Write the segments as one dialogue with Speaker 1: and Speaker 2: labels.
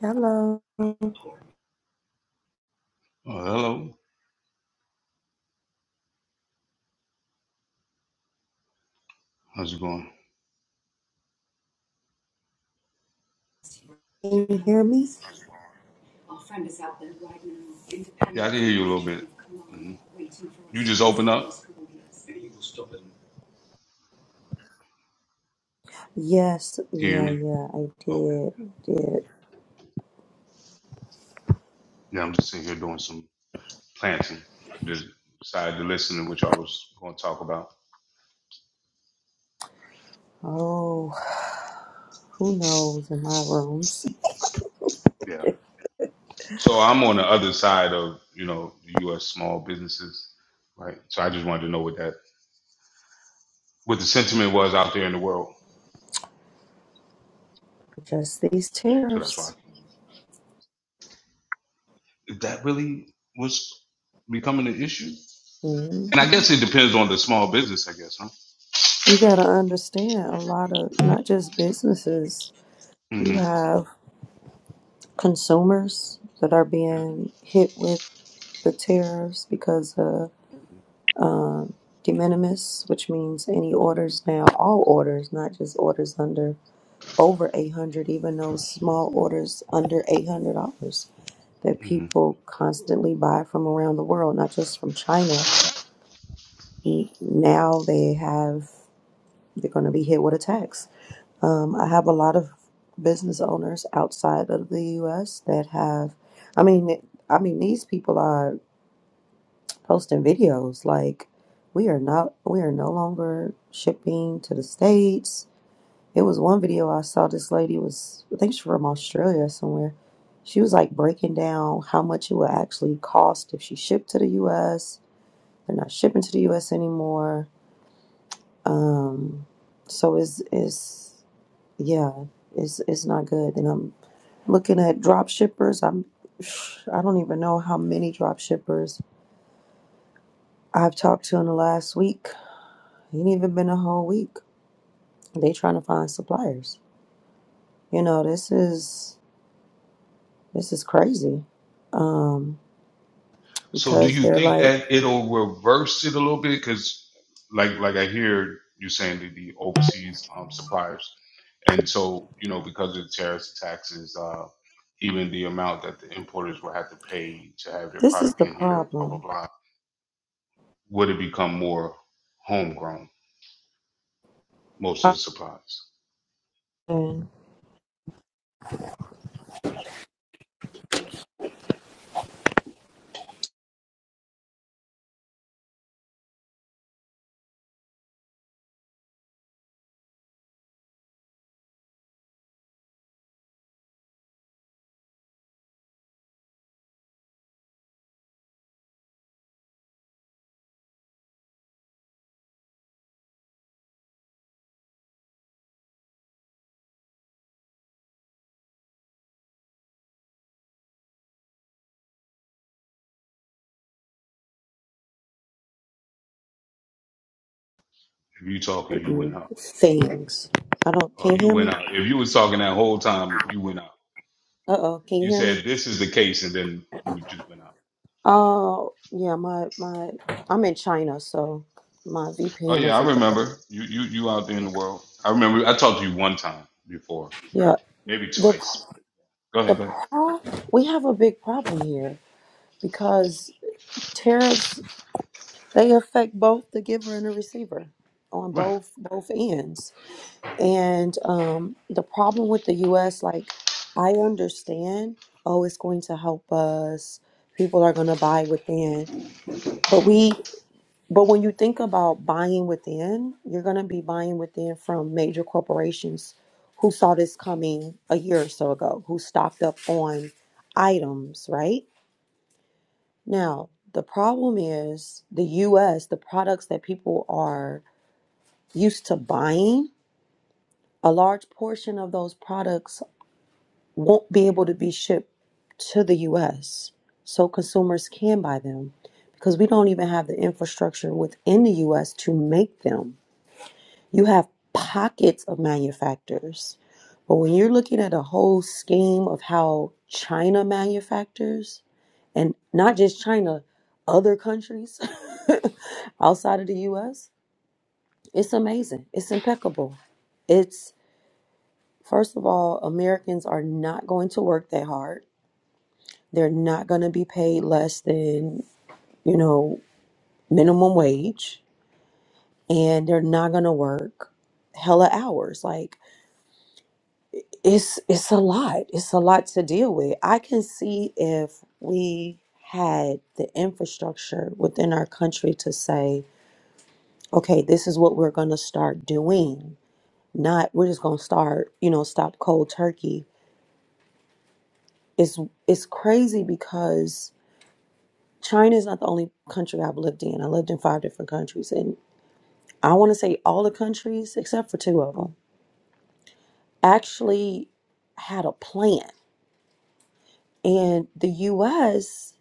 Speaker 1: Hello, can
Speaker 2: Oh, hello. How's it going?
Speaker 1: you hear me?
Speaker 2: Yeah, I can hear you a little bit. hmm You just open up.
Speaker 1: Yes,
Speaker 2: Can you hear
Speaker 1: yeah,
Speaker 2: me?
Speaker 1: yeah, I
Speaker 2: Okay.
Speaker 1: did, did.
Speaker 2: Yeah, I'm just sitting here doing some planting. Just decided to listen to what y'all was going to talk about.
Speaker 1: Oh, who knows in my rooms?
Speaker 2: Yeah. So I'm on the other side of you know the U.S. small businesses, right? So I just wanted to know what that what the sentiment was out there in the world.
Speaker 1: Just these
Speaker 2: So that's why I
Speaker 1: tariffs.
Speaker 2: came. Is that really was becoming an issue?
Speaker 1: Mhm.
Speaker 2: And I guess it depends on the small business, I guess, huh?
Speaker 1: You gotta understand a lot of not just businesses. You
Speaker 2: hmm
Speaker 1: have consumers that are being hit with the tariffs because of de minimis, which means any orders now, all orders, not just orders under over 800 even those small orders under $800 that
Speaker 2: Yeah.
Speaker 1: people constantly buy from around the world not just from china now they have they're going to be hit with a tax um, i have a lot of business owners outside of the us that have i mean i mean these people are posting videos like we are not we are no longer shipping to the states It was one video I saw. This lady was, I think she's from Australia or somewhere. She was like breaking down how much it would actually cost if she shipped to the U.S. They're not shipping to the U.S. anymore. Um, so it's it's yeah, it's it's not good. And I'm looking at drop shippers. I'm I don't even know how many drop shippers I've talked to in the last week. Ain't even been a whole week. They trying to find suppliers. You know, this is This is crazy. Um,
Speaker 2: So do
Speaker 1: because
Speaker 2: you
Speaker 1: they're
Speaker 2: think
Speaker 1: like,
Speaker 2: that it'll reverse it a little bit? Because like like I hear you saying that the overseas um, suppliers, and so you know because of the tariffs and taxes, uh, even the amount that the importers will have to pay to have their
Speaker 1: this is
Speaker 2: product
Speaker 1: the
Speaker 2: in here, blah blah
Speaker 1: problem.
Speaker 2: blah, would it become more homegrown? Most of the supplies.
Speaker 1: Often
Speaker 2: If you talking, you went
Speaker 1: certain
Speaker 2: out.
Speaker 1: things. I don't.
Speaker 2: Oh,
Speaker 1: Can you
Speaker 2: you
Speaker 1: hear
Speaker 2: went
Speaker 1: me?
Speaker 2: out. If you was talking that whole time, you went out.
Speaker 1: Uh oh. Can you
Speaker 2: You
Speaker 1: hear me?
Speaker 2: said this is the case, and then you would just went out.
Speaker 1: Oh yeah. My my. I'm in China, so my
Speaker 2: Oh
Speaker 1: VPN
Speaker 2: yeah, I
Speaker 1: isn't there.
Speaker 2: remember you. You you out there in the world. I remember. I talked to you one time before,
Speaker 1: Yeah.
Speaker 2: maybe
Speaker 1: The
Speaker 2: twice. Go
Speaker 1: the
Speaker 2: ahead. Go
Speaker 1: pro. We have a big problem here because tariffs they affect both the giver and the receiver on
Speaker 2: ahead.
Speaker 1: both both ends And um, the problem with the US, like, I understand, oh, it's going to help us. People are going to buy within. But we, but when you think about buying within, you're going to be buying within from major corporations who saw this coming a year or so ago, who stocked up on items, right? Now, the problem is the US, the products that people are used to buying, a large portion of those products won't be able to be shipped to the US so consumers can buy them because we don't even have the infrastructure within the US to make them. You have pockets of manufacturers, but when you're looking at a whole scheme of how China manufactures and not just China, other countries outside of the US, it's amazing. It's impeccable. It's first of all, Americans are not going to work that hard They're not going to be paid less than, you know, minimum wage and they're not going to work hella hours. Like it's it's a lot. It's a lot to deal with. I can see if we had the infrastructure within our country to say, okay, this is what we're going to start doing. Not we're just going to start, you know, stop cold turkey. It's it's crazy because China is not the only country I've lived in. I lived in five different countries, and. I want to say all the countries except for two of them actually had a plan. And the US,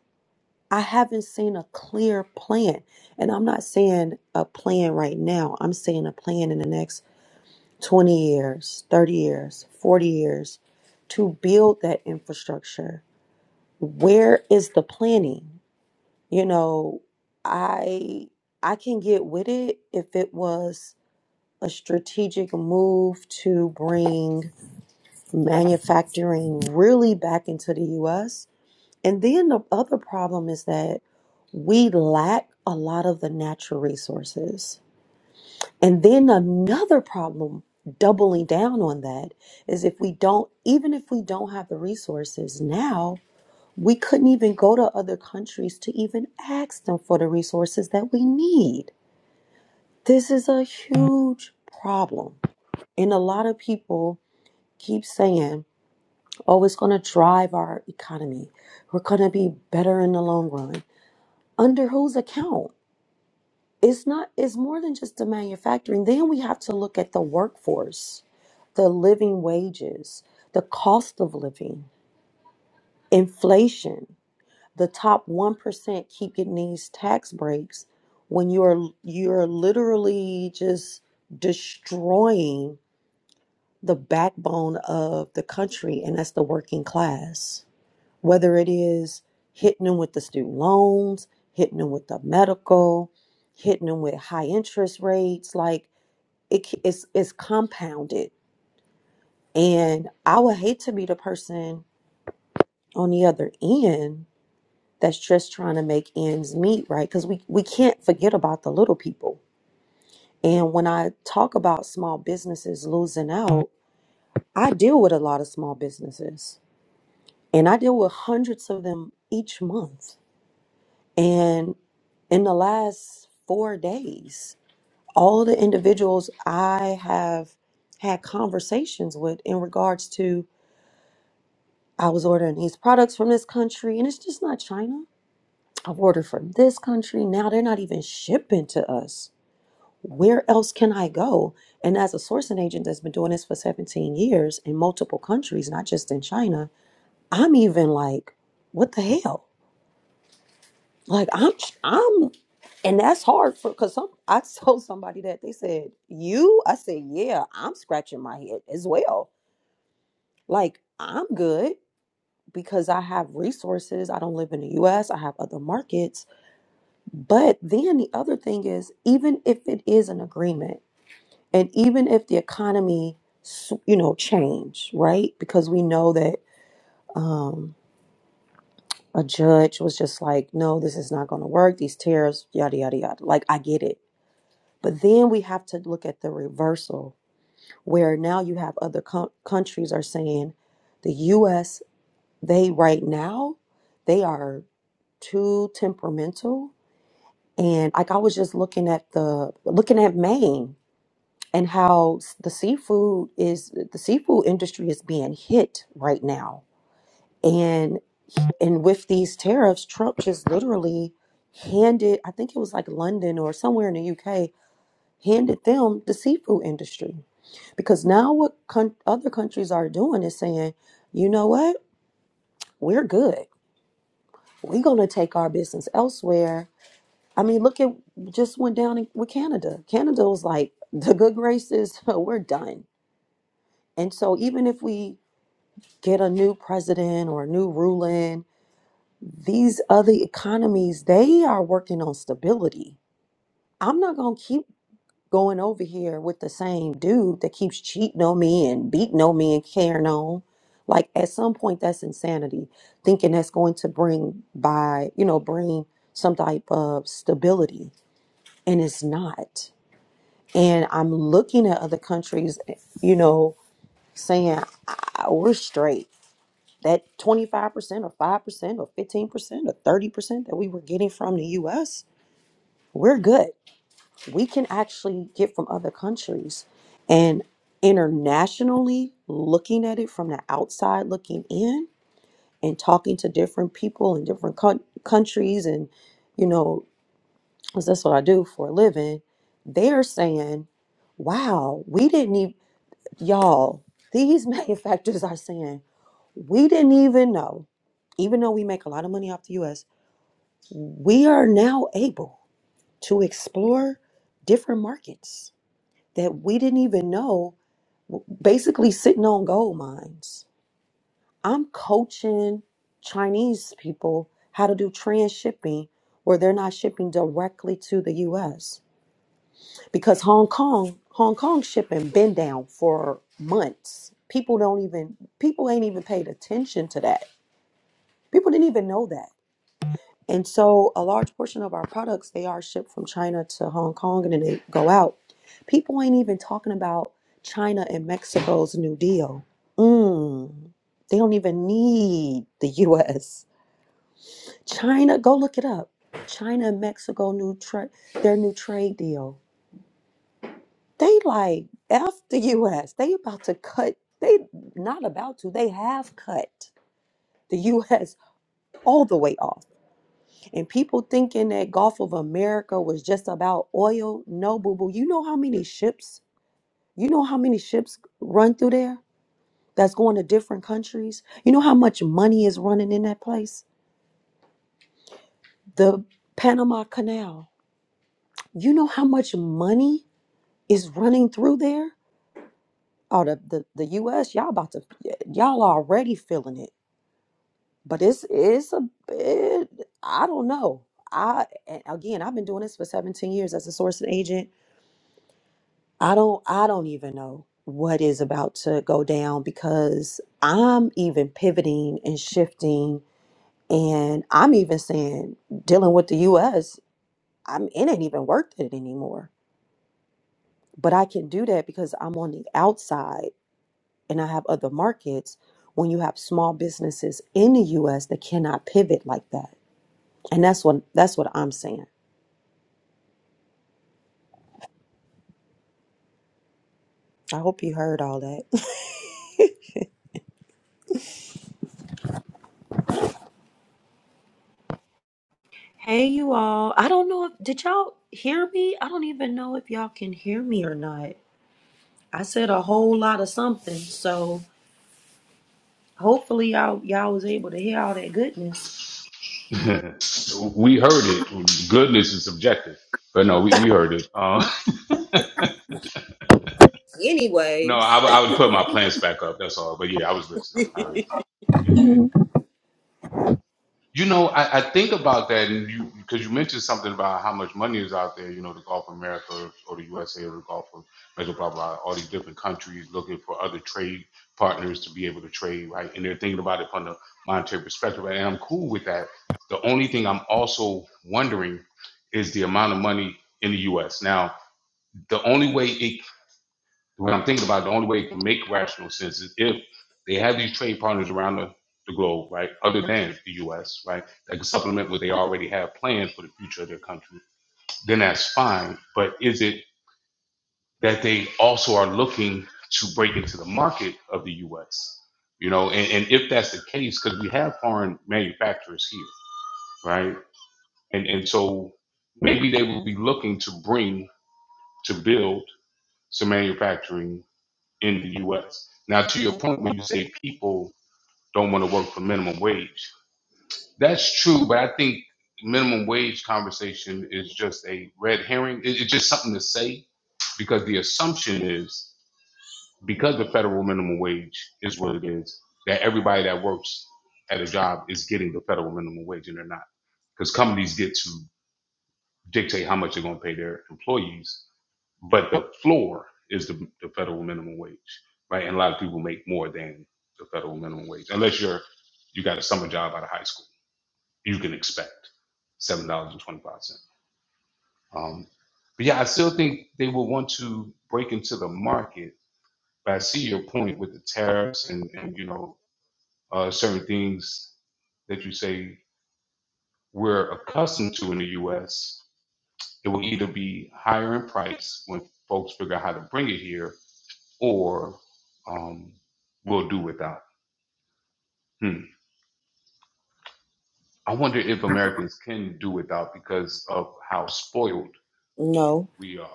Speaker 1: I haven't seen a clear plan. And I'm not saying a plan right now, I'm saying a plan in the next 20 years, 30 years, 40 years to build that infrastructure. Where is the planning? You know, I I can get with it if it was a strategic move to bring manufacturing really back into the US. And then the other problem is that we lack a lot of the natural resources. And then another problem doubling down on that is if we don't even if we don't have the resources now, we couldn't even go to other countries to even ask them for the resources that we need. This is a huge problem. And a lot of people keep saying Oh, it's going to drive our economy. We're going to be better in the long run. Under whose account? It's not, it's more than just the manufacturing. Then we have to look at the workforce, the living wages, the cost of living, inflation. The top 1% keep getting these tax breaks when you're you're literally just destroying the backbone of the country and that's the working class whether it is hitting them with the student loans, hitting them with the medical, hitting them with high interest rates, like it, it's, it's compounded. And I would hate to be the person on the other end that's just trying to make ends meet, right? Because we, we can't forget about the little people. And when I talk about small businesses losing out, I deal with a lot of small businesses and I deal with hundreds of them each month And in the last four days, all the individuals I have had conversations with in regards to I was ordering these products from this country and it's just not China. I've ordered from this country. Now they're not even shipping to us. Where else can I go? And as a sourcing agent that's been doing this for 17 years in multiple countries, not just in China, I'm even like, what the hell? Like I'm, I'm, and that's hard for because some. I told somebody that they said you. I said yeah. I'm scratching my head as well. Like I'm good because I have resources. I don't live in the U.S. I have other markets. But then the other thing is, even if it is an agreement, and even if the economy, s- you know, change right because we know that. um a judge was just like, no, this is not going to work. These tariffs, yada, yada, yada. Like, I get it But then we have to look at the reversal, where now you have other co- countries are saying the U.S. They right now they are too temperamental, and like I was just looking at the looking at Maine and how s- the seafood is the seafood industry is being hit right now, and and with these tariffs, Trump just literally handed I think it was like London or somewhere in the UK handed them the seafood industry. Because now what con- other countries are doing is saying, you know what, we're good. We're going to take our business elsewhere. I mean, look at just went down in, with Canada. Canada was like, the good graces, we're done. And so even if we get a new president or a new ruling, these other economies, they are working on stability. I'm not going to keep going over here with the same dude that keeps cheating on me and beating on me and carrying on. Like at some point, that's insanity. Thinking that's going to bring by, you know, bring some type of stability, and it's not. And I'm looking at other countries, you know, saying "Ah, we're straight. That 25% or 5% or 15% or 30% that we were getting from the US, we're good we can actually get from other countries. And internationally, looking at it from the outside, looking in and talking to different people in different coun- countries, and you know, 'cause that's what I do for a living, they're saying, wow, we didn't even, y'all, these manufacturers are saying, we didn't even know, even though we make a lot of money off the US, we are now able to explore different markets that we didn't even know, basically sitting on gold mines. I'm coaching Chinese people how to do transshipping where they're not shipping directly to the US because Hong Kong, Hong Kong shipping been down for months. People don't even people ain't even paid attention to that. People didn't even know that. And so a large portion of our products they are shipped from China to Hong Kong and then they go out. People ain't even talking about China and Mexico's New Deal. Mm, they don't even need the US. China, go look it up. China and Mexico new trade their new trade deal. They like F the US. They about to cut, they not about to, they have cut the US all the way off. And people thinking that Gulf of America was just about oil. No, boo boo. You know how many ships, you know how many ships run through there that's going to different countries? You know how much money is running in that place? The Panama Canal. You know how much money is running through there? Oh, the, the, the US, y'all about to, y'all already feeling it. But it's, it's a bit, I don't know. I, and again, I've been doing this for 17 years as a sourcing agent I don't I don't even know what is about to go down because I'm even pivoting and shifting and I'm even saying dealing with the US, I'm it ain't even worth it anymore. But I can do that because I'm on the outside and I have other markets when you have small businesses in the US that cannot pivot like that. And that's what that's what I'm saying. I hope you heard all that. Hey, you all. I don't know if did y'all hear me? I don't even know if y'all can hear me or not. I said a whole lot of something, so hopefully y'all y'all was able to hear all that goodness.
Speaker 2: Right. we heard it. Goodness is subjective, but no, we, we heard it. Uh, no, I,
Speaker 1: Anyways,
Speaker 2: would- I would put my plants back up. That's all. But yeah, I was listening. I heard. You. You know, I, I think about that, and you because you mentioned something about how much money is out there. You know, the Gulf of America or the USA or the Gulf of Mexico, blah blah. All these different countries looking for other trade partners to be able to trade, right? And they're thinking about it from the monetary perspective, and I'm cool with that. The only thing I'm also wondering is the amount of money in the U.S. Now, the only way it when I'm thinking about it, the only way it can make rational sense is if they have these trade partners around the, the globe, right, other than the U.S., right, that can supplement what they already have planned for the future of their country, then that's fine. But is it that they also are looking to break into the market of the U.S.? You know, and, and if that's the case, because we have foreign manufacturers here, right? And, and so maybe they will be looking to bring, to build some manufacturing in the US. Now, to your point, when you say people don't want to work for minimum wage, that's true, but I think minimum wage conversation is just a red herring. It's just something to say because the assumption is because the federal minimum wage is what it is, that everybody that works at a job is getting the federal minimum wage and they're not. Because companies get to dictate how much they're going to pay their employees but the floor is the, the federal minimum wage, right? And a lot of people make more than the federal minimum wage, unless you're you got a summer job out of high school. You can expect seven dollars and twenty five cents. Um, but yeah, I still think they will want to break into the market. But I see your point with the tariffs and, and you know uh, certain things that you say we're accustomed to in the U.S. It will either be higher in price when folks figure out how to bring it here, or um, we'll do without. Hmm. I wonder if Americans can do without because of how spoiled
Speaker 1: No,
Speaker 2: we are.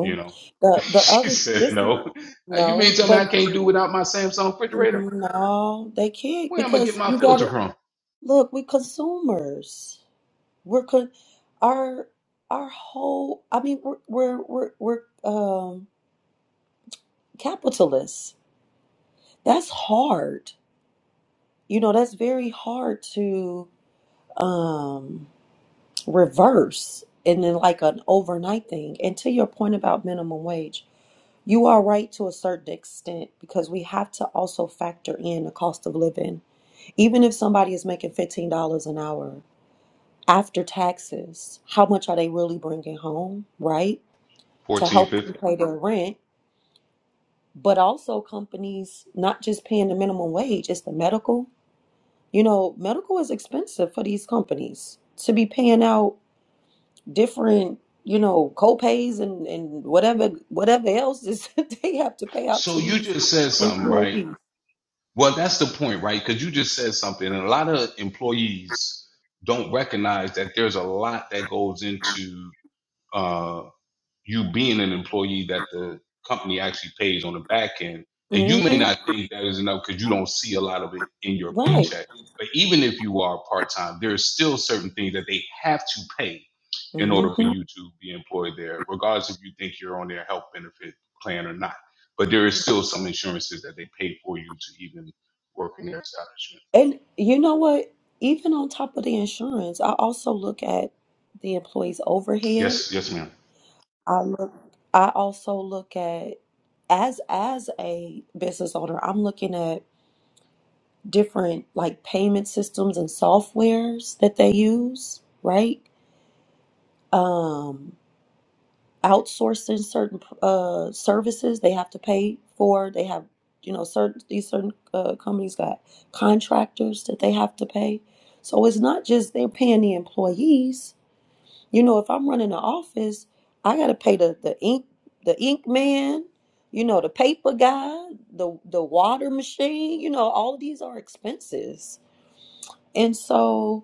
Speaker 2: You know,
Speaker 1: The the
Speaker 2: she
Speaker 1: other
Speaker 2: said
Speaker 1: this
Speaker 2: no. Uh, You mean
Speaker 1: no,
Speaker 2: tell me
Speaker 1: but
Speaker 2: I can't do without my Samsung refrigerator?
Speaker 1: no, they can't
Speaker 2: Where am I gonna get
Speaker 1: because
Speaker 2: my
Speaker 1: you
Speaker 2: filter
Speaker 1: gotta
Speaker 2: from?
Speaker 1: look, we're consumers. We're con our our whole I mean we're we're we're, we're um capitalists. That's hard. You know, that's very hard to um, reverse and then like an overnight thing. And to your point about minimum wage, you are right to a certain extent because we have to also factor in the cost of living. Even if somebody is making $15 an hour after taxes, how much are they really bringing home, right? To
Speaker 2: Fourteen
Speaker 1: help them
Speaker 2: fifty.
Speaker 1: pay their rent. But also, companies not just paying the minimum wage, it's the medical. You know, medical is expensive for these companies to be paying out different, you know, co-pays and, and whatever whatever else is that they have to pay out
Speaker 2: So
Speaker 1: to
Speaker 2: you
Speaker 1: these
Speaker 2: just said something, right?
Speaker 1: employees.
Speaker 2: Well, that's the point, right? Because you just said something, and a lot of employees don't recognize that there's a lot that goes into uh, you being an employee that the company actually pays on the back end. And you may
Speaker 1: hmm
Speaker 2: not think that is enough because you don't see a lot of it in your
Speaker 1: Right.
Speaker 2: paycheck. But even if you are part time, there are still certain things that they have to pay in
Speaker 1: hmm
Speaker 2: order for you to be employed there, regardless if you think you're on their health benefit plan or not. But there is still some insurances that they pay for you to even work in their establishment.
Speaker 1: And you know what? Even on top of the insurance, I also look at the employees' overhead.
Speaker 2: Yes, yes, ma'am.
Speaker 1: I look. I also look at as as a business owner, I'm looking at different like payment systems and softwares that they use, right? Um, outsourcing certain uh, services they have to pay for. They have, you know, certain these certain uh, companies got contractors that they have to pay. So it's not just they're paying the employees. You know, if I'm running an office, I got to pay the the ink the ink man. You know, the paper guy, the the water machine. You know, all of these are expenses, and so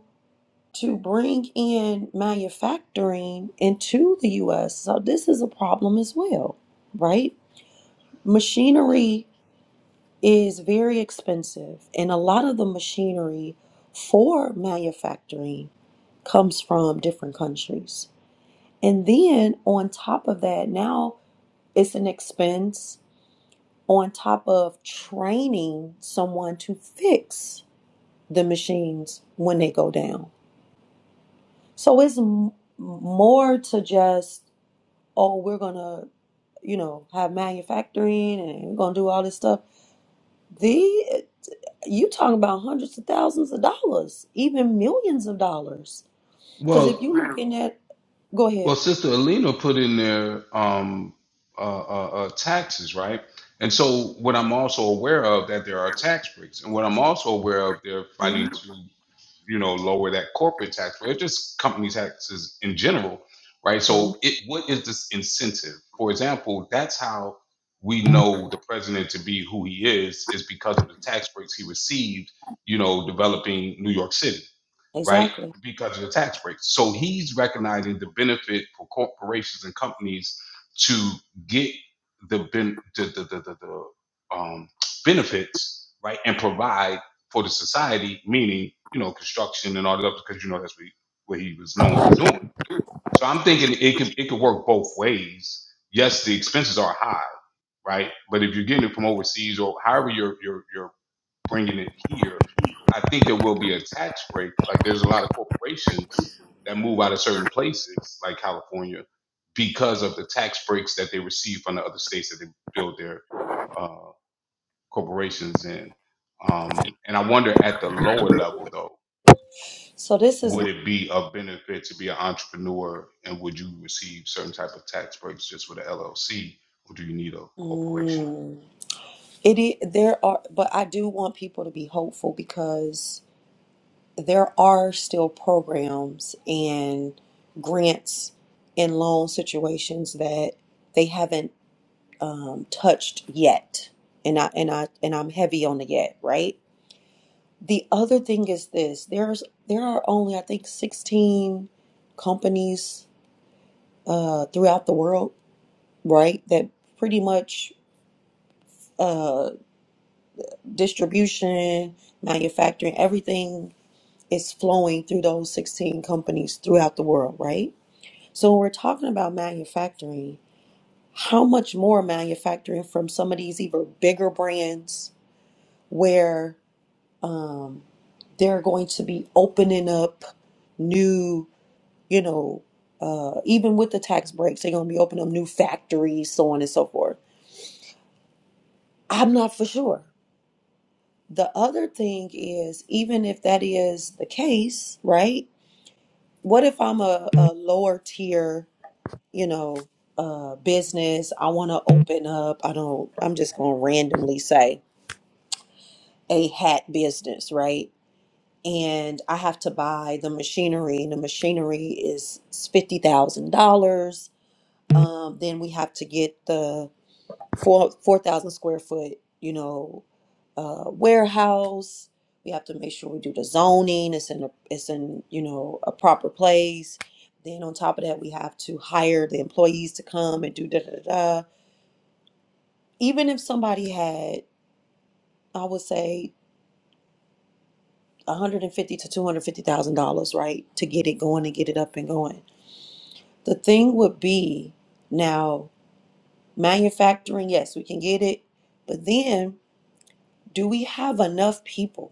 Speaker 1: to bring in manufacturing into the US. So this is a problem as well, right? Machinery is very expensive, and a lot of the machinery for manufacturing comes from different countries. And then on top of that, now it's an expense on top of training someone to fix the machines when they go down. So it's m- more to just oh, we're gonna, you know, have manufacturing and we're gonna do all this stuff. The you talking about hundreds of thousands of dollars, even millions of dollars. Because if
Speaker 2: Well.
Speaker 1: you Wow. looking at, go
Speaker 2: Well,
Speaker 1: ahead.
Speaker 2: Sister Alina put in there um, uh, uh, uh, taxes, right? And so, what I'm also aware of that there are tax breaks, and what I'm also aware of they're fighting to, you know, lower that corporate tax rate, just company taxes in general, right?
Speaker 1: Mm,
Speaker 2: So, it what is this incentive? For example, that's how we know the president to be who he is is because of the tax breaks he received, you know, developing New York City right?
Speaker 1: exactly.
Speaker 2: Because of the tax breaks, So he's recognizing the benefit for corporations and companies to get the ben- the, the, the, the, the um, benefits, right, and provide for the society, meaning you know construction and all that, because you know that's what he, what he was known for doing. So I'm thinking it could it could work both ways. Yes, the expenses are high, right? But if you're getting it from overseas or however your your your bringing it here, I think there will be a tax break. Like there's a lot of corporations that move out of certain places, like California, because of the tax breaks that they receive from the other states that they build their uh, corporations in. Um, and I wonder at the lower level though,
Speaker 1: So this is,
Speaker 2: would it be of benefit to be an entrepreneur and would you receive certain type of tax breaks just with a LLC or do you need a corporation?
Speaker 1: mm, it. i- There are, but I do want people to be hopeful because there are still programs and grants and loan situations that they haven't um, touched yet, and I and I and I'm heavy on the yet. Right. The other thing is this: there's there are only I think 16 companies uh, throughout the world, right? That pretty much uh, distribution, manufacturing, everything is flowing through those 16 companies throughout the world, right? So when we're talking about manufacturing, how much more manufacturing from some of these even bigger brands where um, they're going to be opening up new, you know, uh, even with the tax breaks, they're going to be opening up new factories, so on and so forth. I'm not for sure. The other thing is, even if that is the case, right? What if I'm a, a lower tier, you know, uh, business? I want to open up, I don't, I'm just going to randomly say a hat business, right? and I have to buy the machinery, and the machinery is fifty thousand dollars. Um, then we have to get the four four thousand square foot, you know, uh, warehouse. We have to make sure we do the zoning. It's in a, it's in you know a proper place. Then on top of that, we have to hire the employees to come and do da da da. da. Even if somebody had, I would say, one hundred and fifty to two hundred fifty thousand dollars, right, to get it going and get it up and going The thing would be now manufacturing, yes, we can get it, but then do we have enough people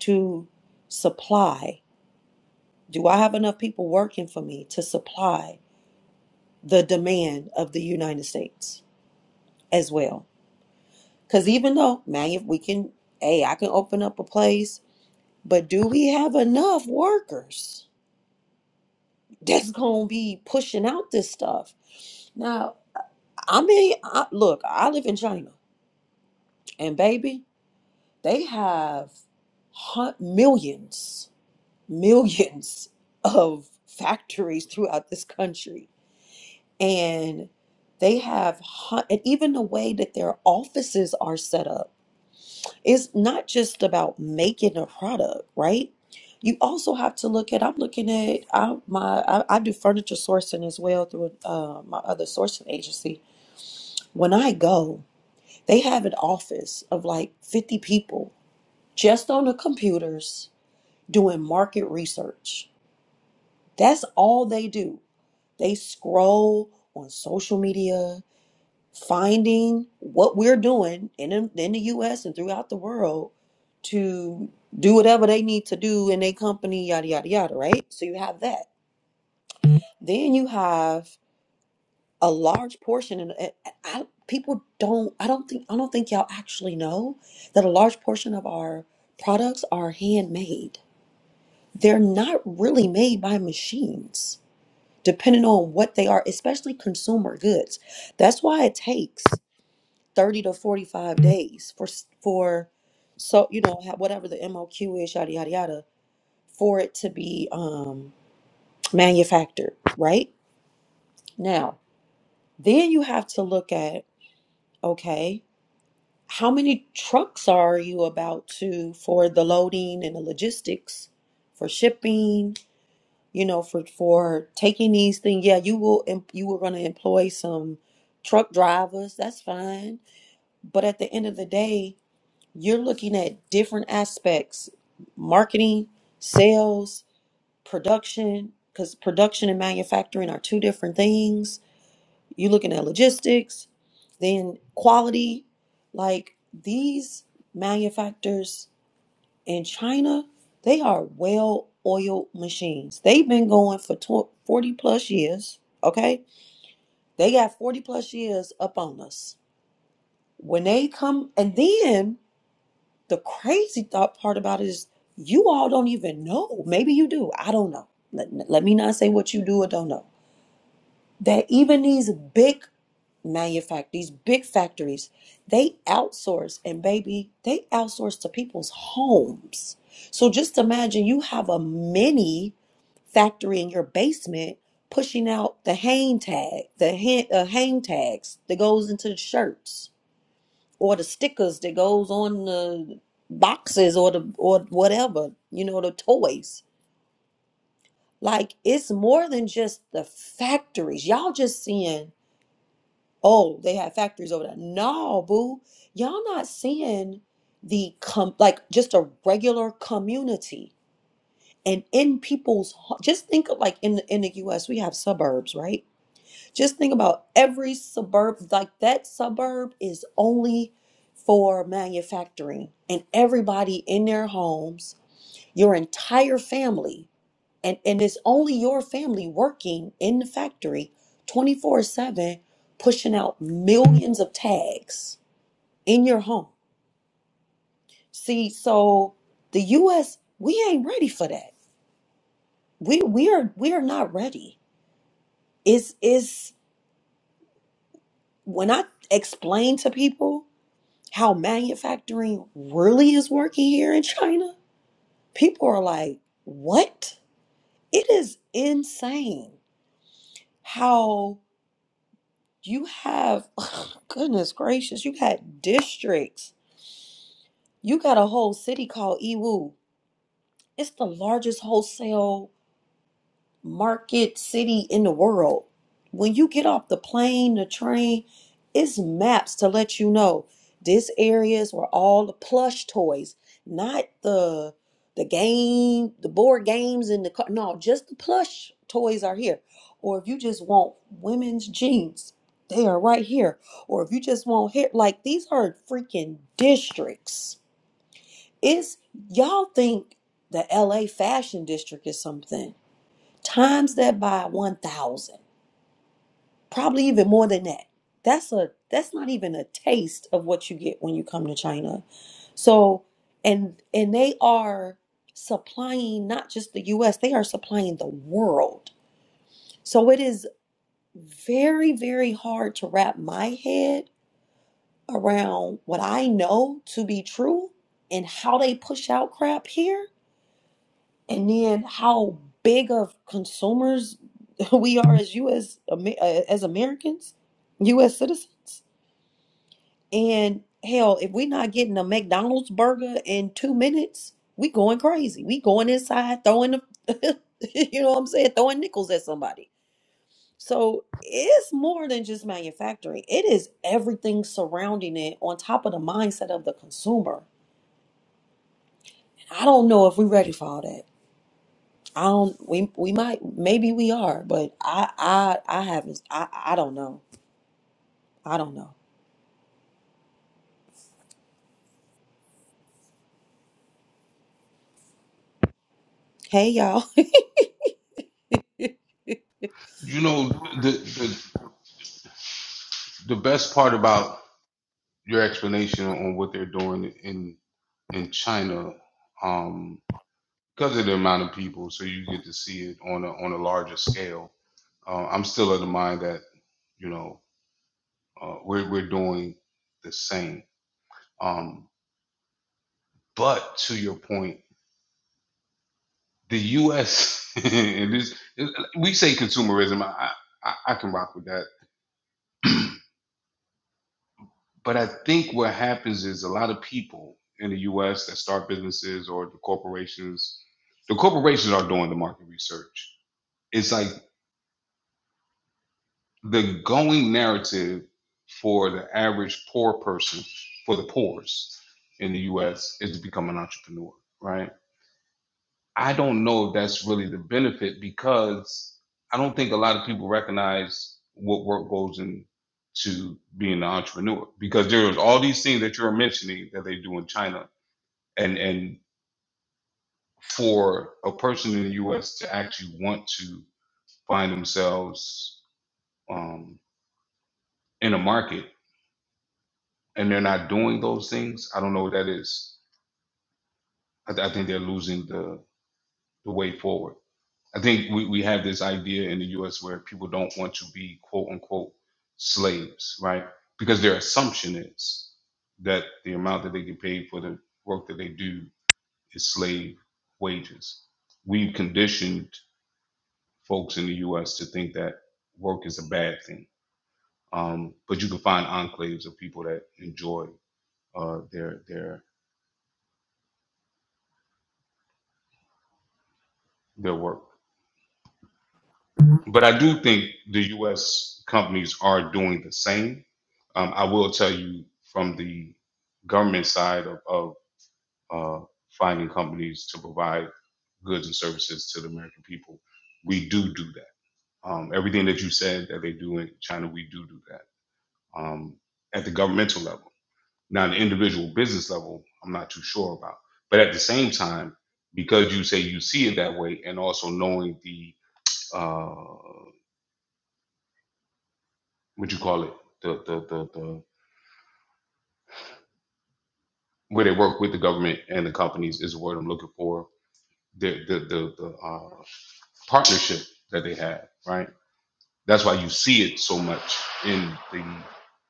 Speaker 1: to supply? Do I have enough people working for me to supply the demand of the United States as well? Because even though manu- we can, hey, I can open up a place, but do we have enough workers that's going to be pushing out this stuff? Now, I mean, I, look, I live in China, and baby, they have hun- millions, millions of factories throughout this country. And they have, hun- and even the way that their offices are set up is not just about making a product, right? You also have to look at. I'm looking at I, my. I, I do furniture sourcing as well through uh, my other sourcing agency. When I go, they have an office of like 50 people just on the computers doing market research. That's all they do. They scroll on social media, finding what we're doing in, in the US and throughout the world to do whatever they need to do in their company, yada, yada, yada, right? So you have that. Then you have a large portion, and and I, people don't, I don't think, I don't think y'all actually know that a large portion of our products are handmade. They're not really made by machines depending on what they are, especially consumer goods. That's why it takes 30 to 45 days for s- for so you know ha- whatever the MOQ is yada yada yada for it to be um manufactured, right? Now, then you have to look at okay, how many trucks are you about to for the loading and the logistics for shipping you know, for for taking these things. Yeah, you will em- you will going to employ some truck drivers. That's fine, but at the end of the day, you're looking at different aspects: marketing, sales, production. Because production and manufacturing are two different things. You're looking at logistics, then quality. Like these manufacturers in China, they are well oiled machines. They've been going for 40 plus years, okay? They got 40 plus years up on us. When they come, and then the crazy thought part about it is you all don't even know. Maybe you do. I don't know. Let, let me not say what you do or don't know. That even these big manufacture these big factories they outsource and baby they outsource to people's homes so just imagine you have a mini factory in your basement pushing out the hang tag the hang, uh, hang tags that goes into the shirts or the stickers that goes on the boxes or the or whatever you know the toys like it's more than just the factories y'all just seeing oh, they have factories over there. No, boo. Y'all not seeing the com like just a regular community. And in people's ho- just think of like in the in the US, we have suburbs, right? Just think about every suburb, like that suburb is only for manufacturing and everybody in their homes, your entire family and and it's only your family working in the factory 24/7 pushing out millions of tags in your home see so the US we ain't ready for that we we are we are not ready is is when i explain to people how manufacturing really is working here in China people are like what it is insane how You have, goodness gracious, you got districts. You got a whole city called Iwu. It's the largest wholesale market city in the world. When you get off the plane, the train, it's maps to let you know this areas where all the plush toys, not the the game, the board games in the car. No, just the plush toys are here. Or if you just want women's jeans, they are right here. Or if you just want hair, like these are freaking districts. It's y'all think the LA fashion district is something times that by 1000 probably even more than that that's a that's not even a taste of what you get when you come to china so and and they are supplying not just the us they are supplying the world so it is very very hard to wrap my head around what i know to be true and how they push out crap here and then how big of consumers we are as U.S. Ame- uh, as Americans, U.S. citizens. And hell, if we're not getting a McDonald's burger in two minutes, we going crazy. We going inside throwing the, you know what I'm saying, throwing nickels at somebody. So it's more than just manufacturing. It is everything surrounding it on top of the mindset of the consumer. I don't know if we're ready for all that. I don't. We we might. Maybe we are, but I I I haven't. I I don't know. I don't know. Hey y'all.
Speaker 2: You know, the the, the best part about your explanation on what they're doing in in China um, because of the amount of people, so you get to see it on a on a larger scale. Uh, I'm still of the mind that you know uh, we're we're doing the same. Um, but to your point, the U.S. and this we say consumerism. I I, I can rock with that. But I think what happens is a lot of people in the US that start businesses or the corporations, the corporations are doing the market research. It's like the going narrative for the average poor person, for the poorest in the US, is to become an entrepreneur, right? I don't know if that's really the benefit because I don't think a lot of people recognize what work goes into being an entrepreneur because there's all these things that you're mentioning that they do in China and and for a person in the U.S. to actually want to find themselves um, in a market and they're not doing those things, I don't know what that is. I, th- I think they're losing the the way forward. I think we, we have this idea in the U.S. where people don't want to be quote unquote slaves, right? Because their assumption is that the amount that they get paid for the work that they do is slave wages. We've conditioned folks in the U.S. to think that work is a bad thing. Um, but you can find enclaves of people that enjoy uh, their their their work. But I do think the U.S. companies are doing the same. Um, I will tell you from the government side of, of uh, finding companies to provide goods and services to the American people, we do do that. Um, everything that you said that they do in China, we do do that um, at the governmental level. Now, the individual business level, I'm not too sure about. But at the same time, because you say you see it that way, and also knowing the uh, what you call it, the the the, the where they work with the government and the companies is the word I'm looking for. The the the, the uh, partnership that they have, right? That's why you see it so much in the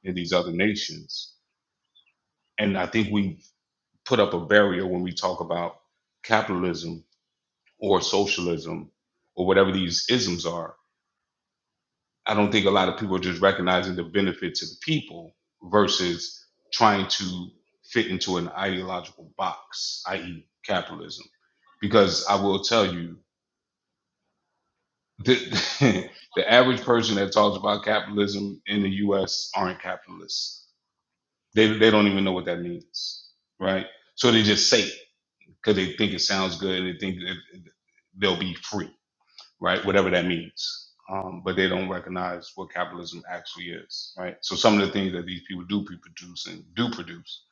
Speaker 2: in these other nations. And I think we put up a barrier when we talk about capitalism or socialism or whatever these isms are. I don't think a lot of people are just recognizing the benefit to the people versus trying to fit into an ideological box, i.e., capitalism. Because I will tell you, the, the average person that talks about capitalism in the US aren't capitalists. They, they don't even know what that means, right? So they just say it because they think it sounds good and they think that they'll be free right? Whatever that means. Um, but they don't recognize what capitalism actually is, right? So some of the things that these people do pre- produce and do produce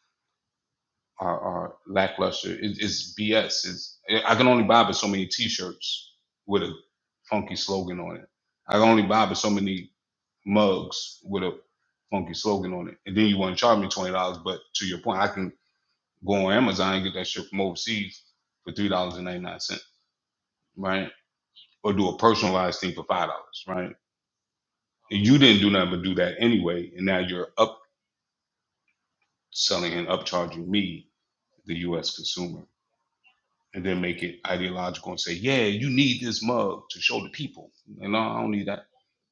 Speaker 2: are, are lackluster. It, it's BS. It's I can only buy but so many T-shirts with a funky slogan on it. I can only buy but so many mugs with a funky slogan on it. And then you want to charge me twenty dollars, but to your point, I can go on Amazon and get that shit from overseas for three dollars and ninety nine cents, right? Or do a personalized thing for five dollars, right? You didn't do nothing but do that anyway, and now you're upselling and upcharging me, the U.S. consumer, and then make it ideological and say, "Yeah, you need this mug to show the people." And no, I don't need that.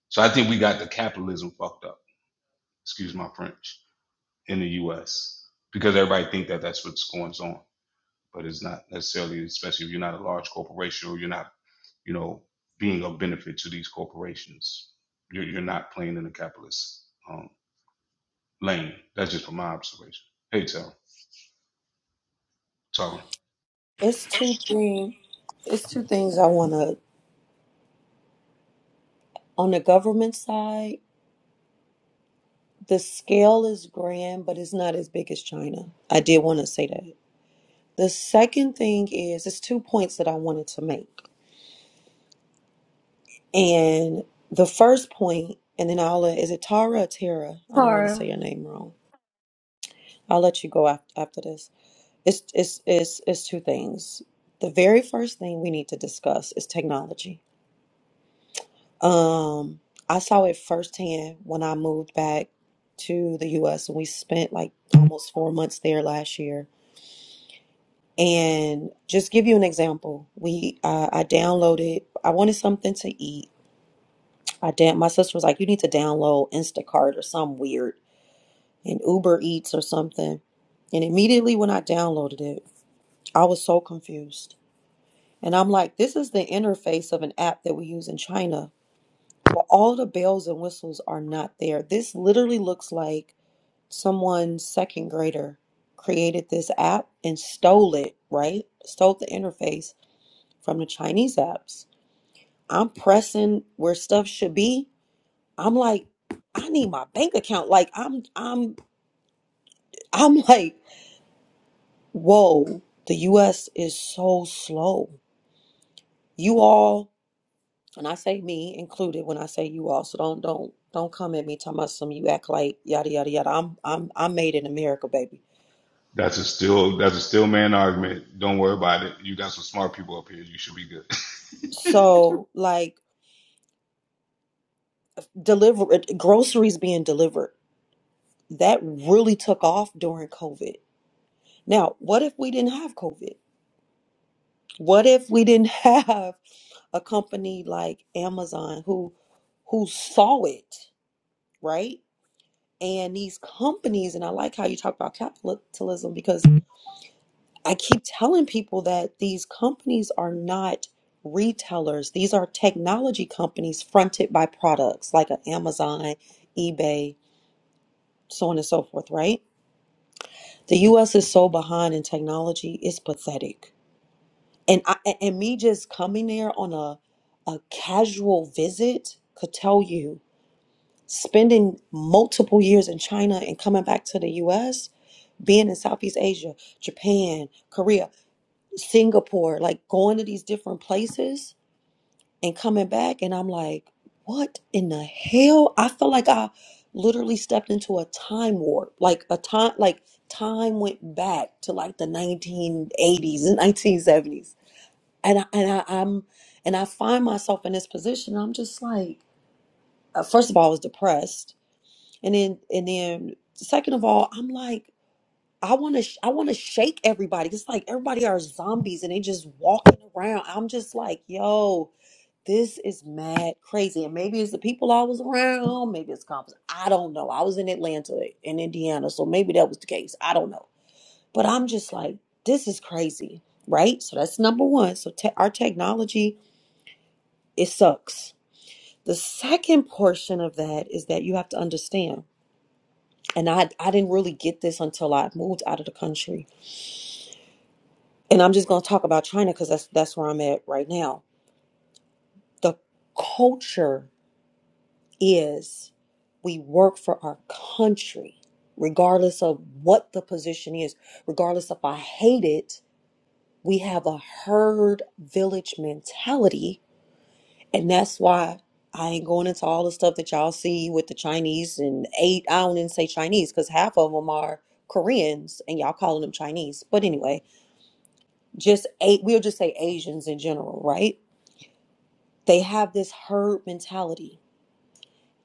Speaker 2: So I think we got the capitalism fucked up. Excuse my French in the U.S. because everybody think that that's what's going on, but it's not necessarily. Especially if you're not a large corporation or you're not, you know, being of benefit to these corporations. You're, you're not playing in the capitalist um, lane. That's just from my observation. Hey, Tell. So
Speaker 1: It's two things. It's two things I want to. On the government side, The scale is grand, but it's not as big as China. I did want to say that. The second thing is, it's two points that I wanted to make. And the first point, and then I'll let, is it Tara or Tara? I don't want to
Speaker 3: Sorry.
Speaker 1: say your name wrong. I'll let you go af- after this. It's, it's, it's, it's two things. The very first thing we need to discuss is technology. Um, I saw it firsthand when I moved back to the US and we spent like almost four months there last year And just give you an example, we uh, I downloaded. I wanted something to eat. I damn. My sister was like, "You need to download Instacart or some weird and Uber Eats or something." And immediately when I downloaded it, I was so confused. And I'm like, "This is the interface of an app that we use in China, but all the bells and whistles are not there. This literally looks like someone second grader created this app and stole it. Right? Stole the interface." from the Chinese apps. I'm pressing where stuff should be. I'm like, I need my bank account. Like I'm I'm I'm like, whoa, the US is so slow. You all, and I say me included when I say you all, so don't don't don't come at me talking about some you act like yada yada yada. I'm I'm I'm made in America, baby.
Speaker 2: that's a still that's a still man argument. Don't worry about it. You got some smart people up here. You should be good.
Speaker 1: So like deliver groceries being delivered. That really took off during COVID. Now, what if we didn't have COVID? What if we didn't have a company like Amazon who who saw it, right? And these companies, and I like how you talk about capitalism because I keep telling people that these companies are not retailers. These are technology companies fronted by products like a Amazon, eBay, so on and so forth, right? The US is so behind in technology, it's pathetic and I a- and me just coming there on a a casual visit could tell you spending multiple years in China and coming back to the US, being in Southeast Asia, Japan, Korea, Singapore, like going to these different places and coming back and I'm like, what in the hell? I feel like I literally stepped into a time warp. Like a time like time went back to like the 1980s and 1970s and I, and I, I'm and I find myself in this position. I'm just like, uh, first of all, I was depressed, and then and then second of all, I'm like, I want to sh- I want to shake everybody. It's like everybody are zombies and they just walking around. I'm just like, yo, this is mad crazy. And maybe it's the people I was around. Maybe it's conference. I don't know. I was in Atlanta in Indiana, so maybe that was the case. I don't know. But I'm just like, this is crazy, right? So that's number one. So te- our technology It sucks. The second portion of that is that you have to understand, and I I didn't really get this until I moved out of the country. And I'm just gonna talk about China because that's that's where I'm at right now. The culture is we work for our country, regardless of what the position is, regardless if I hate it, we have a herd village mentality And that's why I ain't going into all the stuff that y'all see with the Chinese and eight. I don't even say Chinese because half of them are Koreans and y'all calling them Chinese. But anyway, just eight, we'll just say Asians in general, right? They have this herd mentality.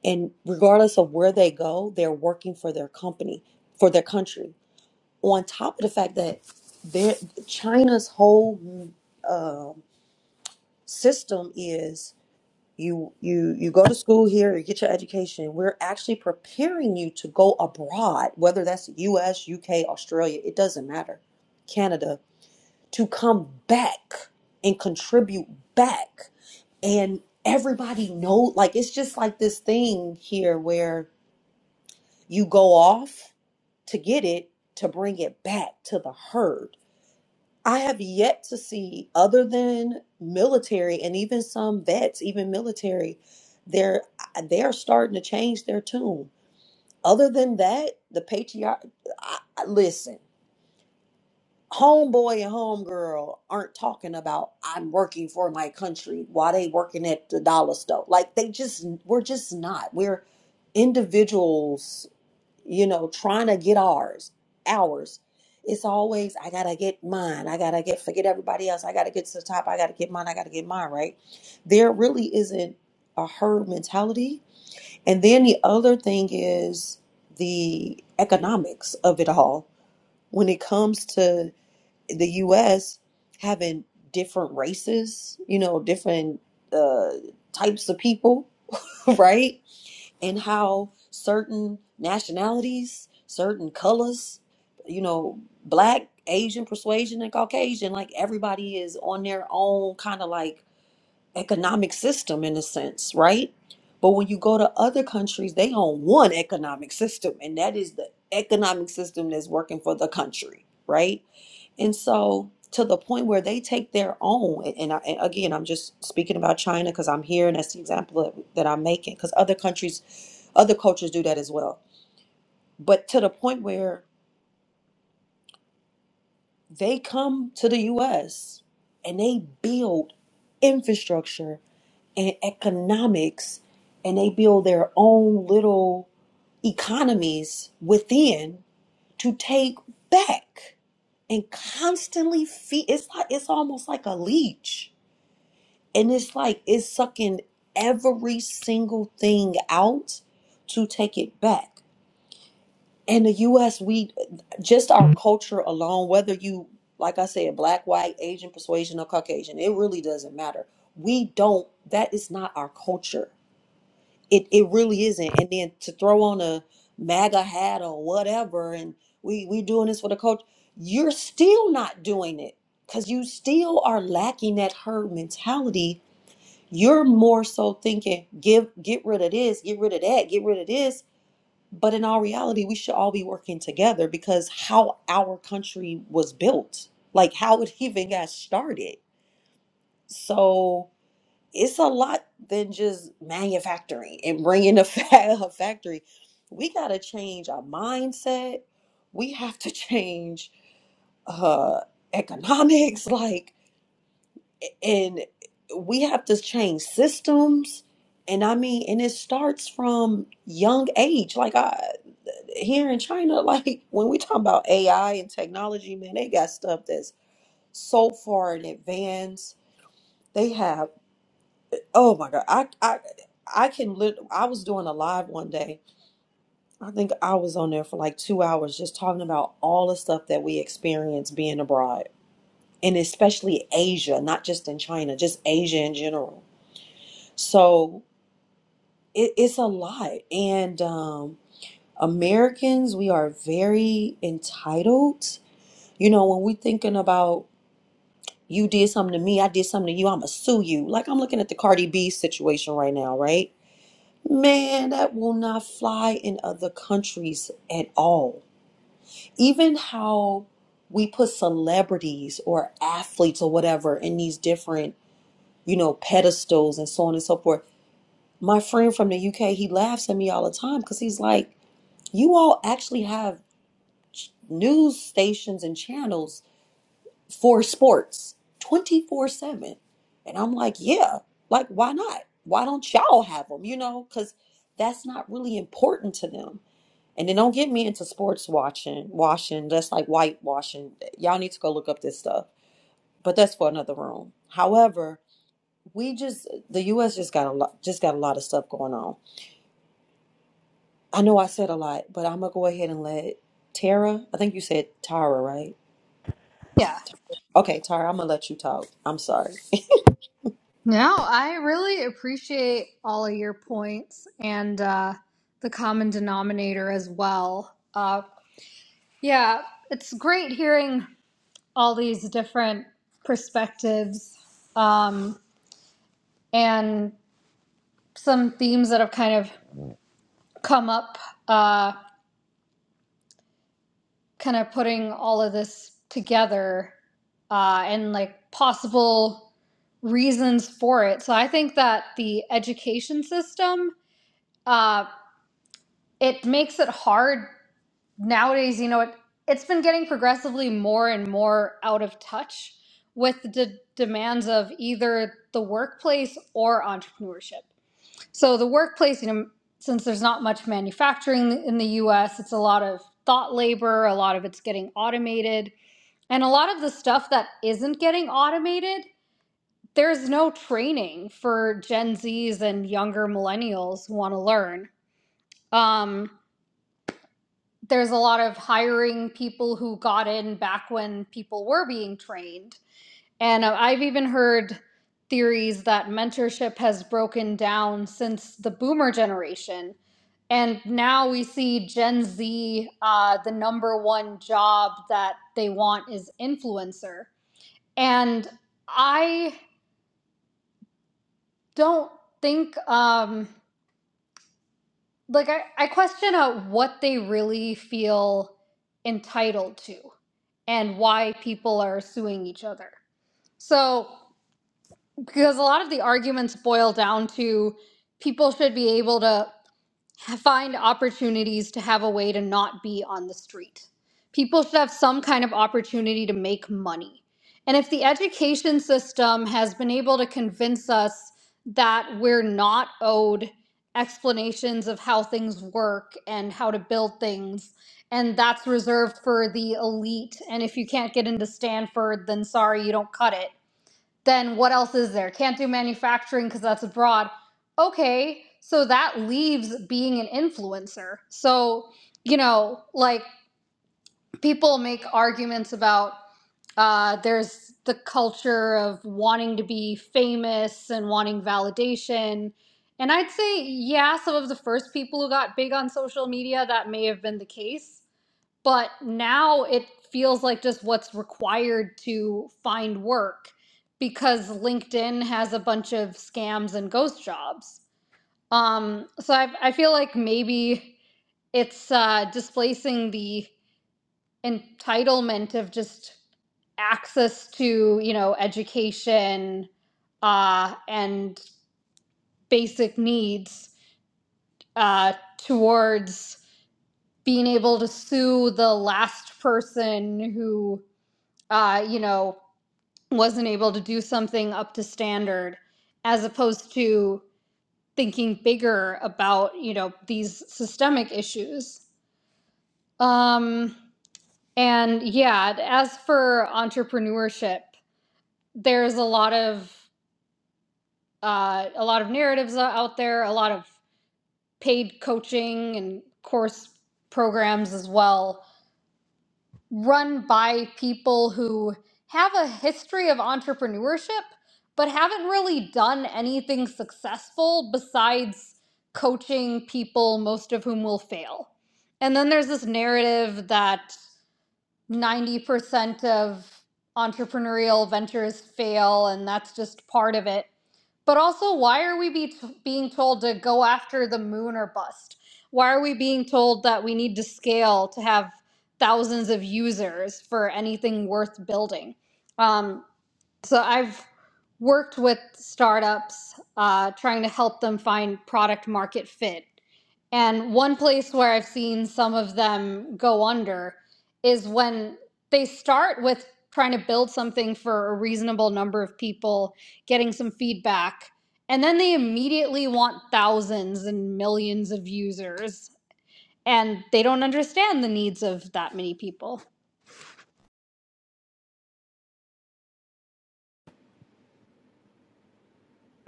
Speaker 1: And regardless of where they go, they're working for their company, for their country. On top of the fact that their- China's whole uh, system is you you you go to school here you get your education we're actually preparing you to go abroad whether that's us uk australia it doesn't matter canada to come back and contribute back and everybody know like it's just like this thing here where you go off to get it to bring it back to the herd I have yet to see, other than military and even some vets, even military, they're uh, they are starting to change their tune. Other than that, the patriarch. I, I- listen, homeboy and homegirl aren't talking about I'm working for my country while they working at the dollar store. Like they just we're just not. We're individuals you know, trying to get ours, ours. It's always I gotta get mine. I gotta get forget everybody else. I gotta get to the top. I gotta get mine. I gotta get mine. Right? There really isn't a herd mentality. And then the other thing is the economics of it all. When it comes to the U.S. having different races, you know, different uh, types of people, right? and how certain nationalities, certain colors, you know, black, Asian persuasion, and Caucasian, like everybody is on their own kind of like economic system in a sense, right? But when you go to other countries, they own one economic system, and that is the economic system that's working for the country, right? And so to the point where they take their own, and, and I, and again, I'm just speaking about China because I'm here and that's the example that, that I'm making because other countries, other cultures do that as well. But to the point where they come to the US and they build infrastructure and economics and they build their own little economies within to take back and constantly feed it's like it's almost like a leech And it's like it's sucking every single thing out to take it back. In the US, we just our culture alone, whether you, like I said, black, white, Asian, persuasion, or Caucasian, it really doesn't matter. We don't, that is not our culture. It, it really isn't. And then to throw on a MAGA hat or whatever, and we, we doing this for the culture, you're still not doing it because you still are lacking that herd mentality you're more so thinking give get rid of this get rid of that get rid of this but in all reality we should all be working together because how our country was built like how it even got started so it's a lot than just manufacturing and bringing a, fa- a factory we got to change our mindset we have to change uh economics like and we have to change systems and i mean and it starts from young age like i here in china like when we talk about ai and technology man they got stuff that's so far in advance they have oh my god i i I can lit- I was doing a live one day. I think I was on there for like 2 hours just talking about all the stuff that we experience being abroad and especially Asia, not just in China, just Asia in general. So it, it's a lot and um americans we are very entitled you know when we thinking about you did something to me i did something to you i'ma sue you like i'm looking at the cardi b situation right now right man that will not fly in other countries at all even how we put celebrities or athletes or whatever in these different you know pedestals and so on and so forth my friend from the uk he laughs at me all the time because he's like you all actually have ch- news stations and channels for sports 24 7 and i'm like yeah like why not why don't y'all have them you know because that's not really important to them and then don't get me into sports watching washing that's like whitewashing y'all need to go look up this stuff but that's for another room however we just the us just got a lot just got a lot of stuff going on i know i said a lot but i'm gonna go ahead and let tara i think you said tara right Okay, Tara, I'm gonna let you talk. I'm sorry.
Speaker 3: No, I really appreciate all of your points and uh, the common denominator as well. Uh, yeah, it's great hearing all these different perspectives um, and some themes that have kind of come up, uh, kind of putting all of this together uh, and like possible reasons for it. So I think that the education system. uh, it makes it hard nowadays you know it, it's been getting progressively more and more out of touch with the d- demands of either the workplace or entrepreneurship so the workplace you know since there's not much manufacturing in the us it's a lot of thought labor a lot of it's getting automated and a lot of the stuff that isn't getting automated there's no training for gen z's and younger millennials who want to learn Um, there's a lot of hiring people who got in back when people were being trained. And uh, I've even heard theories that mentorship has broken down since the boomer generation. And now we see Gen Z, uh, the number one job that they want is influencer. And I don't think um, like I, I question uh, what they really feel entitled to and why people are suing each other. So, because a lot of the arguments boil down to people should be able to find opportunities to have a way to not be on the street. People should have some kind of opportunity to make money. And if the education system has been able to convince us that we're not owed explanations of how things work and how to build things, and that's reserved for the elite, and if you can't get into Stanford, then sorry, you don't cut it then what else is there? Can't do manufacturing because that's abroad. Okay, so that leaves being an influencer. So, you know, like people make arguments about uh, there's the culture of wanting to be famous and wanting validation. And I'd say, yeah, some of the first people who got big on social media, that may have been the case but now it feels like just what's required to find work because LinkedIn has a bunch of scams and ghost jobs. Um, so I, I feel like maybe it's uh, displacing the entitlement of just access to you know education uh, and basic needs uh, towards being able to sue the last person who uh, you know, wasn't able to do something up to standard, as opposed to thinking bigger about, you know, these systemic issues. Um, and yeah, as for entrepreneurship, there's a lot of uh, a lot of narratives out there, a lot of paid coaching and course programs as well run by people who have a history of entrepreneurship but haven't really done anything successful besides coaching people most of whom will fail. And then there's this narrative that 90% of entrepreneurial ventures fail and that's just part of it but also, why are we be t- being told to go after the moon or bust? Why are we being told that we need to scale to have thousands of users for anything worth building? Um, so I've worked with startups uh, trying to help them find product market fit and one place where I've seen some of them go under is when they start with trying to build something for a reasonable number of people, getting some feedback, and then they immediately want thousands and millions of users, and they don't understand the needs of that many people.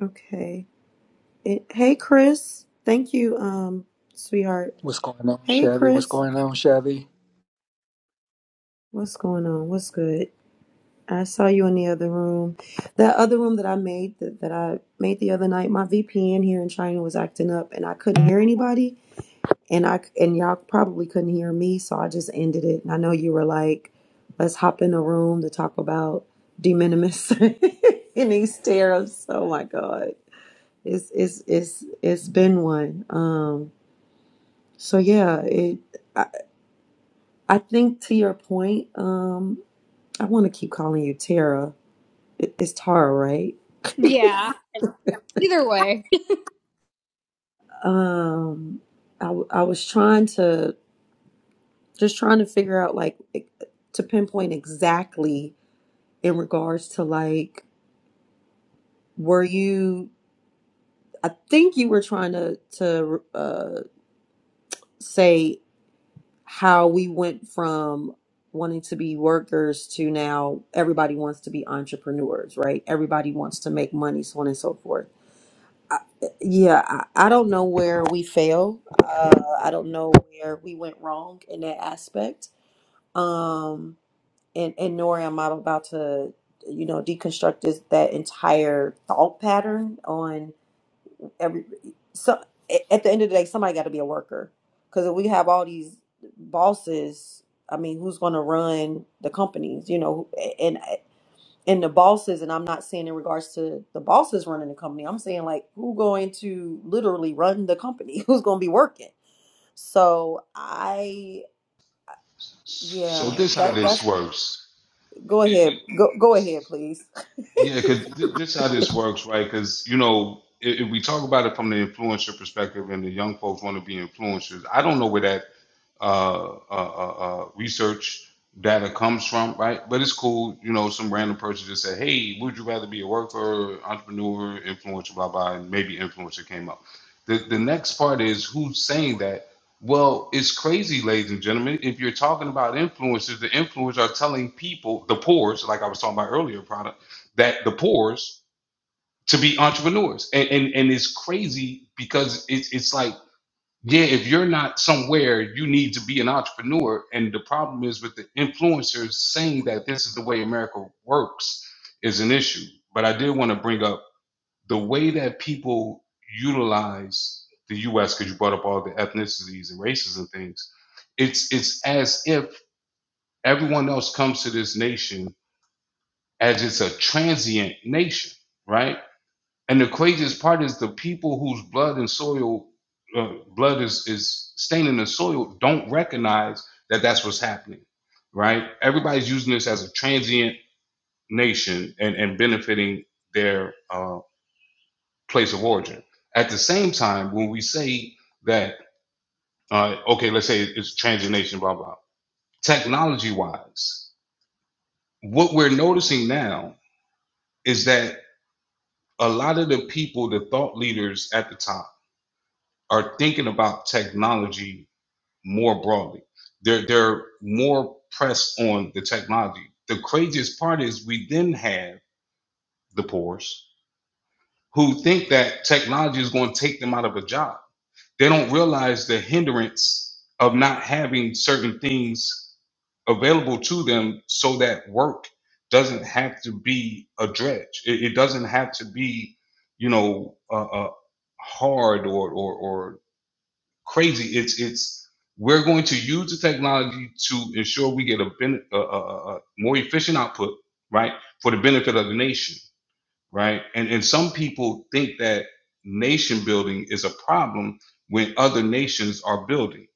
Speaker 1: Okay. It, hey, Chris. Thank you, um, sweetheart.
Speaker 4: What's going on,
Speaker 1: Hey,
Speaker 4: Chevy? What's
Speaker 1: Chris.
Speaker 4: going on, Chevy?
Speaker 1: What's going on? What's good? I saw you in the other room. That other room that I made that, that I made the other night, my VPN here in China was acting up and I couldn't hear anybody and I and y'all probably couldn't hear me, so I just ended it. And I know you were like, let's hop in a room to talk about de minimis and these tariffs. Oh my god. It's it's it's it's been one. Um, so yeah, it. I, I think to your point. Um, I want to keep calling you Tara. It, it's Tara, right?
Speaker 3: Yeah, either way.
Speaker 1: Um, I w- I was trying to just trying to figure out like e- to pinpoint exactly in regards to like were you? I think you were trying to to uh say. how we went from wanting to be workers to now everybody wants to be entrepreneurs, right? Everybody wants to make money, so on and so forth. I, yeah, I, I don't know where we fail. Uh, I don't know where we went wrong in that aspect. Um, and, and nor am I about to, you know, deconstruct this, that entire thought pattern on every so at the end of the day somebody got to be a worker because if we have all these bosses i mean who's going to run the companies you know and and the bosses and i'm not saying in regards to the bosses running the company i'm saying like who going to literally run the company who's going to be working so i
Speaker 2: so
Speaker 1: yeah
Speaker 2: this how
Speaker 1: that that's
Speaker 2: this works. It-
Speaker 1: go
Speaker 2: it-
Speaker 1: ahead go go ahead
Speaker 2: it's-
Speaker 1: please
Speaker 2: yeah, because th- this how this works, right? Because you know, if, if we talk about it from the influencer perspective, and the young folks want to be influencers, I don't know where that uh, uh, uh, uh, research data comes from, right? But it's cool, you know, some random person just said, hey, would you rather be a worker, entrepreneur, influencer, blah, blah, and maybe influencer came up. The, the next part is who's saying that? Well, it's crazy, ladies and gentlemen. If you're talking about influencers, the influencers are telling people, the poor's, like I was talking about earlier, product, that the poor's to be entrepreneurs. And, and, and it's crazy because it's it's like, yeah, if you're not somewhere, you need to be an entrepreneur. And the problem is with the influencers saying that this is the way America works is an issue. But I did want to bring up the way that people utilize the US, because you brought up all the ethnicities and races and things. It's it's as if everyone else comes to this nation as it's a transient nation, right? And the craziest part is the people whose blood and soil, uh, blood is, is staining the soil, don't recognize that that's what's happening, right? Everybody's using this as a transient nation and, and benefiting their uh, place of origin. At the same time, when we say that, uh, okay, let's say it's transient nation, blah, blah, technology wise, what we're noticing now is that a lot of the people, the thought leaders at the top, are thinking about technology more broadly. They're they're more pressed on the technology. The craziest part is we then have the poorest who think that technology is going to take them out of a job. They don't realize the hindrance of not having certain things available to them so that work doesn't have to be a dredge. It, it doesn't have to be, you know, uh, uh, hard or, or, or crazy. It's it's we're going to use the technology to ensure we get a, ben, a, a, a more efficient output, right, for the benefit of the nation, right? And and some people think that nation building is a problem when other nations are building,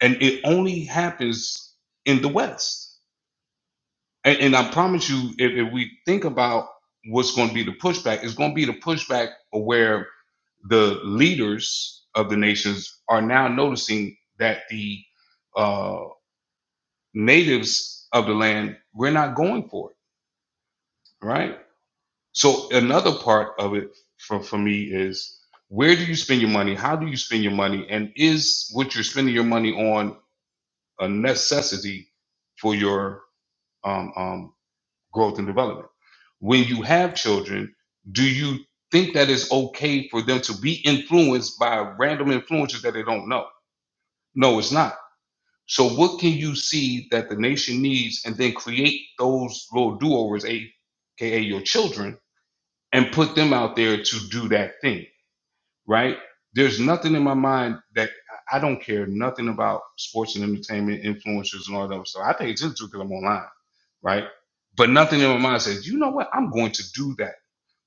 Speaker 2: and it only happens in the West and, and I promise you, if, if we think about what's going to be the pushback, it's going to be the pushback of where the leaders of the nations are now noticing that the uh, natives of the land, we're not going for it, right? So another part of it for, for me is where do you spend your money? How do you spend your money? And is what you're spending your money on a necessity for your um. um, growth and development. When you have children, do you think that it's okay for them to be influenced by random influences that they don't know? No, it's not. So, what can you see that the nation needs and then create those little do overs, aka your children, and put them out there to do that thing, right? There's nothing in my mind that I don't care nothing about sports and entertainment influencers and all that stuff. I pay attention to it because I'm online right? But nothing in my mind says, you know what, I'm going to do that.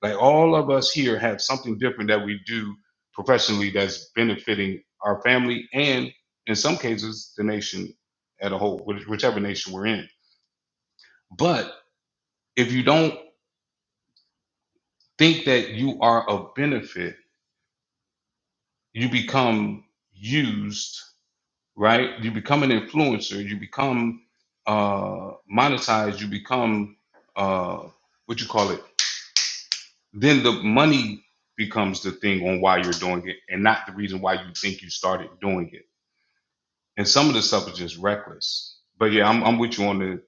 Speaker 2: Like all of us here have something different that we do professionally that's benefiting our family and in some cases the nation at a whole, which- whichever nation we're in. But if you don't think that you are of benefit, you become used, right? You become an influencer, you become uh, monetized, you become uh, what you call it then the money becomes the thing on why you're doing it and not the reason why you think you started doing it. And some of the stuff is just reckless. But yeah, I'm, I'm with you on the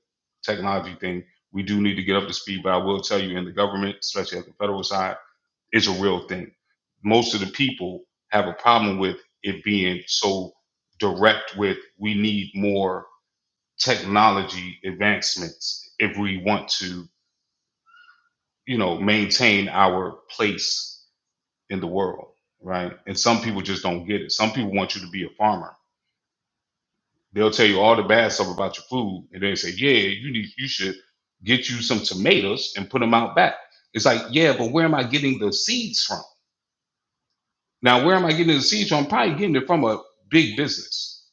Speaker 2: technology thing. We do need to get up to speed, but I will tell you in the government, especially at the federal side, it's a real thing. Most of the people have a problem with it being so direct with we need more technology advancements if we want to, you know, maintain our place in the world, right? And some people just don't get it. Some people want you to be a farmer. They'll tell you all the bad stuff about your food, and they say, "Yeah, you need, you should get you some tomatoes and put them out back." It's like, yeah, but where am I getting the seeds from? Now, where am I getting the seeds from? I'm probably getting it from a big business,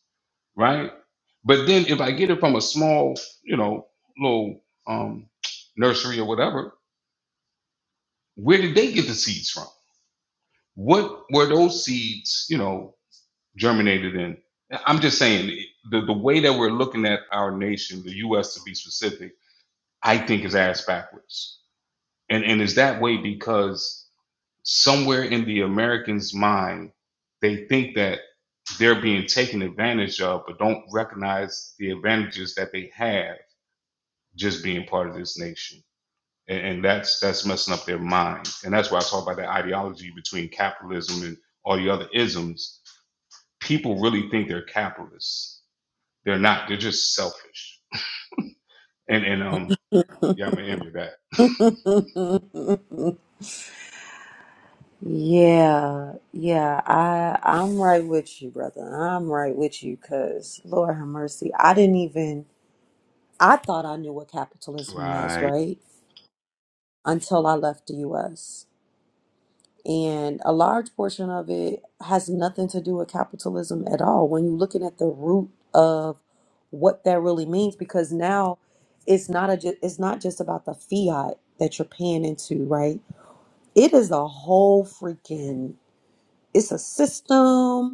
Speaker 2: right? But then if I get it from a small, you know, little um, nursery or whatever, where did they get the seeds from? What were those seeds, you know, germinated in. I'm just saying the, the way that we're looking at our nation, the U.S. to be specific, I think is ass backwards. And and is that way because somewhere in the American's mind, they think that they're being taken advantage of, but don't recognize the advantages that they have just being part of this nation. And, and that's that's messing up their mind. And that's why I talk about the ideology between capitalism and all the other isms. People really think they're capitalists They're not. They're just selfish. And and um, yeah, I'm gonna end with that.
Speaker 1: Yeah, yeah, I I'm right with you, brother. I'm right with you, cause Lord have mercy, I didn't even I thought I knew what capitalism was,
Speaker 2: Right.
Speaker 1: right? Until I left the U.S. And a large portion of it has nothing to do with capitalism at all. When you're looking at the root of what that really means, because now it's not a ju- it's not just about the fiat that you're paying into, right? It is a whole freaking it's a system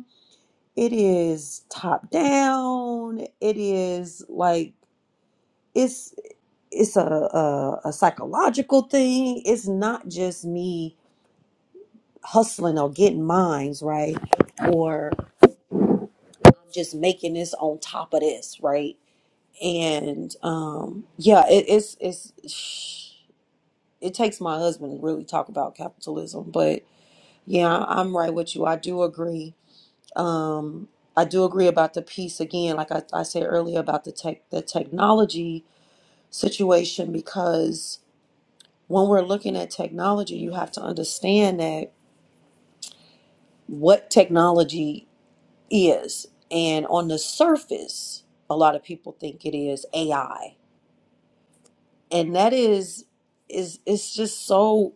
Speaker 1: it is top down it is like it's it's a, a a psychological thing it's not just me hustling or getting mines right or just making this on top of this right and um yeah it, it's it's it takes my husband to really talk about capitalism but yeah i'm right with you i do agree um, I do agree about the piece again, like I, I said earlier about the tech, the technology situation, because when we're looking at technology, you have to understand that what technology is, and on the surface, a lot of people think it is AI, and that is is it's just so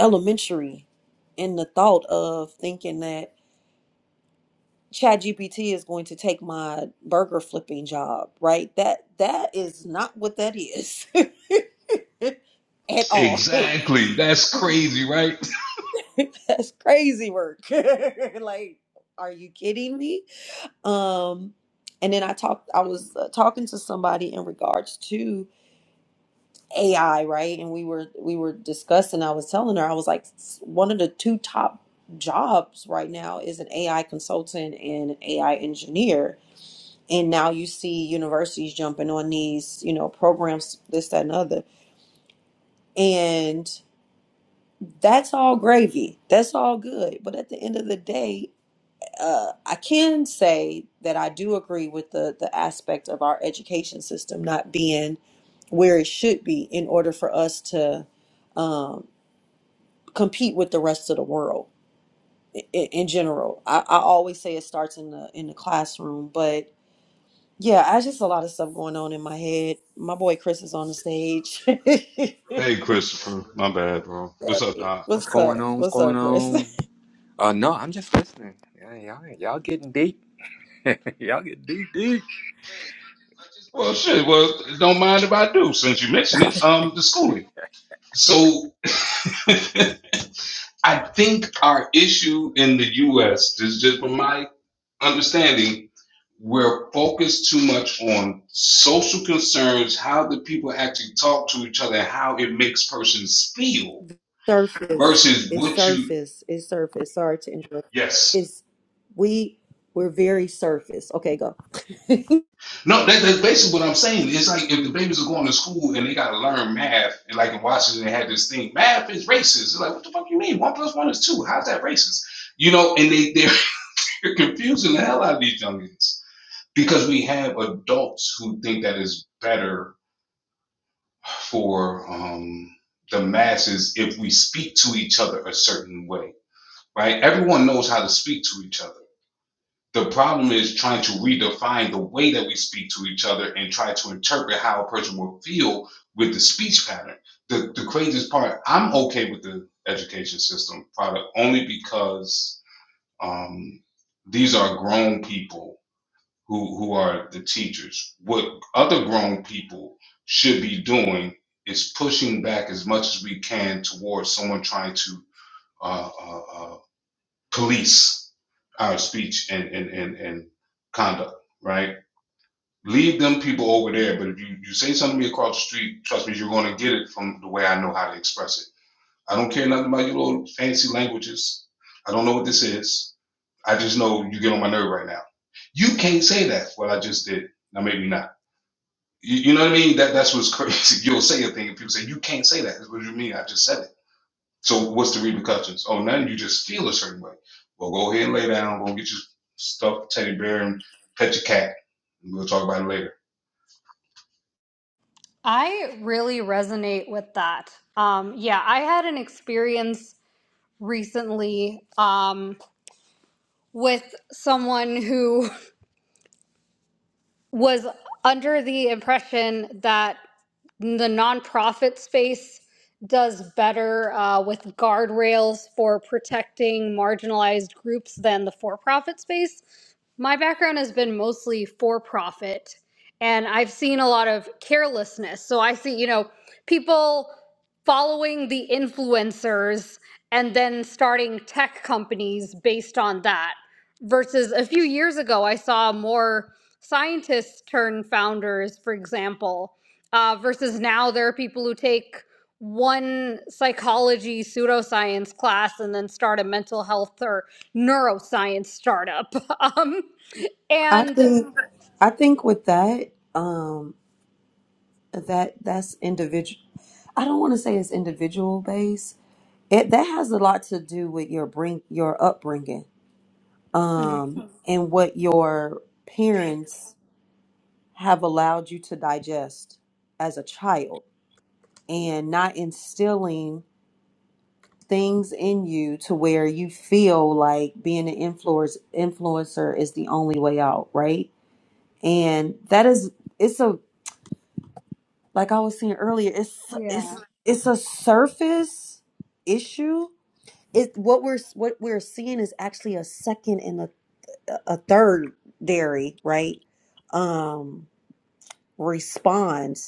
Speaker 1: elementary in the thought of thinking that ChatGPT is going to take my burger flipping job, right? That that is not what that is at all.
Speaker 2: Exactly. That's crazy, right?
Speaker 1: That's crazy work. like, are you kidding me? Um, and then I talked. I was uh, talking to somebody in regards to AI, right? And we were we were discussing. I was telling her I was like, "S- one of the two top jobs right now is an AI consultant and an AI engineer and now you see universities jumping on these you know programs this that and other and that's all gravy that's all good but at the end of the day uh, i can say that i do agree with the the aspect of our education system not being where it should be in order for us to um, compete with the rest of the world in, in general I, I always say it starts in the in the classroom but Yeah, I just a lot of stuff going on in my head. My boy Chris is on the stage.
Speaker 2: Hey, Christopher. My bad, bro. What's up, Doc?
Speaker 4: What's
Speaker 1: What's up?
Speaker 4: going on? What's
Speaker 1: What's
Speaker 4: going
Speaker 1: up, Chris?
Speaker 4: on? Uh, no, I'm just listening. Yeah, y'all, y'all getting deep. y'all getting deep, deep.
Speaker 2: Well, shit. Well, don't mind if I do, since you mentioned it. Um, the schooling. So, I think our issue in the U.S. is just from my understanding, we're focused too much on social concerns, how the people actually talk to each other, and how it makes persons feel
Speaker 1: Surface.
Speaker 2: versus
Speaker 1: It's
Speaker 2: what you
Speaker 1: surface. It's surface. Sorry to interrupt.
Speaker 2: yes
Speaker 1: It's we we're very surface. Okay, go.
Speaker 2: no that, that's basically what i'm saying it's like if the babies are going to school and they got to learn math and like in washington they had this thing math is racist it's like what the fuck you mean one plus one is two how's that racist you know and they they're confusing the hell out of these youngins because we have adults who think that is better for um the masses if we speak to each other a certain way right everyone knows how to speak to each other the problem is trying to redefine the way that we speak to each other and try to interpret how a person will feel with the speech pattern. The the craziest part, I'm okay with the education system product only because um, these are grown people who who are the teachers. What other grown people should be doing is pushing back as much as we can towards someone trying to uh, uh, uh, police our speech and and and, and conduct, right? Leave them people over there. But if you, you say something to me across the street, trust me, you're gonna get it from the way I know how to express it. I don't care nothing about your little fancy languages. I don't know what this is. I just know you get on my nerve right now. You can't say that. What I just did. Now maybe not. You, you know what I mean? That that's what's crazy. You'll say a thing and people say you can't say that. That's what you mean. I just said it. So what's the repercussions? Oh, now you just feel a certain way. Well, go ahead and lay down. Go get your stuffed teddy bear and pet your cat. And we'll talk about it later.
Speaker 3: I really resonate with that. Um, yeah, I had an experience recently um, with someone who was under the impression that the nonprofit space does better uh, with guardrails for protecting marginalized groups than the for profit space. My background has been mostly for profit, and I've seen a lot of carelessness. So I see, you know, people following the influencers and then starting tech companies based on that. Versus a few years ago, I saw more scientists turn founders, for example uh, versus now there are people who take one psychology pseudoscience class and then start a mental health or neuroscience startup. Um,
Speaker 1: I
Speaker 3: and
Speaker 1: think I think with that, um that that's individual I don't want to say it's individual based. It that has a lot to do with your bring your upbringing, um, and what your parents have allowed you to digest as a child and not instilling things in you to where you feel like being an influence, influencer is the only way out, right? And that is it's a like I was saying earlier, it's it's
Speaker 3: Yeah.
Speaker 1: it's a surface issue. It what we're what we're seeing is actually a second and a a third dairy, right? Um response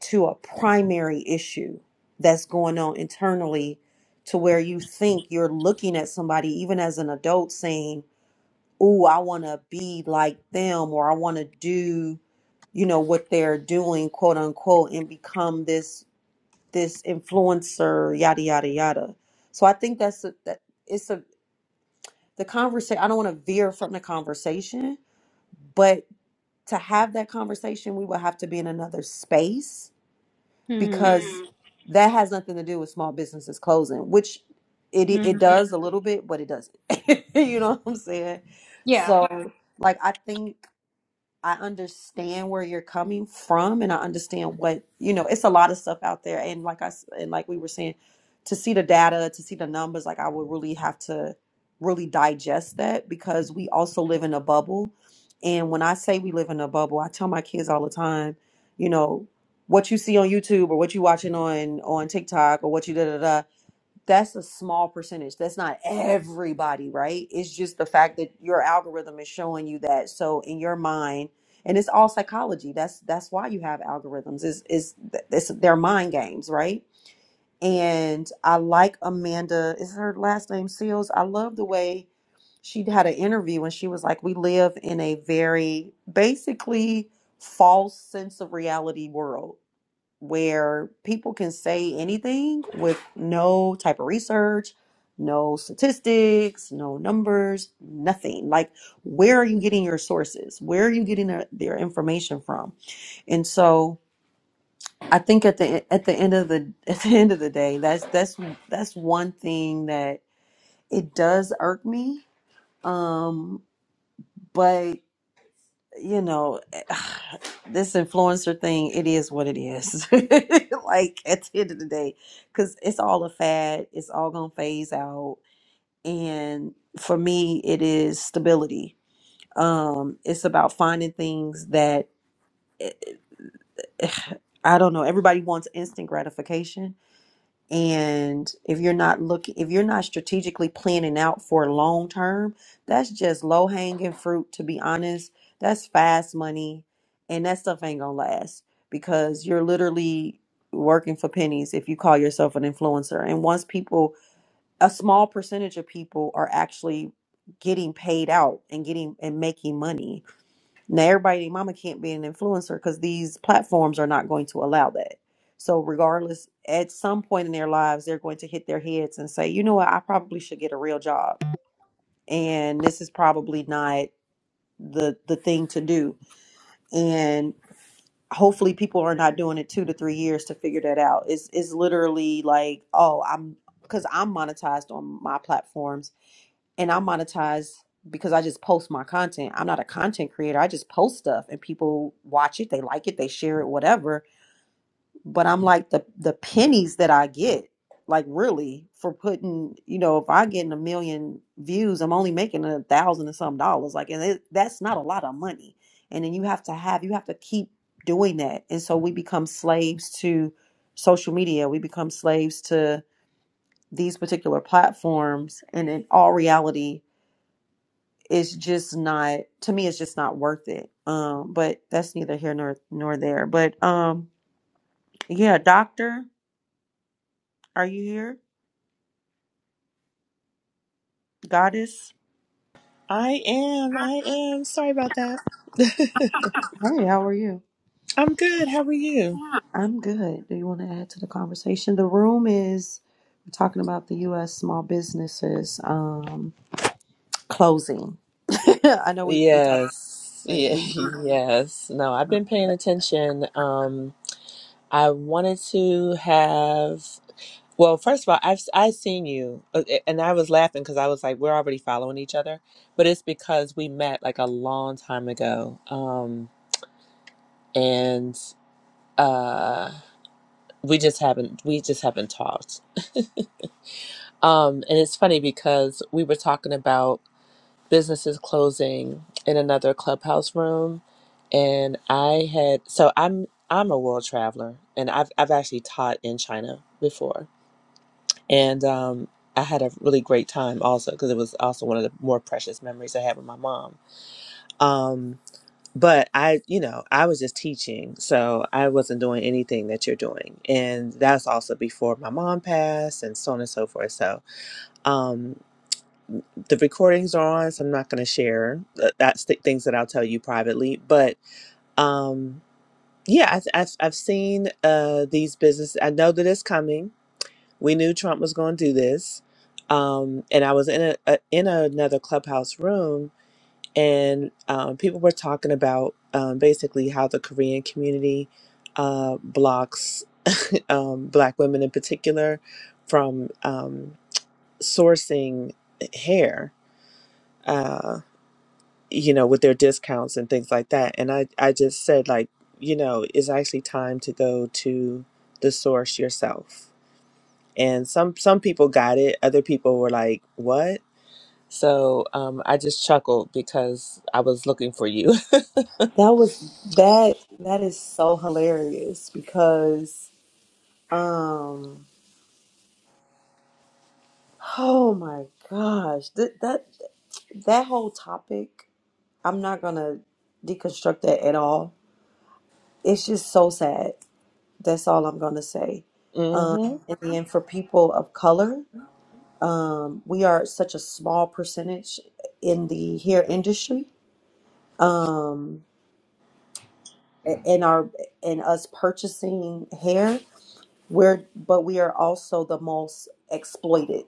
Speaker 1: to a primary issue that's going on internally to where you think you're looking at somebody even as an adult saying "Ooh, i want to be like them or i want to do you know what they're doing quote unquote and become this this influencer yada yada yada so i think that's a, that it's a the conversation i don't want to veer from the conversation but to have that conversation we would have to be in another space
Speaker 3: Hmm,
Speaker 1: because that has nothing to do with small businesses closing, which it
Speaker 3: hmm.
Speaker 1: it does a little bit, but it doesn't. you know what I'm saying?
Speaker 3: yeah,
Speaker 1: So, like, I think. I understand where you're coming from and I understand what, you know, it's a lot of stuff out there and like I s- and like we were saying to see the data, to see the numbers, like I would really have to really digest that because we also live in a bubble. And when I say we live in a bubble, I tell my kids all the time, you know, what you see on YouTube or what you watching on on TikTok or what you da da da that's a small percentage. That's not everybody, right? It's just the fact that your algorithm is showing you that. So in your mind, and it's all psychology. That's that's why you have algorithms. Is is it's their mind games, right? And I like Amanda. Is her last name Seals? I love the way she had an interview and she was like, "We live in a very basically false sense of reality world." where people can say anything with no type of research, no statistics, no numbers, nothing. Like, where are you getting your sources? Where are you getting their, their information from? And so, I think at the at the end of the at the end of the day, that's that's that's one thing that it does irk me. Um, but you know, this influencer thing, it is what it is. like at the end of the day, because it's all a fad, it's all gonna phase out. And for me, it is stability. Um, it's about finding things that I don't know. Everybody wants instant gratification and if you're not looking, if you're not strategically planning out for long term, that's just low hanging fruit, to be honest. That's fast money. And that stuff ain't gonna last because you're literally working for pennies if you call yourself an influencer. And once people, a small percentage of people are actually getting paid out and getting and making money now, everybody, and their mama can't be an influencer because these platforms are not going to allow that. So, regardless, at some point in their lives, they're going to hit their heads and say, "You know what? I probably should get a real job, and this is probably not the the thing to do." And hopefully, people are not doing it two to three years to figure that out. It's it's literally like, "Oh, I'm." Because I'm monetized on my platforms and I monetize because I just post my content. I'm not a content creator. I just post stuff and people watch it, they like it, they share it, whatever. But I'm like the the pennies that I get, like really for putting, you know, if I get a million views, I'm only making a thousand and some dollars. Like, and it, that's not a lot of money. And then you have to have, you have to keep doing that. And so we become slaves to social media. We become slaves to these particular platforms. And in all reality, it's just not to me it's just not worth it um but that's neither here nor nor there but um yeah doctor are you here goddess
Speaker 5: I am. I am. Sorry about that.
Speaker 1: hey how are you
Speaker 5: I'm good. How are you?
Speaker 1: i'm good do you want to add to the conversation the room is we're talking about the us small businesses um closing i know we we talked
Speaker 5: Yes. Yeah,
Speaker 1: we
Speaker 5: yes. No, I've been
Speaker 1: we
Speaker 5: paying attention. Um, I wanted to have. Well, first of all, I've I seen you, uh, and I was laughing because I was like, we're already following each other, but it's because we met like a long time ago, um, and uh, we just haven't we just haven't talked. Um, and it's funny because we were talking about businesses closing in another clubhouse room and I had so I'm I'm a world traveler and I've I've actually taught in China before and um I had a really great time also because it was also one of the more precious memories I had with my mom. Um but I you know I was just teaching so I wasn't doing anything that you're doing and that's also before my mom passed and so on and so forth so um, the recordings are on, so I'm not going to share. Th- That's the things that I'll tell you privately. But um, yeah, I've, I've, I've seen uh, these businesses. I know that it's coming. We knew Trump was going to do this. Um, and I was in a, a in another clubhouse room, and um, people were talking about um, basically how the Korean community uh, blocks um, Black women in particular from um, sourcing hair uh, you know, with their discounts and things like that. And I, I just said, like, you know, it's actually time to go to the source yourself. And some some people got it. Other people were like, "What?" So um, I just chuckled because I was looking for you.
Speaker 1: That was that that is so hilarious because um oh my gosh that that that whole topic I'm not gonna deconstruct that at all. It's just so sad. That's all I'm gonna say. Um
Speaker 5: mm-hmm.
Speaker 1: and then for people of color, Um, we are such a small percentage in the hair industry. Um, a- in our in us purchasing hair, we're but we are also the most exploited.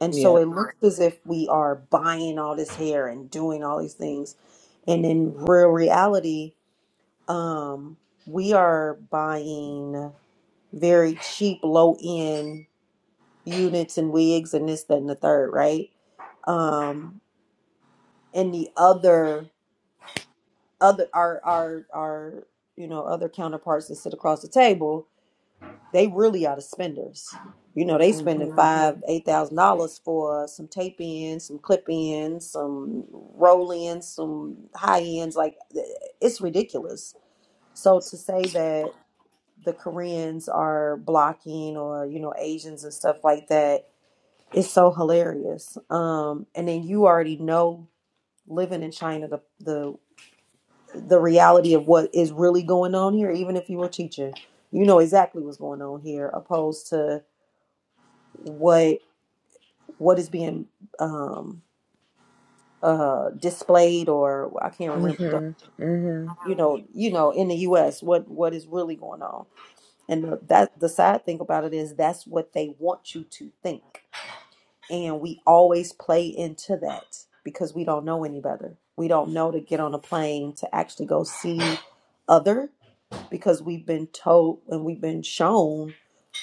Speaker 1: And so
Speaker 5: Yep.
Speaker 1: it looks as if we are buying all this hair and doing all these things. And in real reality, um, we are buying very cheap, low end units and wigs and this, that, and the third, right? Um, and the other other our our our you know other counterparts that sit across the table they really are the spenders you know they spending
Speaker 5: Mm-hmm.
Speaker 1: five eight thousand dollars for some tape ins some clip ins some roll ins some high ends like it's ridiculous so to say that the koreans are blocking or you know asians and stuff like that is so hilarious um and then you already know living in china the the the reality of what is really going on here, even if you were teaching, you know exactly what's going on here, opposed to what what is being um, uh, displayed or I can't remember.
Speaker 5: Mm-hmm. Mm-hmm.
Speaker 1: You know, you know, in the U.S., what what is really going on, and the, that the sad thing about it is that's what they want you to think, and we always play into that because we don't know any better. We don't know to get on a plane to actually go see other. because we've been told and we've been shown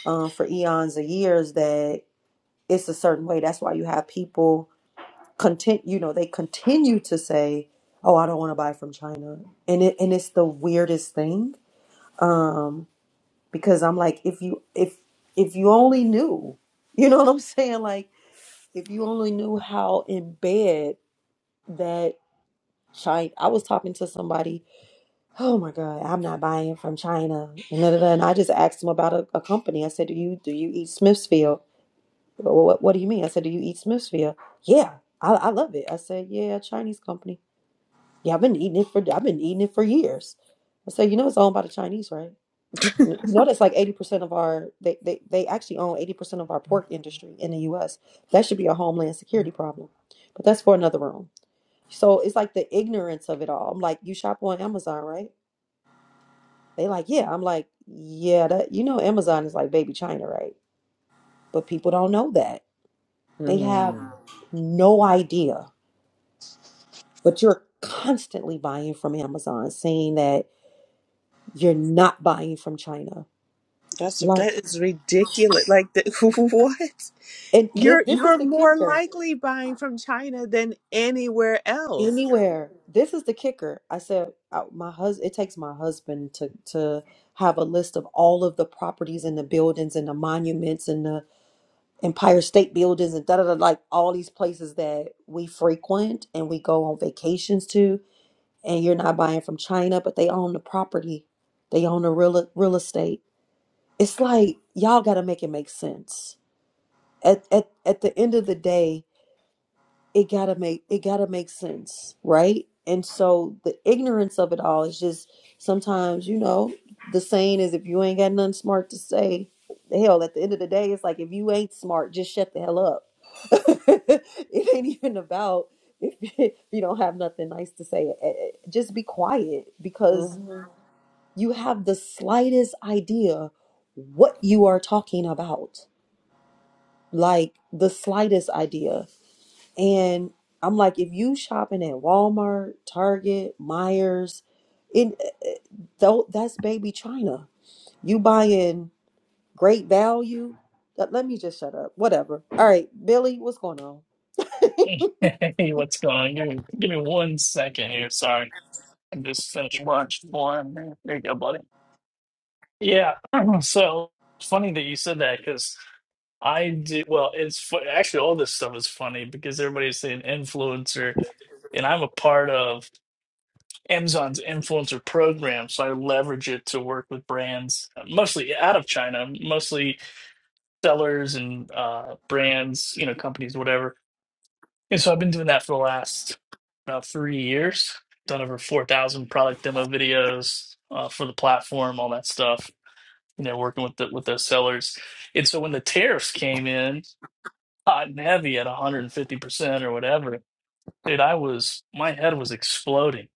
Speaker 1: uh, for eons of years that it's a certain way. That's why you have people content. You know, they continue to say, "Oh, I don't want to buy from China," and it and it's the weirdest thing um, because I'm like, if you if if you only knew, you know what I'm saying? Like, if you only knew how in bed that China. I was talking to somebody oh my god i'm not buying from china and, da, da, da. and i just asked him about a, a company i said do you do you eat Smithfield?" "Well, what, what do you mean i said do you eat Smithfield?" yeah I, I love it i said yeah chinese company yeah i've been eating it for i've been eating it for years i said you know it's owned by the chinese right you know that's like 80% of our they, they, they actually own 80% of our pork industry in the us that should be a homeland security problem but that's for another room so it's like the ignorance of it all i'm like you shop on amazon right They like, yeah. I'm like, yeah, that you know Amazon is like baby China, right? But people don't know that. They have
Speaker 5: Mm-hmm.
Speaker 1: no idea. But you're constantly buying from Amazon, saying that you're not buying from China.
Speaker 5: That's
Speaker 1: Like,
Speaker 5: that is ridiculous. Like the, what?
Speaker 1: and this
Speaker 5: You're
Speaker 1: this is
Speaker 5: you're
Speaker 1: the
Speaker 5: more
Speaker 1: kicker.
Speaker 5: likely buying from China than anywhere else.
Speaker 1: Anywhere, this is the kicker. I said, uh, my husband. It takes my husband to to have a list of all of the properties and the buildings and the monuments and the Empire State Buildings and da da da, like all these places that we frequent and we go on vacations to. And you're not buying from China, but they own the property, they own the real real estate. It's like y'all got to make it make sense. At at at the end of the day, it gotta make it gotta make sense, right? And so the ignorance of it all is just sometimes, you know, the saying is if you ain't got nothing smart to say, hell, at the end of the day, it's like if you ain't smart, just shut the hell up. it ain't even about if if you don't have nothing nice to say. Eh, eh, Just be quiet because you have the slightest idea what you are talking about. Like the slightest idea and I'm like, if you shopping at Walmart, Target, Myers, in though that's baby China. You buying great value. Let let me just shut up. Whatever. All right, Billy, what's going on?
Speaker 6: Hey, what's going on? Give me, give me one second here. Sorry. I just finished lunch for him. There you go, buddy. Yeah. So funny that you said that because I do. Well, it's fu- actually all this stuff is funny because everybody's saying influencer, and I'm a part of Amazon's influencer program. So I leverage it to work with brands, mostly out of China, mostly sellers and uh, brands, you know, companies, whatever Yeah, so I've been doing that for the last about three years. Done over 4,000 product demo videos uh, for the platform, all that stuff. You know, working with the, with those sellers. And so when the tariffs came in hot and heavy at 150% or whatever, dude, I was, my head was exploding.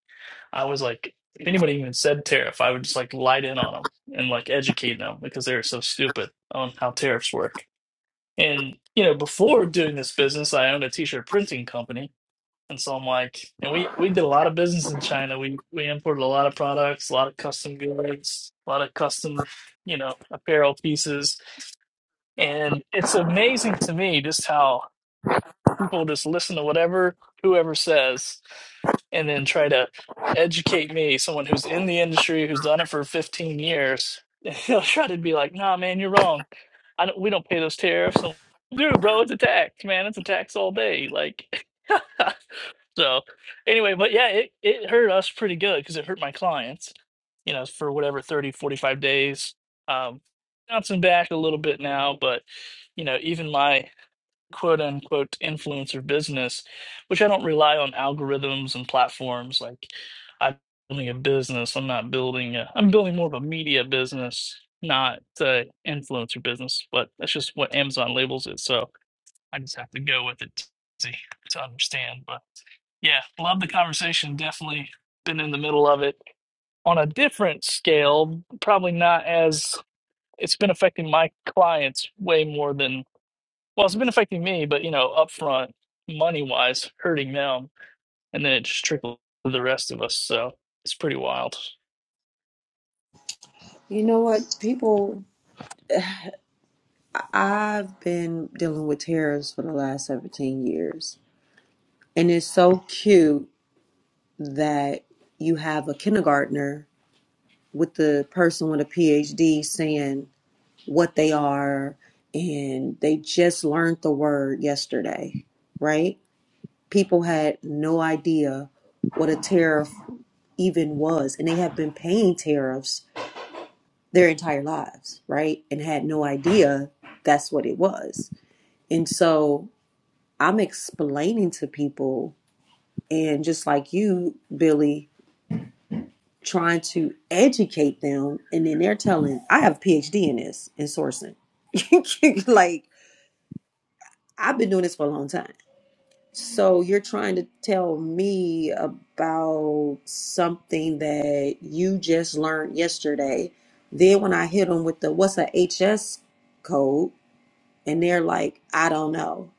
Speaker 6: I was like, if anybody even said tariff, I would just like light in on them and like educate them because they were so stupid on how tariffs work. And, you know, before doing this business, I owned a t shirt printing company and so I'm like, and we we did a lot of business in China. We we imported a lot of products, a lot of custom goods, a lot of custom, you know, apparel pieces. And it's amazing to me just how people just listen to whatever whoever says and then try to educate me, someone who's in the industry, who's done it for 15 years. He'll try to be like, "Nah, man, you're wrong. I don't, we don't pay those tariffs." And, Dude, bro, it's a tax, man. It's a tax all day. Like So anyway, but yeah, it, it hurt us pretty good because it hurt my clients, you know, for whatever 30 45 days. Um, bouncing back a little bit now, but, you know, even my quote unquote influencer business, which I don't rely on algorithms and platforms like I'm building a business. I'm not building a, I'm building more of a media business, not uh influencer business, but that's just what Amazon labels it. So I just have to go with it to, to understand, but. Yeah, love the conversation. Definitely been in the middle of it on a different scale, probably not as it's been affecting my clients way more than well, it's been affecting me, but you know, upfront money wise, hurting them, and then it just trickled to the rest of us. So it's pretty wild.
Speaker 1: You know what, people, I've been dealing with tariffs for the last 17 years. And it's so cute that you have a kindergartner with the person with a PhD saying, what they are and they just learned the word yesterday right people had no idea what a tariff even was and they have been paying tariffs their entire lives right and had no idea that's what it was and so i'm explaining to people and just like you billy trying to educate them and then they're telling i have a phd in this in sourcing like I've been doing this for a long time. So you're trying to tell me about something that you just learned yesterday. Then when I hit them with the what's a HS code, and they're like, I don't know.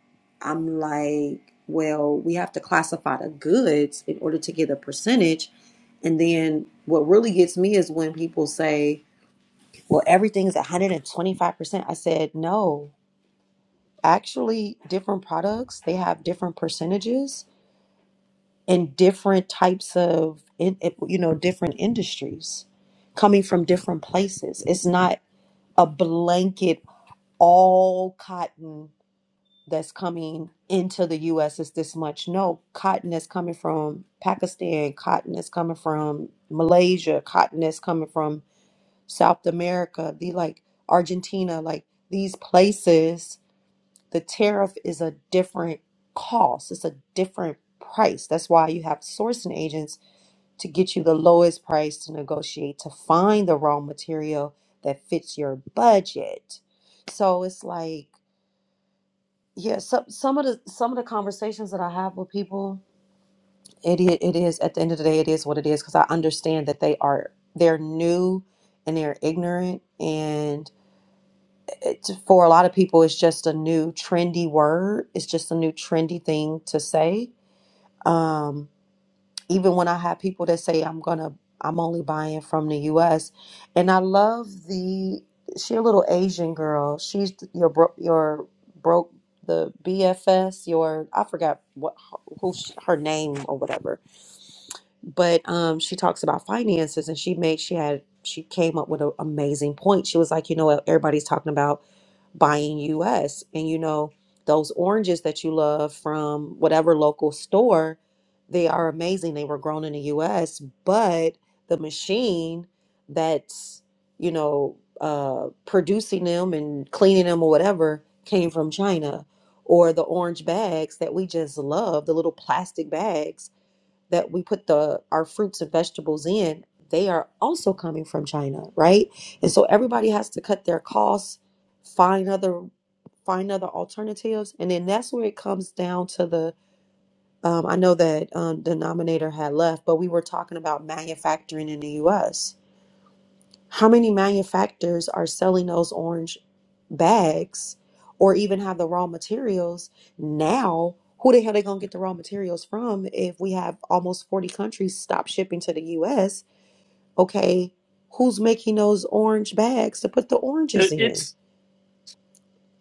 Speaker 1: I'm like, well, we have to classify the goods in order to get a percentage. And then what really gets me is when people say, well, everything's 125%. I said, no, actually, different products, they have different percentages in different types of in, it- you know different industries coming from different places it's not a blanket all cotton that's coming into the US is this much no cotton is coming from Pakistan cotton is coming from Malaysia cotton is coming from South America the like Argentina like these places the tariff is a different cost it's a different price that's why you have sourcing agents to get you the lowest price to negotiate to find the raw material that fits your budget. So it's like, yeah, some some of the some of the conversations that I have with people, it i- it is at the end of the day, it is what it is because I understand that they are they're new and they're ignorant and it's, for a lot of people it's just a new trendy word it's just a new trendy thing to say um even when I have people that say I'm gonna I'm only buying from the US and I love the she a little Asian girl she's your bro, your broke the BFS your I forgot what who she, her name or whatever but um she talks about finances and she made she had she came up with an amazing point she was like you know what everybody's talking about buying US. And you know, those oranges that you love from whatever local store, they are amazing. They were grown in the US, but the machine that's, you know, uh, producing them and cleaning them or whatever came from China. Or the orange bags that we just love, the little plastic bags that we put the our fruits and vegetables in, they are also coming from China, right? And so everybody has to cut their costs, find other find other alternatives, and then that's where it comes down to the. Um, I know that um, denominator had left, but we were talking about manufacturing in the U.S how many manufacturers are selling those orange bags or even have the raw materials now? Who the hell they gonna get the raw materials from if we have almost 40 countries stop shipping to the US? Okay, who's making those orange bags to put the oranges
Speaker 6: It-
Speaker 1: in?
Speaker 6: It's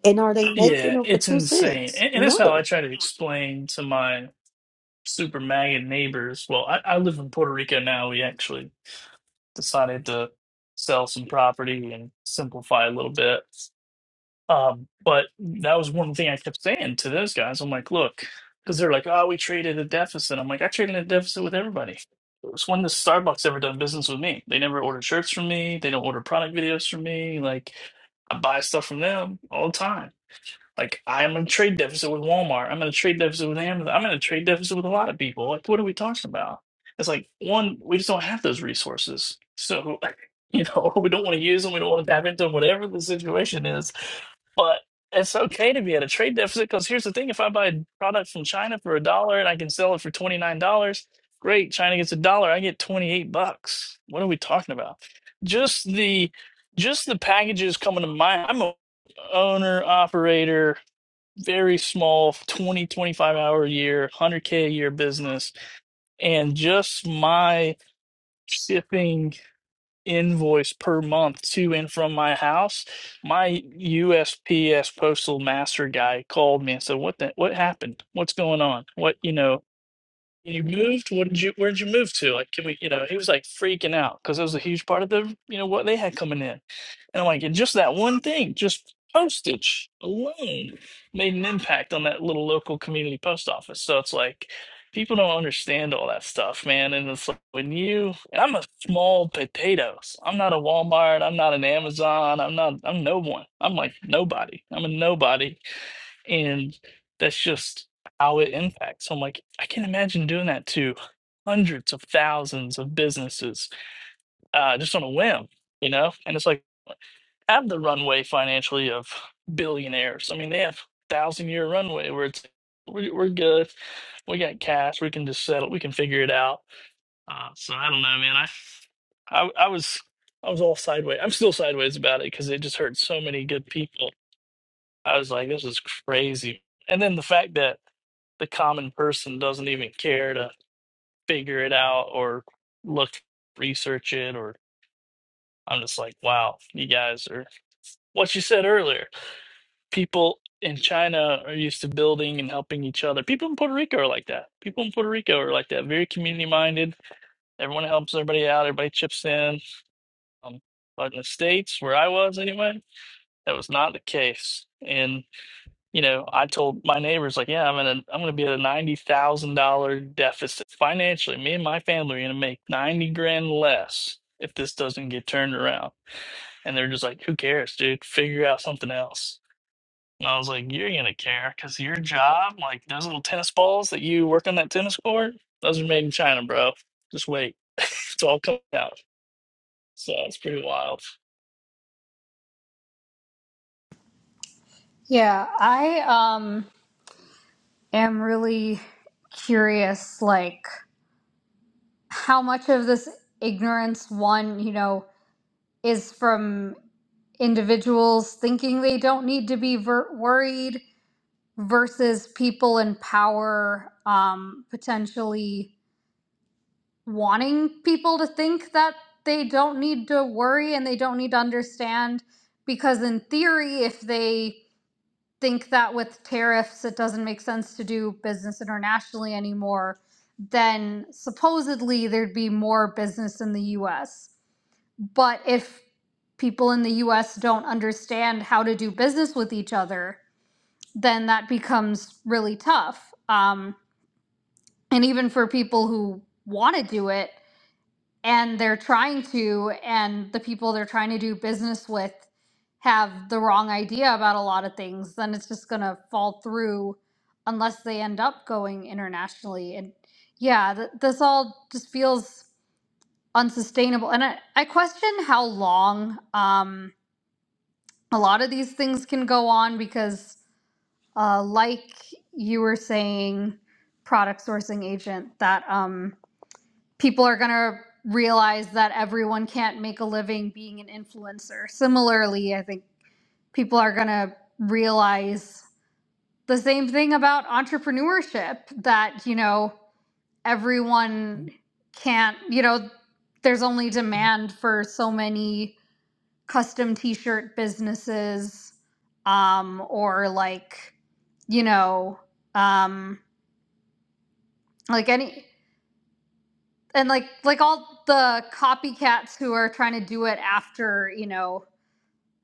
Speaker 1: And are they making
Speaker 6: yeah,
Speaker 1: them for
Speaker 6: it's
Speaker 1: two
Speaker 6: insane,
Speaker 1: cents?
Speaker 6: and, and that's how I
Speaker 1: No.
Speaker 6: try to explain to my super maggot neighbors. Well, I, I live in Puerto Rico now. We actually decided to sell some property and simplify a little bit. Um, but that was one thing I kept saying to those guys. I'm like, look, because they're like, oh, we traded a deficit. I'm like, I traded a deficit with everybody. It's when does Starbucks ever done business with me? They never order shirts from me. They don't order product videos from me. Like, I buy stuff from them all the time. Like I'm in a trade deficit with Walmart. I'm in a trade deficit with Amazon. I'm in a trade deficit with a lot of people. Like what are we talking about? It's like one, we just don't have those resources. So like, you know, we don't want to use them. We don't want to tap into them, whatever the situation is. But it's okay to be at a trade deficit because here's the thing: if I buy a product from China for a dollar and I can sell it for twenty nine dollars, great. China gets a dollar, I get twenty eight bucks. What are we talking about? Just the just the packages coming to my. I'm a owner operator very small 20 25 hour a year 100k a year business and just my shipping invoice per month to and from my house my USPS postal master guy called me and said what the what happened what's going on what you know you moved what did you where'd you move to like can we you know he was like freaking out because it was a huge part of the you know what they had coming in and I'm like, and just that one thing, just postage alone made an impact on that little local community post office. So it's like people don't understand all that stuff, man. And it's like when you and I'm a small potatoes. I'm not a Walmart, I'm not an Amazon, I'm not I'm no one. I'm like nobody. I'm a nobody. And that's just how it impacts. So I'm like, I can imagine doing that to hundreds of thousands of businesses uh, just on a whim, you know? And it's like have the runway financially of billionaires. I mean, they have thousand year runway where it's we, we're good. We got cash. We can just settle. We can figure it out. Uh, so I don't know, man. I, I I was I was all sideways. I'm still sideways about it because it just hurt so many good people. I was like, this is crazy. And then the fact that the common person doesn't even care to figure it out or look research it or I'm just like, wow, you guys are what you said earlier. people in China are used to building and helping each other. People in Puerto Rico are like that. People in Puerto Rico are like that. Very community minded. Everyone helps everybody out. Everybody chips in. Um, but in the States, where I was anyway, that was not the case. And you know, I told my neighbors like, "Yeah, I'm gonna I'm gonna be at a ninety thousand dollar deficit financially. Me and my family are gonna make ninety grand less if this doesn't get turned around." And they're just like, "Who cares, dude? Figure out something else." And I was like, you're gonna care because your job, like those little tennis balls that you work on that tennis court, those are made in China, bro. Just wait, it's all coming out. So it's pretty wild.
Speaker 3: yeah, I um, am really curious, like how much of this ignorance one, you know, is from individuals thinking they don't need to be ver- worried versus people in power um, potentially wanting people to think that they don't need to worry and they don't need to understand. Because, in theory, if they think that with tariffs it doesn't make sense to do business internationally anymore, then supposedly there'd be more business in the US. But if people in the US don't understand how to do business with each other, then that becomes really tough. Um, and even for people who want to do it and they're trying to and the people they're trying to do business with have the wrong idea about a lot of things then it's just going to fall through unless they end up going internationally and yeah th- this all just feels unsustainable and i, I question how long um, a lot of these things can go on because uh, like you were saying product sourcing agent that um, people are going to realize that everyone can't make a living being an influencer. Similarly, I think people are going to realize the same thing about entrepreneurship that, you know, everyone can't, you know, there's only demand for so many custom t-shirt businesses um or like, you know, um like any and like like all the copycats who are trying to do it after you know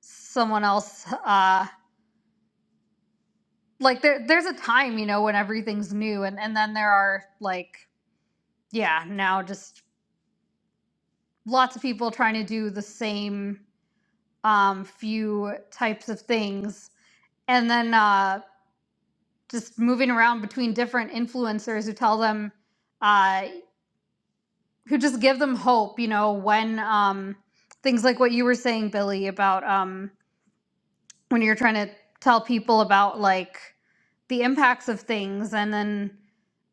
Speaker 3: someone else uh like there there's a time you know when everything's new and and then there are like yeah now just lots of people trying to do the same um few types of things and then uh just moving around between different influencers who tell them uh who just give them hope you know when um things like what you were saying billy about um when you're trying to tell people about like the impacts of things and then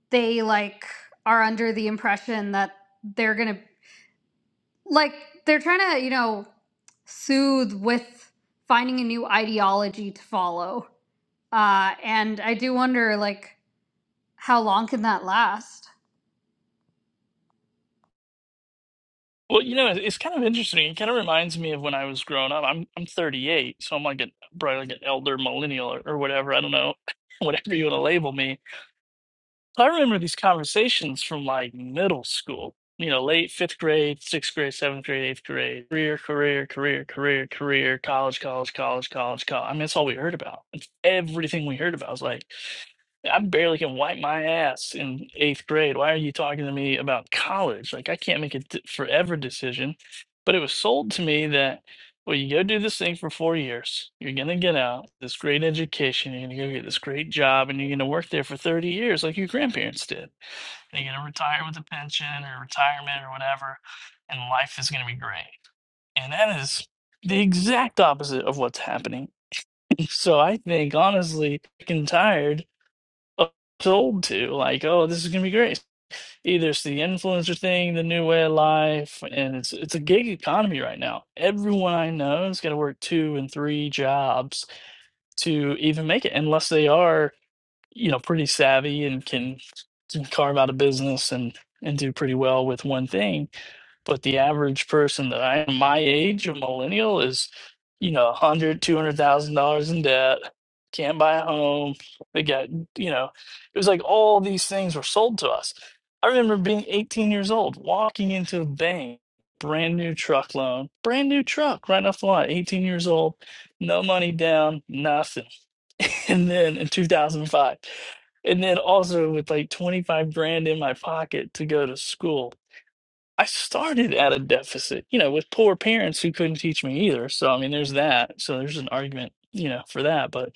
Speaker 3: they like are under the impression that they're going to like they're trying to, you know, soothe with finding a new ideology to follow. Uh and I do wonder like how long can that last?
Speaker 6: Well, you know, it- it's kind of interesting. It kind of reminds me of when I was growing up. I'm I'm 38, so I'm like an probably like an elder millennial or, or whatever. I don't know, whatever you want to label me I remember these conversations from like middle school, you know, late fifth grade, sixth grade, seventh grade, eighth grade, career, career, career, career, career, college, college, college, college, college. I mean, that's all we heard about. It's everything we heard about. It was like I barely can wipe my ass in eighth grade. Why are you talking to me about college? Like, I can't make a d- forever decision. But it was sold to me that, well, you go do this thing for four years. You're going to get out this great education. You're going to go get this great job and you're going to work there for 30 years like your grandparents did. And you're going to retire with a pension or retirement or whatever. And life is going to be great. And that is the exact opposite of what's happening. So I think, honestly, I'm tired sold to like oh this is going to be great either it's the influencer thing the new way of life and it's it's a gig economy right now everyone i know has got to work two and three jobs to even make it unless they are you know pretty savvy and can, can carve out a business and and do pretty well with one thing but the average person that I am my age, a millennial, is, you know, a hundred, two hundred thousand dollars in debt, can't buy a home. They got, you know, it was like all these things were sold to us. I remember being 18 years old, walking into a bank, brand new truck loan, brand new truck right off the lot, 18 years old, no money down, nothing. And then in 2005, and then also with like 25 grand in my pocket to go to school I started at a deficit, you know, with poor parents who couldn't teach me either. So, I mean, there's that. So, there's an argument, you know, for that. But,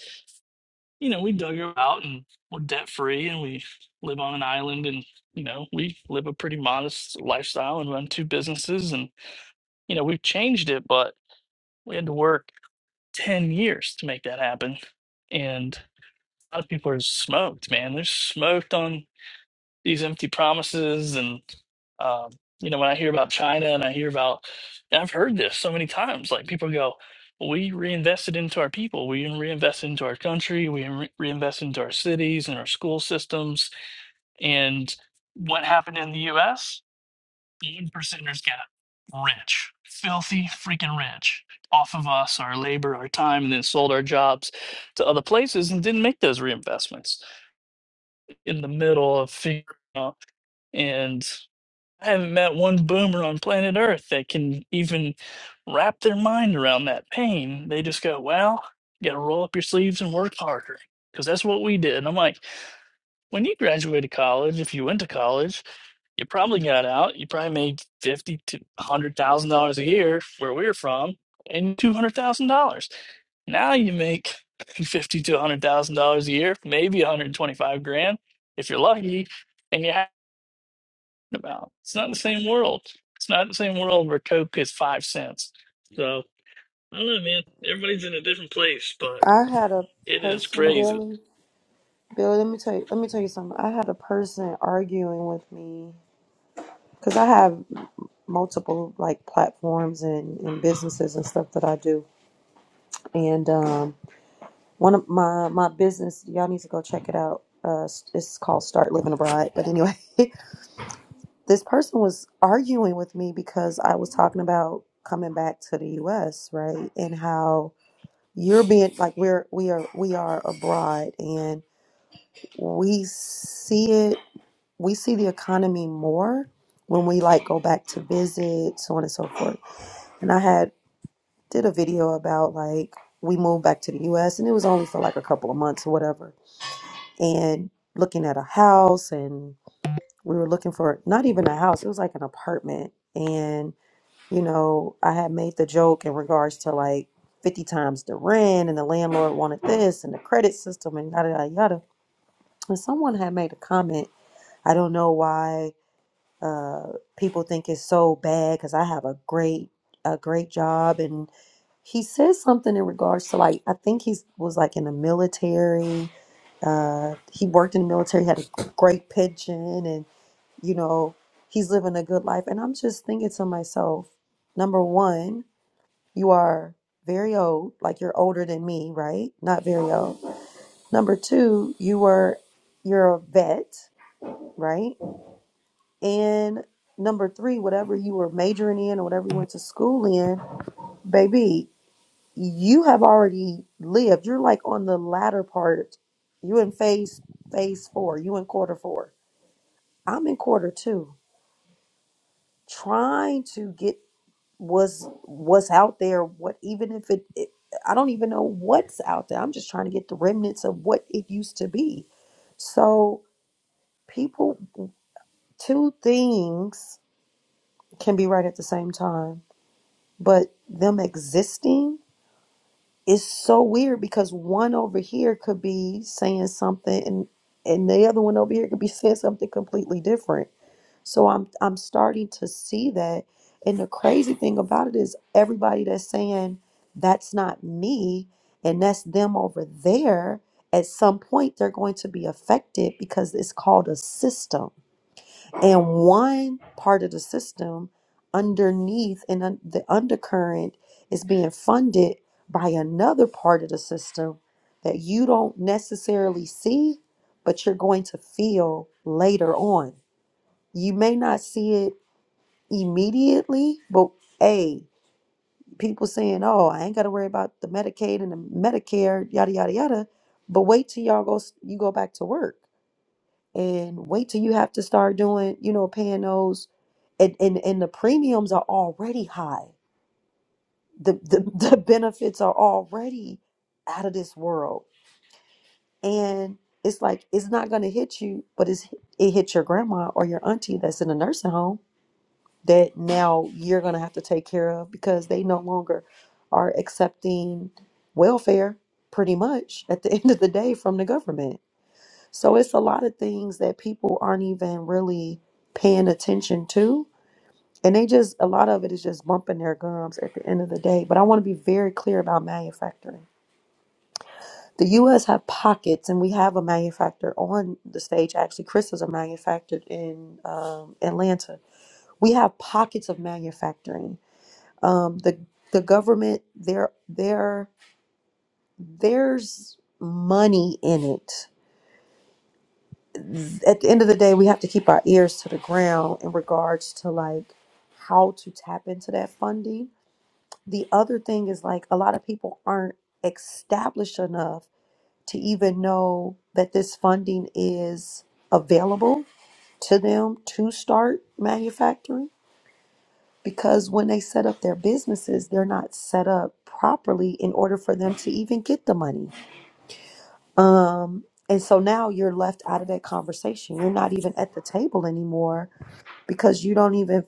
Speaker 6: you know, we dug her out and we're debt free and we live on an island and, you know, we live a pretty modest lifestyle and run two businesses. And, you know, we've changed it, but we had to work 10 years to make that happen. And a lot of people are smoked, man. They're smoked on these empty promises and um, you know when i hear about china and i hear about and i've heard this so many times like people go we reinvested into our people we reinvested into our country we re- reinvested into our cities and our school systems and what happened in the us one percenters got rich filthy freaking rich off of us our labor our time and then sold our jobs to other places and didn't make those reinvestments in the middle of figuring out and I haven't met one boomer on planet Earth that can even wrap their mind around that pain. They just go, well, you got to roll up your sleeves and work harder because that's what we did. And I'm like, when you graduated college, if you went to college, you probably got out. You probably made fifty to one hundred thousand dollars a year where we are from, and two hundred thousand dollars. Now you make fifty to one hundred thousand dollars a year, maybe one hundred twenty-five grand if you're lucky, and you about. It's not the same world. It's not the same world where Coke is five cents. So I don't know, man. Everybody's in a different place, but
Speaker 1: I had a
Speaker 6: it is
Speaker 1: person,
Speaker 6: crazy.
Speaker 1: Billy. Billy, let me tell you. Let me tell you something. I had a person arguing with me because I have. multiple like platforms and, and businesses and stuff that I do. And um, one of my my business, y'all need to go check it out. Uh, it's called Start Living Abroad. But anyway, this person was arguing with me because I was talking about coming back to the U.S. right and how you're being like we're we are we are abroad and we see it we see the economy more when we like go back to visit so on and so forth and i had did a video about like we moved back to the US and it was only for like a couple of months or whatever. And looking at a house and we were looking for not even a house, it was like an apartment. And, you know, I had made the joke in regards to like 50 times the rent and the landlord wanted this and the credit system and yada yada yada. And someone had made a comment. I don't know why uh, people think it's so bad because I have a great a great job and he says something in regards to like I think he was like in the military. Uh, he worked in the military, had a great pension, and you know he's living a good life. And I'm just thinking to myself, number one, you are very old, like you're older than me, right? Not very old. Number two, you were you're a vet, right? And number three, whatever you were majoring in or whatever you went to school in, baby, you have already lived. You're like on the latter part. You in phase phase four. You in quarter four. I'm in quarter two. Trying to get what's what's out there. What even if it, it I don't even know what's out there. I'm just trying to get the remnants of what it used to be. So people, two things can be right at the same time but them existing is so weird because one over here could be saying something and and the other one over here could be saying something completely different so i'm i'm starting to see that and the crazy thing about it is everybody that's saying that's not me and that's them over there at some point they're going to be affected because it's called a system and one part of the system underneath and un- the undercurrent is being funded by another part of the system that you don't necessarily see but you're going to feel later on you may not see it immediately but hey people saying oh i ain't got to worry about the medicaid and the medicare yada yada yada but wait till y'all go s- you go back to work and wait till you have to start doing, you know, paying those and and, and the premiums are already high. The, the the benefits are already out of this world. And it's like it's not gonna hit you, but it's it hits your grandma or your auntie that's in a nursing home that now you're gonna have to take care of because they no longer are accepting welfare pretty much at the end of the day from the government So it's a lot of things that people aren't even really paying attention to. And they just, a lot of it is just bumping their gums at the end of the day. But I want to be very clear about manufacturing. The US have pockets, and we have a manufacturer on the stage. Actually, Chris is a manufacturer in um, Atlanta. We have pockets of manufacturing. Um, the the government, there, there, there's money in it at the end of the day, we have to keep our ears to the ground in regards to like how to tap into that funding. The other thing is like a lot of people aren't established enough to even know that this funding is available to them to start manufacturing because when they set up their businesses, they're not set up properly in order for them to even get the money. Um and so now you're left out of that conversation. You're not even at the table anymore because you don't even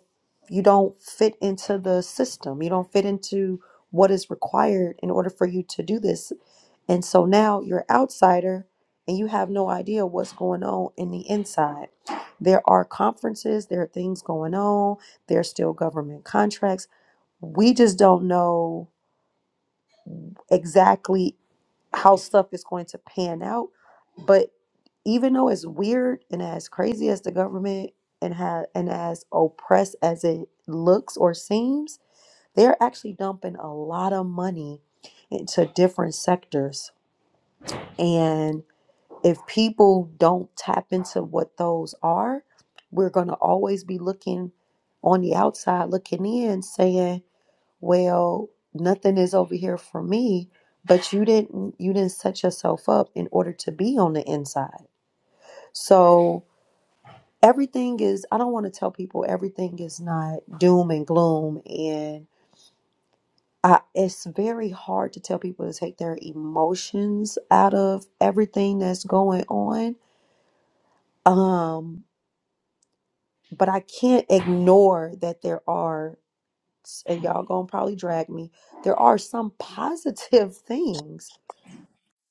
Speaker 1: you don't fit into the system you don't fit into what is required in order for you to do this and so now you're outsider and you have no idea what's going on in the inside there are conferences there are things going on there's still government contracts we just don't know exactly how stuff is going to pan out. But even though as weird and as crazy as the government and ha- and as oppressed as it looks or seems, they're actually dumping a lot of money into different sectors. And if people don't tap into what those are, we're going to always be looking on the outside looking in saying well nothing is over here for me but you didn't you didn't set yourself up in order to be on the inside so everything is i don't want to tell people everything is not doom and gloom and I, it's very hard to tell people to take their emotions out of everything that's going on um but i can't ignore that there are and y'all gonna probably drag me there are some positive things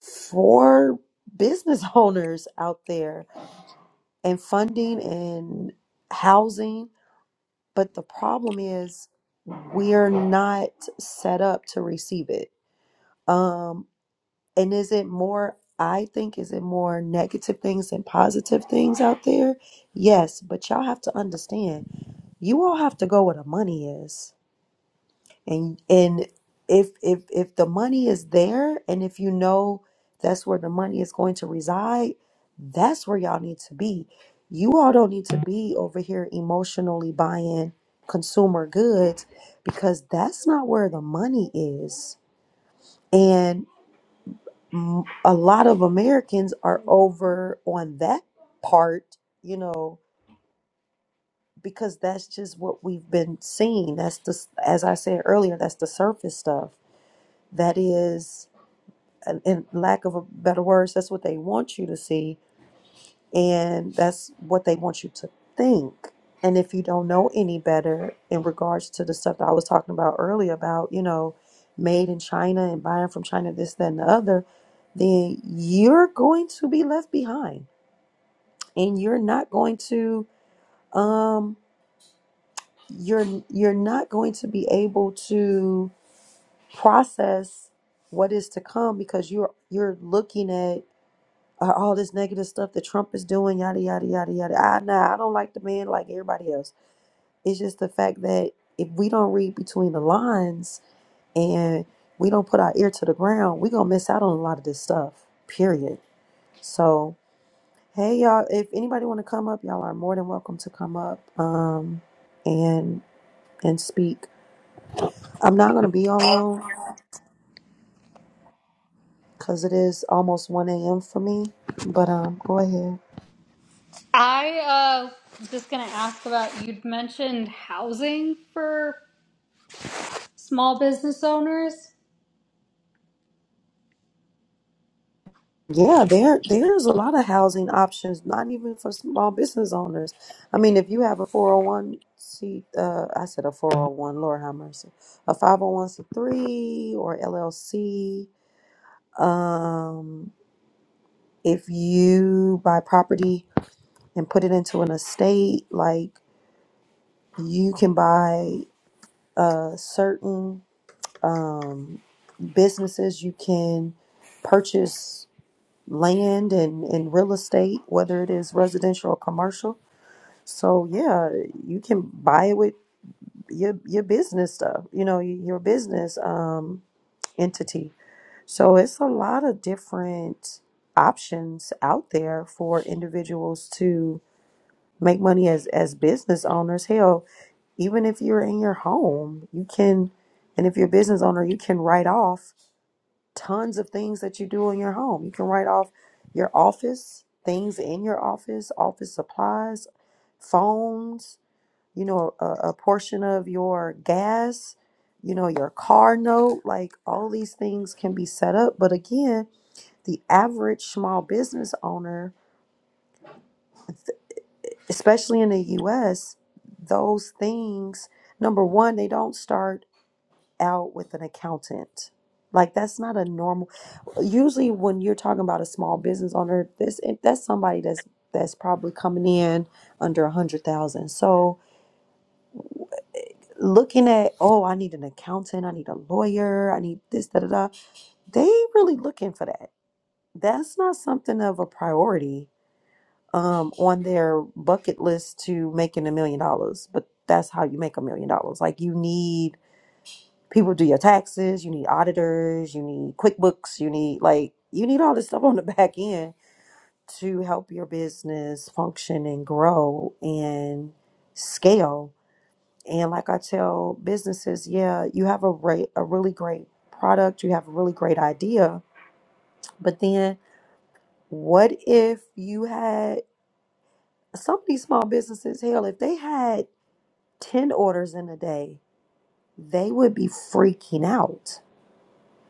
Speaker 1: for business owners out there and funding and housing. But the problem is we're not set up to receive it. Um, and is it more, I think, is it more negative things than positive things out there? Yes, but y'all have to understand, you all have to go where the money is And and if if if the money is there and if you know that's where the money is going to reside, that's where y'all need to be. You all don't need to be over here emotionally buying consumer goods because that's not where the money is. And m- a lot of Americans are over on that part, you know, because that's just what we've been seeing. That's the, as I said earlier, that's the surface stuff. That is and in lack of a better words, that's what they want you to see, and that's what they want you to think. And if you don't know any better in regards to the stuff that I was talking about earlier about, you know, made in China and buying from China, this, that, and the other, then you're going to be left behind, and you're not going to, um, you're you're not going to be able to process what is to come because you're you're looking at uh, all this negative stuff that Trump is doing, yada yada yada yada. I nah, I don't like the man like everybody else. It's just the fact that if we don't read between the lines and we don't put our ear to the ground, we gonna miss out on a lot of this stuff. Period. So hey y'all, if anybody wanna come up, y'all are more than welcome to come up um and and speak. I'm not gonna be on long because it is almost one AM for me. But um go ahead.
Speaker 3: I uh was just going to ask about you'd mentioned housing for small business owners.
Speaker 1: Yeah, there there's a lot of housing options, not even for small business owners. I mean, if you have a 401 c uh, I said a 401, Lord have mercy, a 501c3 or LLC. Um, if you buy property and put it into an estate, like you can buy uh certain um businesses, you can purchase land and, and real estate, whether it is residential or commercial. So yeah, you can buy it with your your business stuff, you know, y- your business um, entity. So it's a lot of different options out there for individuals to make money as as business owners. Hell, even if you're in your home, you can, and if you're a business owner, you can write off tons of things that you do in your home. You can write off your office, things in your office, office supplies, phones, you know, a, a portion of your gas, you know, your car note. Like all these things can be set up. But again, the average small business owner, especially in the US, those things, number one, they don't start. out with an accountant. Like that's not a normal. Usually, when you're talking about a small business owner, this that's somebody that's that's probably coming in under a hundred thousand. So looking at oh, I need an accountant, I need a lawyer, I need this da da da. They really looking for that. That's not something of a priority um on their bucket list to making a million dollars. But that's how you make a million dollars. Like you need people do your taxes, you need auditors, you need QuickBooks, you need like you need all this stuff on the back end to help your business function and grow and scale. And like I tell businesses, yeah, you have a re- a really great product, you have a really great idea, but then what if you had some of these small businesses, hell, if they had 10 orders in a day, they would be freaking out.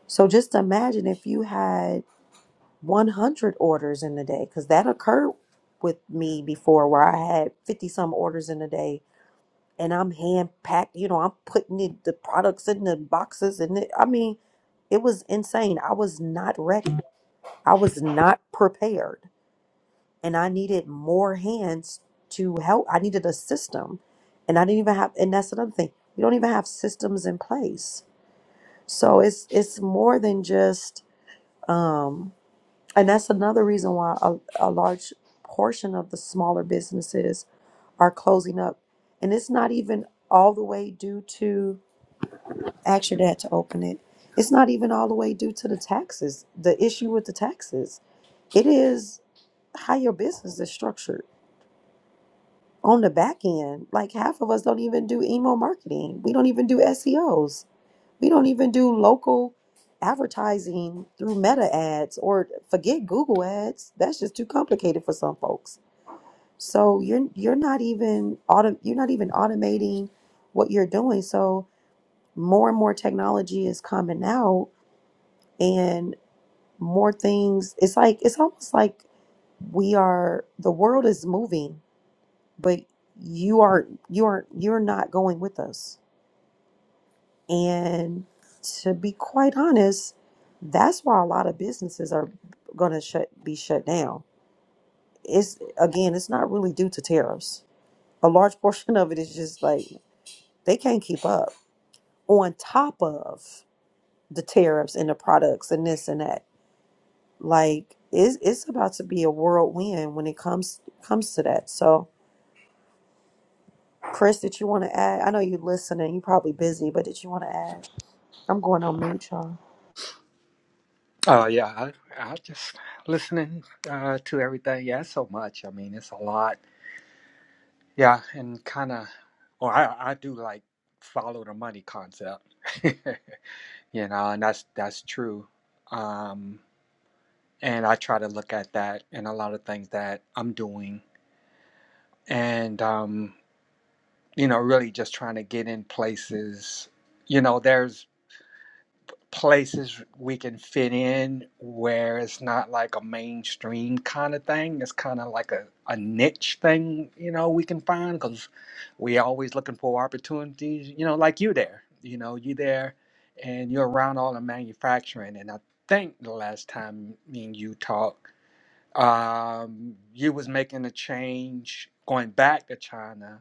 Speaker 1: So just imagine if you had 100 orders in a day because that occurred with me before where I had 50 some orders in a day and I'm hand packed, you know, I'm putting it, the products in the boxes and it, I mean, it was insane. I was not ready. I was not prepared and I needed more hands to help. I needed a system and I didn't even have, and that's another thing. We don't even have systems in place. So it's, it's more than just, um. And that's another reason why a, a large portion of the smaller businesses are closing up. And it's not even all the way due to ask your dad to open it. It's not even all the way due to the taxes, the issue with the taxes. It is how your business is structured on the back end. Like half of us don't even do email marketing. We don't even do SEOs We don't even do local advertising through meta ads or forget Google ads. That's just too complicated for some folks. So you're you're not even auto, you're not even automating what you're doing. So more and more technology is coming out and more things it's like it's almost like we are the world is moving, but you are you are you're not going with us And to be quite honest, that's why a lot of businesses are going to shut be shut down. It's again, it's not really due to tariffs. A large portion of it is just like they can't keep up on top of the tariffs and the products and this and that. Like it's it's about to be a whirlwind when it comes comes to that. So, Chris, did you want to add? I know you're listening. You're probably busy, but did you want to add? I'm going on mute, y'all.
Speaker 4: Uh, yeah, I, I just listening uh, to everything. Yeah, it's so much. I mean, it's a lot. Yeah, and kind of, or I, I do like follow the money concept. you know, and that's that's true. Um, and I try to look at that and a lot of things that I'm doing, and um, you know, really just trying to get in places. You know, there's places we can fit in where it's not like a mainstream kind of thing. It's kind of like a, a niche thing, you know, we can find because we always looking for opportunities, you know, like you there. You know, you there and you're around all the manufacturing. And I think the last time me and you talked, um, you was making a change going back to China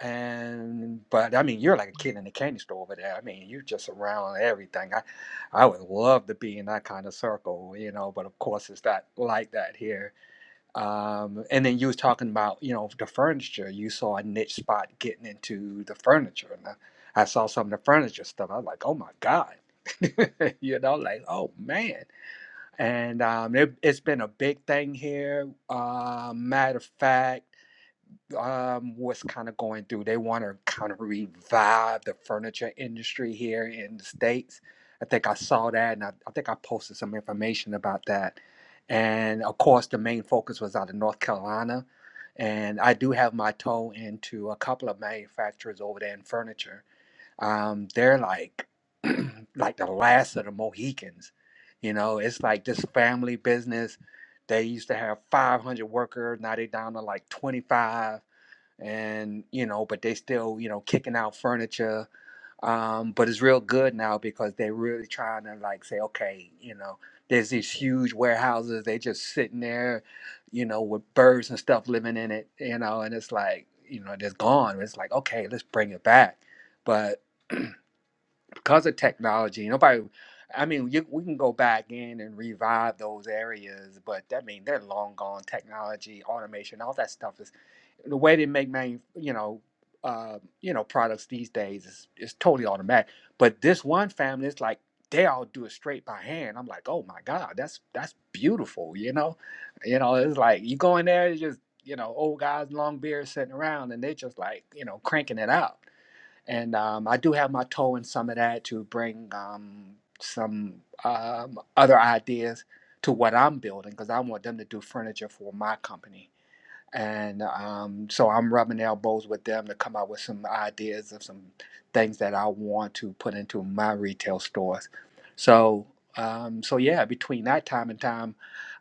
Speaker 4: and but I mean, you're like a kid in a candy store over there. I mean, you just around everything. I, I would love to be in that kind of circle, you know. But of course, it's not like that here. Um, and then you was talking about, you know, the furniture. You saw a niche spot getting into the furniture, and I, I saw some of the furniture stuff. I was like, oh my god, you know, like oh man. And um, it, it's been a big thing here. Uh, matter of fact um, was kind of going through. They want to kind of revive the furniture industry here in the States. I think I saw that and I, I think I posted some information about that. And of course, the main focus was out of North Carolina. And I do have my toe into a couple of manufacturers over there in furniture. Um, they're like, like the last of the Mohicans. You know, it's like this family business. They used to have 500 workers. Now they down to like 25 and you know, but they still you know kicking out furniture. Um, but it's real good now because they're really trying to like say, okay, you know, there's these huge warehouses. They just sitting there, you know, with birds and stuff living in it, you know, and it's like, you know, they're gone. It's like, okay, let's bring it back. but because of technology, nobody. I mean, you, we can go back in and revive those areas, but that mean they're long gone. Technology, automation, all that stuff is the way they make main, you know, uh, you know, products these days is is totally automatic. But this one family is like they all do it straight by hand. I'm like, oh my god, that's that's beautiful, you know, you know, it's like you go in there, it's just you know, old guys, long beards sitting around, and they just like you know, cranking it out and um, I do have my toe in some of that to bring um, some um, other ideas to what I'm building because I want them to do furniture for my company and um, so I'm rubbing elbows with them to come up with some ideas of some things that I want to put into my retail stores. So, um, so yeah, between that time and time,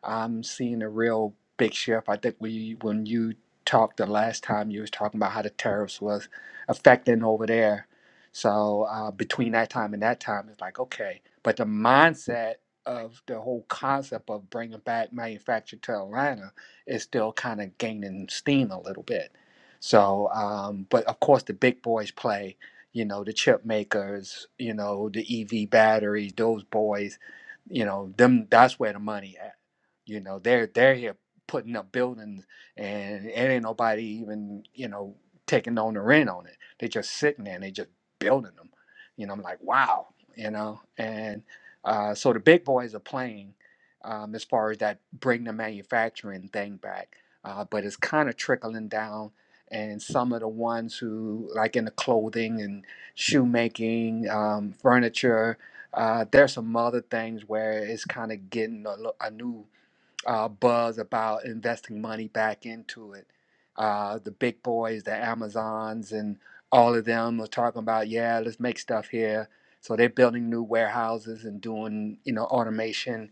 Speaker 4: I'm seeing a real big shift. I think we, when you talked the last time, you was talking about how the tariffs was affecting over there. So uh, between that time and that time, it's like okay, but the mindset of the whole concept of bringing back manufacturing to Atlanta is still kind of gaining steam a little bit. So, um, but of course, the big boys play, you know, the chip makers, you know, the EV batteries, those boys, you know, them. That's where the money at. You know, they're they're here putting up buildings, and it ain't nobody even, you know, taking on the rent on it. They just sitting there and they just building them. You know, I'm like, wow, you know, and uh, so the big boys are playing um, as far as that bring the manufacturing thing back. Uh, but it's kind of trickling down, and some of the ones who, like in the clothing and shoemaking, um, furniture, uh, there's some other things where it's kind of getting a, a new uh, buzz about investing money back into it. Uh, the big boys, the Amazons, and all of them are talking about, yeah, let's make stuff here. So they're building new warehouses and doing, you know, automation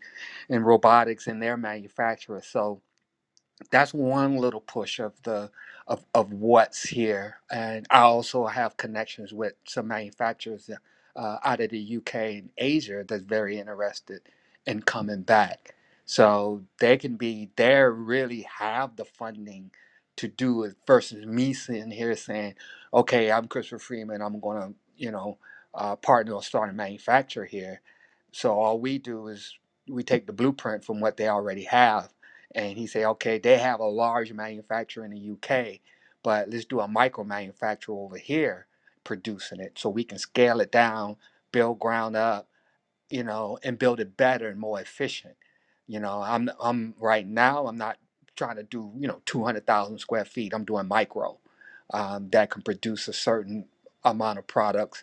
Speaker 4: and robotics in their manufacturers. So that's one little push of the of, of what's here and i also have connections with some manufacturers uh, out of the uk and asia that's very interested in coming back so they can be they really have the funding to do it versus me sitting here saying okay i'm christopher freeman i'm going to you know uh, partner or start a manufacturer here so all we do is we take the blueprint from what they already have and he said, okay, they have a large manufacturer in the UK, but let's do a micro manufacturer over here producing it so we can scale it down, build ground up, you know, and build it better and more efficient. You know, I'm I'm right now I'm not trying to do you know 200,000 square feet. I'm doing micro um, that can produce a certain amount of products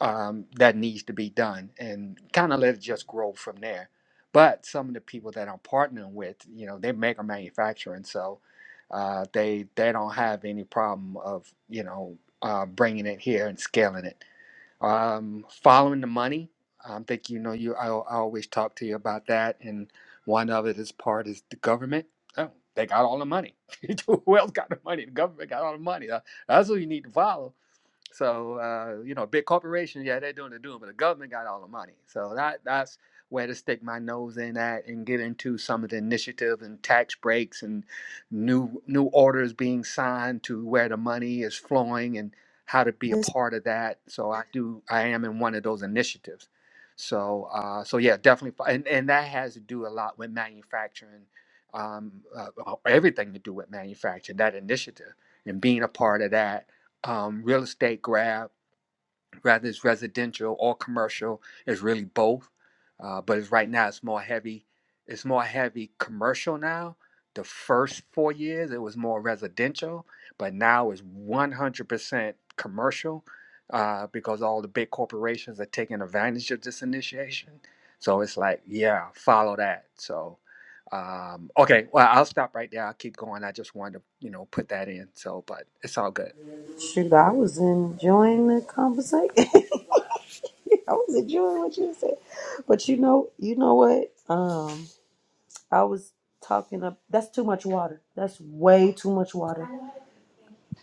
Speaker 4: um, that needs to be done and kind of let it just grow from there. But some of the people that I'm partnering with, you know, they make a manufacturing, so uh, they they don't have any problem of you know uh, bringing it here and scaling it. Um, following the money, I think you know you I, I always talk to you about that, and one of it is part is the government. Oh, they got all the money. Who else got the money? The government got all the money. That- That's who you need to follow so uh, you know, big corporations, yeah, they're doing the doing, but the government got all the money. So that that's where to stick my nose in at and get into some of the initiatives and tax breaks and new new orders being signed to where the money is flowing and how to be a part of that. So I do I am in one of those initiatives. So uh, so yeah, definitely, fi- and and that has to do a lot with manufacturing, um, uh, everything to do with manufacturing. That initiative and being a part of that um, real estate grab, whether it's residential or commercial, it's really both. Uh, but it's right now it's more heavy, it's more heavy commercial now. The first four years it was more residential, but now it's 100% commercial uh, because all the big corporations are taking advantage of this initiation. So it's like, yeah, follow that. So, um, okay, well, I'll stop right there. I'll keep going. I just wanted to, you know, put that in. So, but it's all good.
Speaker 1: Shoot, I was enjoying the conversation. I was enjoying what you said. But you know, you know what? Um, I was talking up. That's too much water. That's way too much water.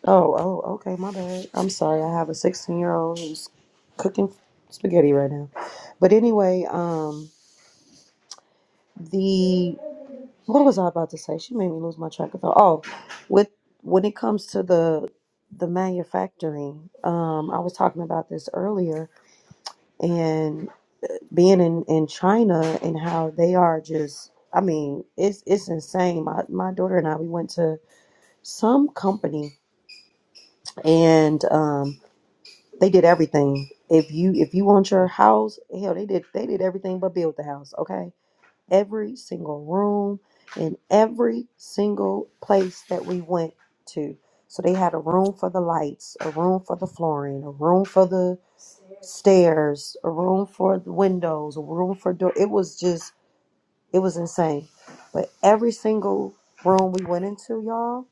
Speaker 1: Oh, oh, okay, my bad. I'm sorry. I have a 16 year old who's cooking spaghetti right now. But anyway, um, the what was I about to say? She made me lose my track of thought. Oh, with when it comes to the the manufacturing, um, I was talking about this earlier, and being in, in China and how they are just I mean, it's it's insane. My my daughter and I we went to some company and um they did everything. If you if you want your house, hell they did they did everything but build the house, okay? Every single room and every single place that we went to. So they had a room for the lights, a room for the flooring, a room for the stairs, a room for the windows, a room for door. It was just it was insane. But every single room we went into, y'all,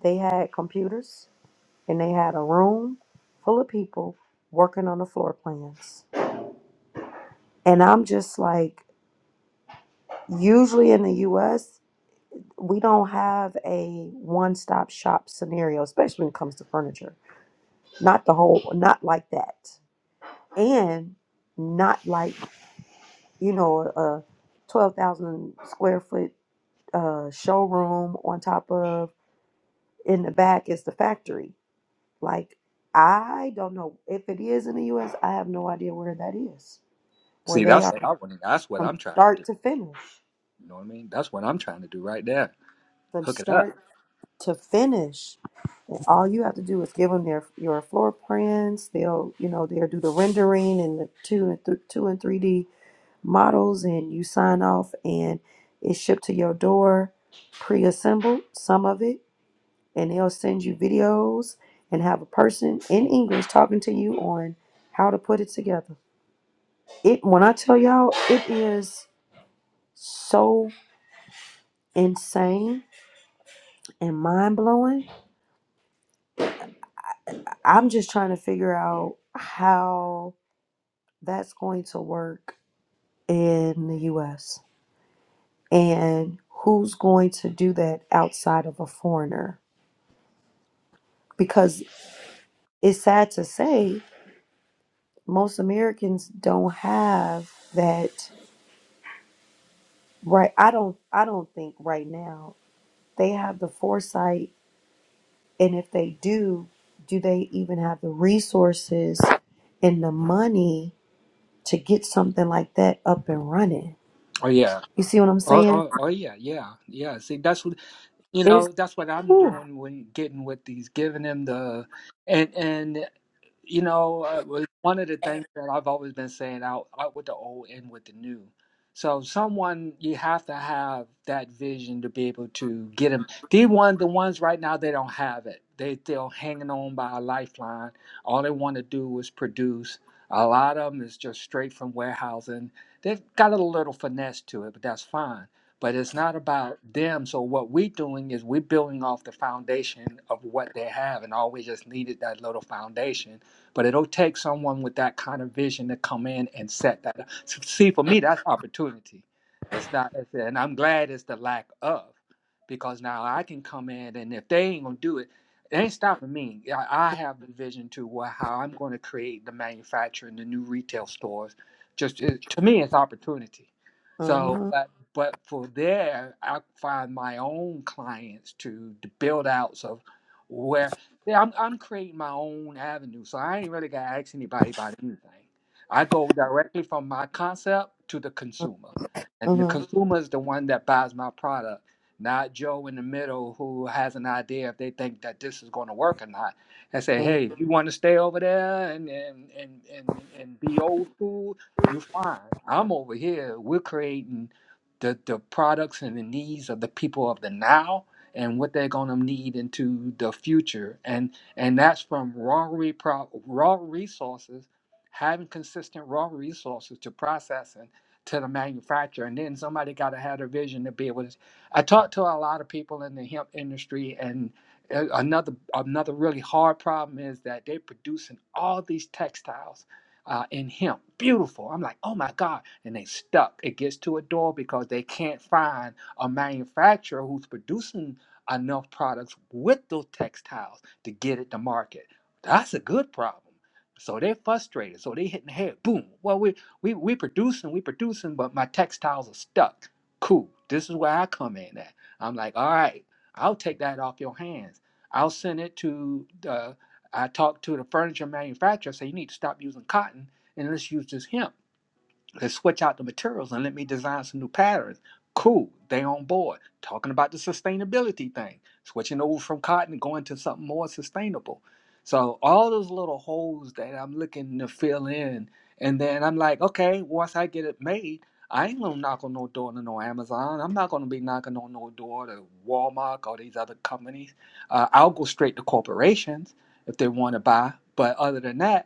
Speaker 1: they had computers and they had a room full of people working on the floor plans. And I'm just like, usually in the US, we don't have a one stop shop scenario, especially when it comes to furniture. Not the whole, not like that. And not like, you know, a 12,000 square foot uh, showroom on top of in the back is the factory. Like I don't know if it is in the US, I have no idea where that is. Where
Speaker 4: See,
Speaker 1: they
Speaker 4: that's
Speaker 1: are
Speaker 4: what I want. That's what
Speaker 1: from
Speaker 4: I'm trying to do.
Speaker 1: start to finish.
Speaker 4: You know what I mean? That's what I'm trying to do right there.
Speaker 1: From
Speaker 4: Hook it up.
Speaker 1: start to finish. And all you have to do is give them their your floor plans. They'll, you know, they'll do the rendering and the two and th- two and three D models, and you sign off, and it's shipped to your door, pre-assembled. Some of it, and they'll send you videos and have a person in English talking to you on how to put it together. It when I tell y'all, it is so insane and mind blowing. I'm just trying to figure out how that's going to work in the US and who's going to do that outside of a foreigner because it's sad to say most Americans don't have that Right. I don't I don't think right now they have the foresight and if they do, do they even have the resources and the money to get something like that up and running?
Speaker 4: Oh yeah.
Speaker 1: You see what I'm
Speaker 4: Oh,
Speaker 1: saying?
Speaker 4: oh, oh yeah, yeah, yeah. See, that's what you
Speaker 1: It's
Speaker 4: know. That's what I'm
Speaker 1: whew.
Speaker 4: doing when getting with these, giving them the, and and you know, uh, was one of the things that I've always been saying out out with the old in with the new. So someone you have to have that vision to be able to get them. The one the ones right now they don't have it. They still hanging on by a lifeline. All they want to do is produce. A lot of them is just straight from warehousing. They've got a little finesse to it, but that's fine. But it's not about them. So what we're doing is we're building off the foundation of what they have, and all we just needed that little foundation but it'll take someone with that kind of vision to come in and set that up. See, for me, that's opportunity. It's not, it's- and I'm glad it's the lack of, because now I can come in and if they ain't gonna do it, it ain't stopping me. I, I have the vision to wha- how I'm going to create the manufacturer and the new retail stores. Just it, to me, it's opportunity. So,
Speaker 1: Mhm,
Speaker 4: but, but for there, I find my own clients to, to build outs of where. Yeah, I'm I'm creating my own avenue, so I ain't really gotta ask anybody about anything. I go directly from my concept to the consumer, and the
Speaker 1: mhm,
Speaker 4: consumer is the one that buys my product, not Joe in the middle who has an idea if they think that this is going to work or not. I say,
Speaker 1: mhm.
Speaker 4: hey, if you want to stay over there and and and and and be old school, you fine. I'm over here. We're creating the the products and the needs of the people of the now and what they're going to need into the future and and that's from raw repro- raw resources having consistent raw resources to processing to the manufacturer and then somebody got to have a vision to be able to i talked to a lot of people in the hemp industry and a- another another really hard problem is that they're producing all these textiles uh, in hemp beautiful i'm like oh my god and they stuck it gets to a door because they can't find a manufacturer who's producing enough products with those textiles to get it to market. That's a good problem. So they're frustrated. So they hitting the head. Boom. Well, we we we producing, we producing, but my textiles are stuck. Cool. This is where I come in at. I'm like, all right, I'll take that off your hands. I'll send it to the. I talked to the furniture manufacturer. Say you need to stop using cotton and let's use this hemp Let's switch out the materials and let me design some new patterns. Cool, they on board. Talking about the sustainability thing, switching over from cotton and going to something more sustainable. So all those little holes that I'm looking to fill in, and then I'm like, okay, once I get it made, I ain't gonna knock on no door to no Amazon. I'm not gonna be knocking on no door to Walmart or these other companies. Uh, I'll go straight to corporations if they want to buy. But other than that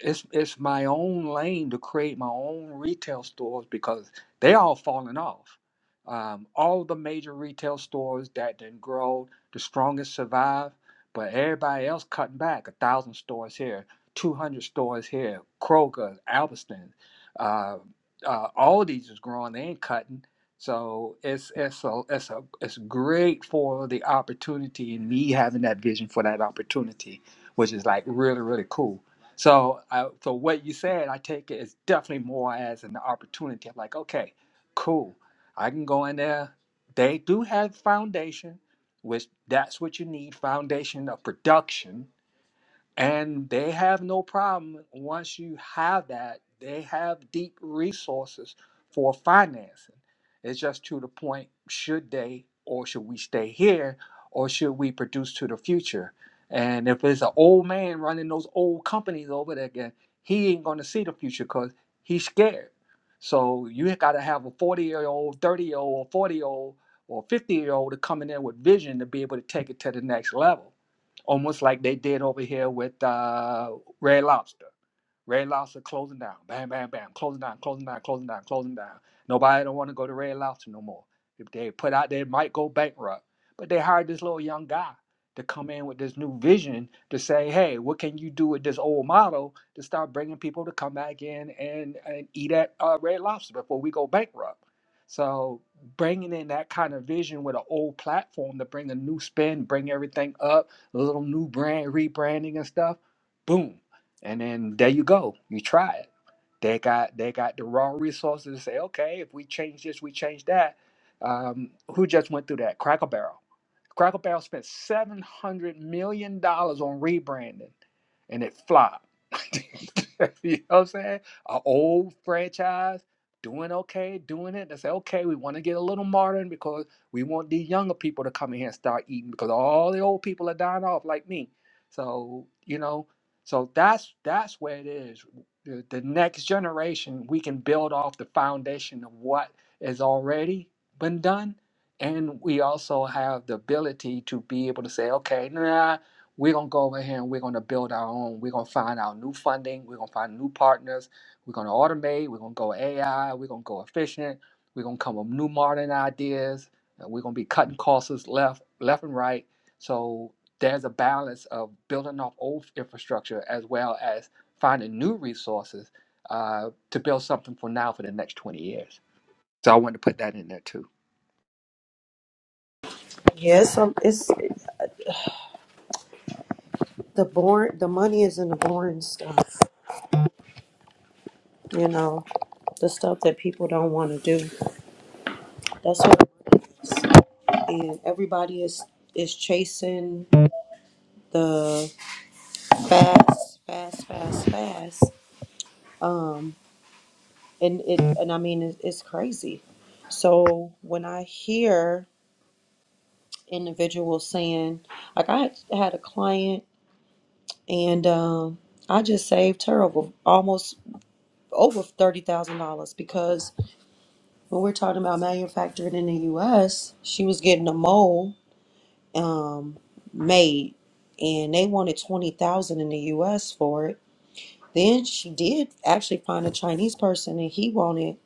Speaker 4: it's it's my own lane to create my own retail stores because they all falling off. Um, all the major retail stores that didn't grow, the strongest survive, but everybody else cutting back. A thousand stores here, two hundred stores here. Kroger, Albertsons, uh, uh, all these is growing. They ain't cutting. So it's it's a it's a it's great for the opportunity and me having that vision for that opportunity, which is like really really cool. So, I, so what you said, I take it is definitely more as an opportunity. I'm like, okay, cool. I can go in there. They do have foundation, which that's what you need foundation of production and they have no problem once you have that. They have deep resources for financing. It's just to the point should they or should we stay here or should we produce to the future? And if it's an old man running those old companies over there again, he ain't going to see the future because he's scared. So you got to have a 40 year old, 30 year old, or 40 year old, or 50 year old to come in there with vision to be able to take it to the next level almost like they did over here with uh, Red Lobster. Red Lobster closing down. Bam, bam, bam. Closing down, closing down, closing down, closing down. Nobody don't want to go to Red Lobster no more. If they put out, they might go bankrupt. But they hired this little young guy to come in with this new vision to say, hey, what can you do with this old model to start bringing people to come back in and, and eat at uh, Red Lobster before we go bankrupt? So bringing in that kind of vision with an old platform to bring a new spin, bring everything up, a little new brand, rebranding and stuff, boom and then there you go. You try it. They got they got the raw resources to say, okay, if we change this, we change that. Um, who just went through that? Cracker Barrel. Cracker Barrel spent seven hundred million dollars on rebranding, and it flopped. you know what I'm saying? An old franchise doing okay, doing it. They say, okay, we want to get a little modern because we want these younger people to come in here and start eating because all the old people are dying off, like me. So you know, so that's that's where it is. The, the next generation, we can build off the foundation of what has already been done and we also have the ability to be able to say, okay, nah, we're going to go over here and we're going to build our own. We're going to find our new funding. We're going to find new partners. We're going to automate. We're going to go AI. We're going to go efficient. We're going to come up with new modern ideas. and we're going to be cutting costs left, left and right. So there's a balance of building off old infrastructure as well as finding new resources uh, to build something for now for the next 20 years. So I wanted to put that in there too.
Speaker 1: Yeah, it's, some- it's the born the money is in the boring stuff, you know. the stuff that people don't want to do. That's what it is. And everybody is is chasing the fast, fast, fast, fast. Um, and it and I mean it, it's crazy. So when I hear individuals saying, like I had a client and um, I just saved her over almost over thirty thousand dollars because when we're talking about manufacturing in the U.S., she was getting a mole um, made, and they wanted twenty thousand in the U.S. for it. Then she did actually find a Chinese person, and he wanted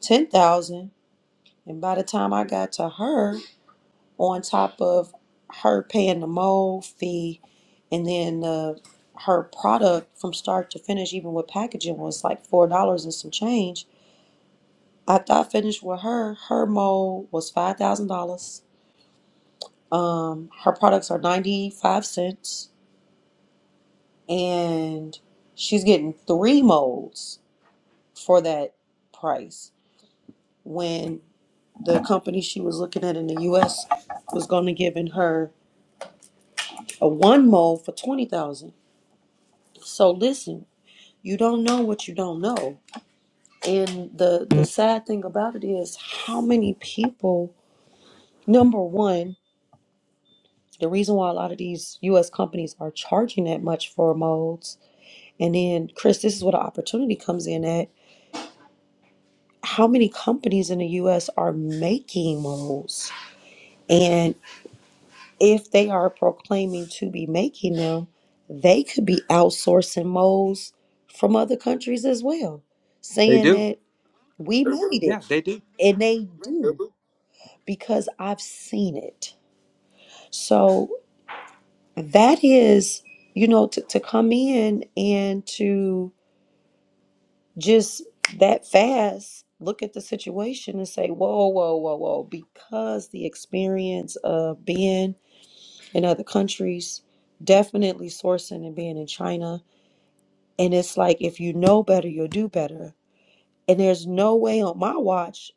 Speaker 1: ten thousand. And by the time I got to her, on top of her paying the mold fee, and then uh, her product from start to finish, even with packaging, was like four dollars and some change. After I finished with her, her mold was five thousand dollars. Um, her products are ninety five cents and she's getting three molds for that price when the company she was looking at in the US was going to giving her a one mold for 20,000. So listen, you don't know what you don't know. And the the sad thing about it is how many people number 1, the reason why a lot of these US companies are charging that much for molds and then Chris, this is where the opportunity comes in at how many companies in the US are making molds? And if they are proclaiming to be making them, they could be outsourcing molds from other countries as well,
Speaker 4: They
Speaker 1: saying
Speaker 4: do.
Speaker 1: that we made
Speaker 4: Yeah,
Speaker 1: it.
Speaker 4: they do.
Speaker 1: And they do because I've seen it. So that is, you know, to, to come in and to just that fast look at the situation and say, whoa, whoa, whoa, whoa, because the experience of being in other countries, definitely sourcing and being in China. And it's like, if you know better, you'll do better. And there's no way on my watch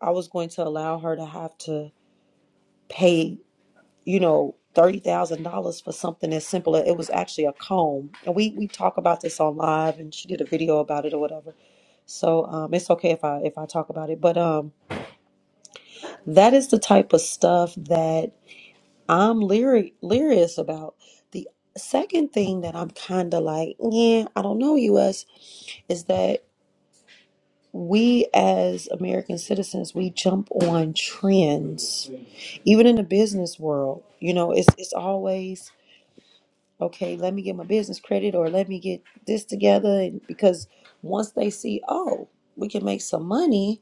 Speaker 1: I was going to allow her to have to pay. you know, thirty thousand dollars for something as simple as it was actually a comb. And we we talk about this on live, and she did a video about it or whatever. So um, it's okay if I if I talk about it, but um, that is the type of stuff that I'm leery leeryous about. The second thing that I'm kind of like, yeah, I don't know, U.S. is that we as American citizens we jump on trends, even in the business world. You know, it's it's always okay, let me get my business credit or let me get this together. And because once they see, oh, we can make some money,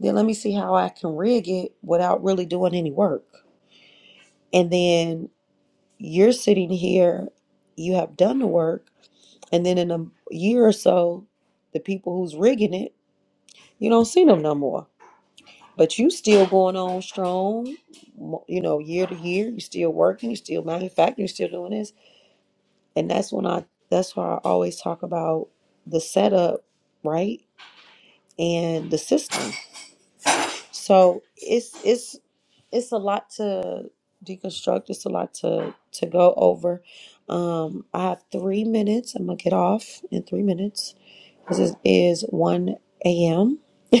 Speaker 1: then let me see how I can rig it without really doing any work. And then you're sitting here, you have done the work, and then in a year or so, the people who's rigging it, you don't see them no more. But you still going on strong, mo- you know, year to year. You still working. You still manufacturing. You still doing this and that's when I that's why I always talk about the setup, right? And the system. So it's it's it's a lot to deconstruct. It's a lot to to go over. Um, I have three minutes. I'm gonna get off in three minutes because it is one a.m.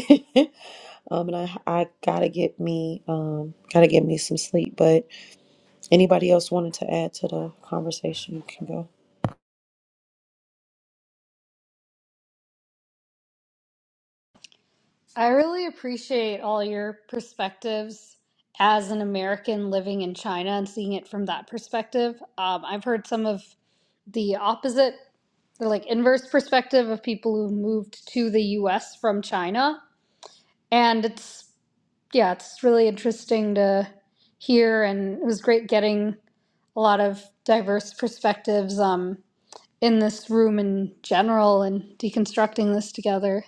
Speaker 1: um, and I I gotta get me um gotta get me some sleep. But anybody else wanted to add to the conversation, you can go.
Speaker 3: I really appreciate all your perspectives as an American living in China and seeing it from that perspective. Um, I've heard some of the opposite, the like inverse perspective of people who moved to the US from China. And it's, yeah, it's really interesting to hear. And it was great getting a lot of diverse perspectives um, in this room in general and deconstructing this together.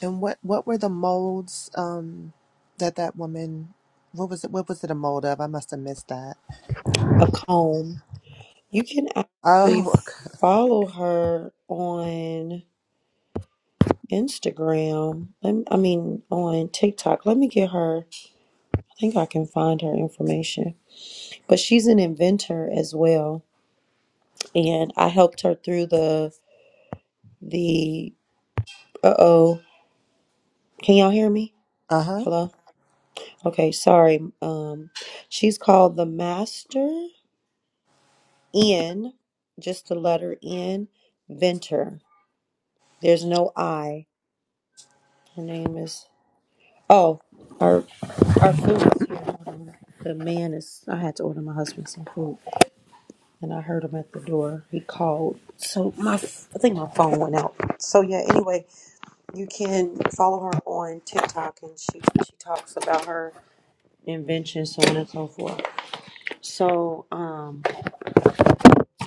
Speaker 5: And what what were the molds um that that woman what was it what was it a mold of? I must have missed that.
Speaker 1: A comb. You can actually
Speaker 5: Oh, okay.
Speaker 1: follow her on Instagram. Let I mean, on TikTok. Let me get her. I think I can find her information. But she's an inventor as well, and I helped her through the the. Uh oh, can y'all hear me?
Speaker 5: uh-huh.
Speaker 1: Hello. Okay, sorry. Um, she's called the Master N, just the letter N, Venter. There's no I. Her name is. Oh, her Our food is here. Hold The man is. I had to order my husband some food, and I heard him at the door. He called. So my, f- I think my phone went out. So yeah. Anyway, you can follow her on TikTok, and she she talks about her invention, so on and so forth. So um,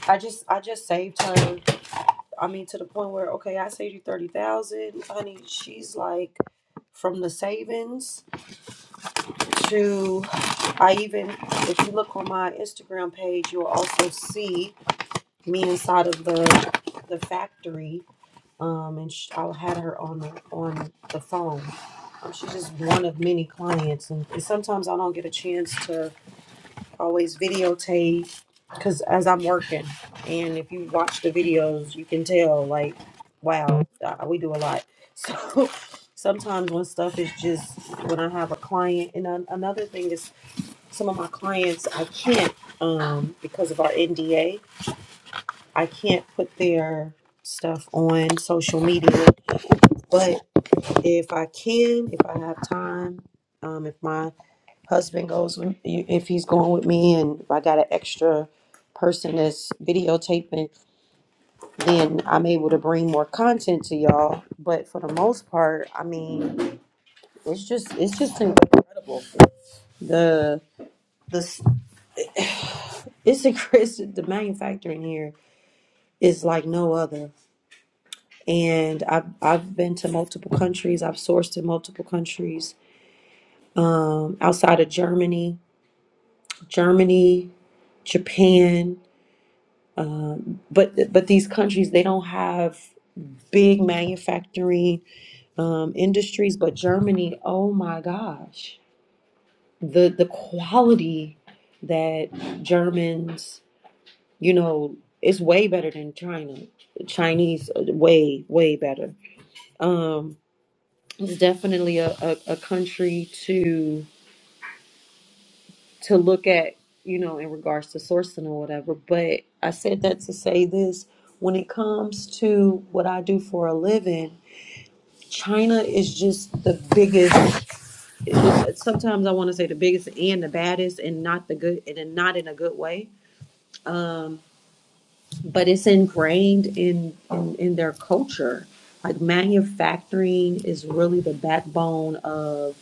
Speaker 1: I just I just saved her. I mean, to the point where okay, I saved you thirty thousand, honey. She's like, from the savings. to I even if you look on my Instagram page, you'll also see me inside of the the factory. Um, and sh I had her on the on the phone. Um, she's just one of many clients, and, and sometimes I don't get a chance to always videotape because as I'm working, and if you watch the videos, you can tell like, wow, uh, we do a lot. So sometimes when stuff is just when I have a client, and an another thing is some of my clients I can't um because of our NDA, I can't put their stuff on social media. But if I can, if I have time, um if my husband goes with if he's going with me and if I got an extra person that's videotaping, then I'm able to bring more content to y'all. But for the most part, I mean, it's just it's just incredible. The the it's a it's the manufacturing here is like no other. And I've I've been to multiple countries. I've sourced in multiple countries um, outside of Germany, Germany, Japan. Um, but but these countries they don't have big manufacturing um, industries. But Germany, oh my gosh, the the quality that Germans, you know, it's way better than China. Chinese, uh, way way better. Um, it's definitely a, a, a country to to look at you know in regards to sourcing or whatever but i said that to say this when it comes to what i do for a living china is just the biggest sometimes i want to say the biggest and the baddest and not the good and then not in a good way um, but it's ingrained in, in in their culture like manufacturing is really the backbone of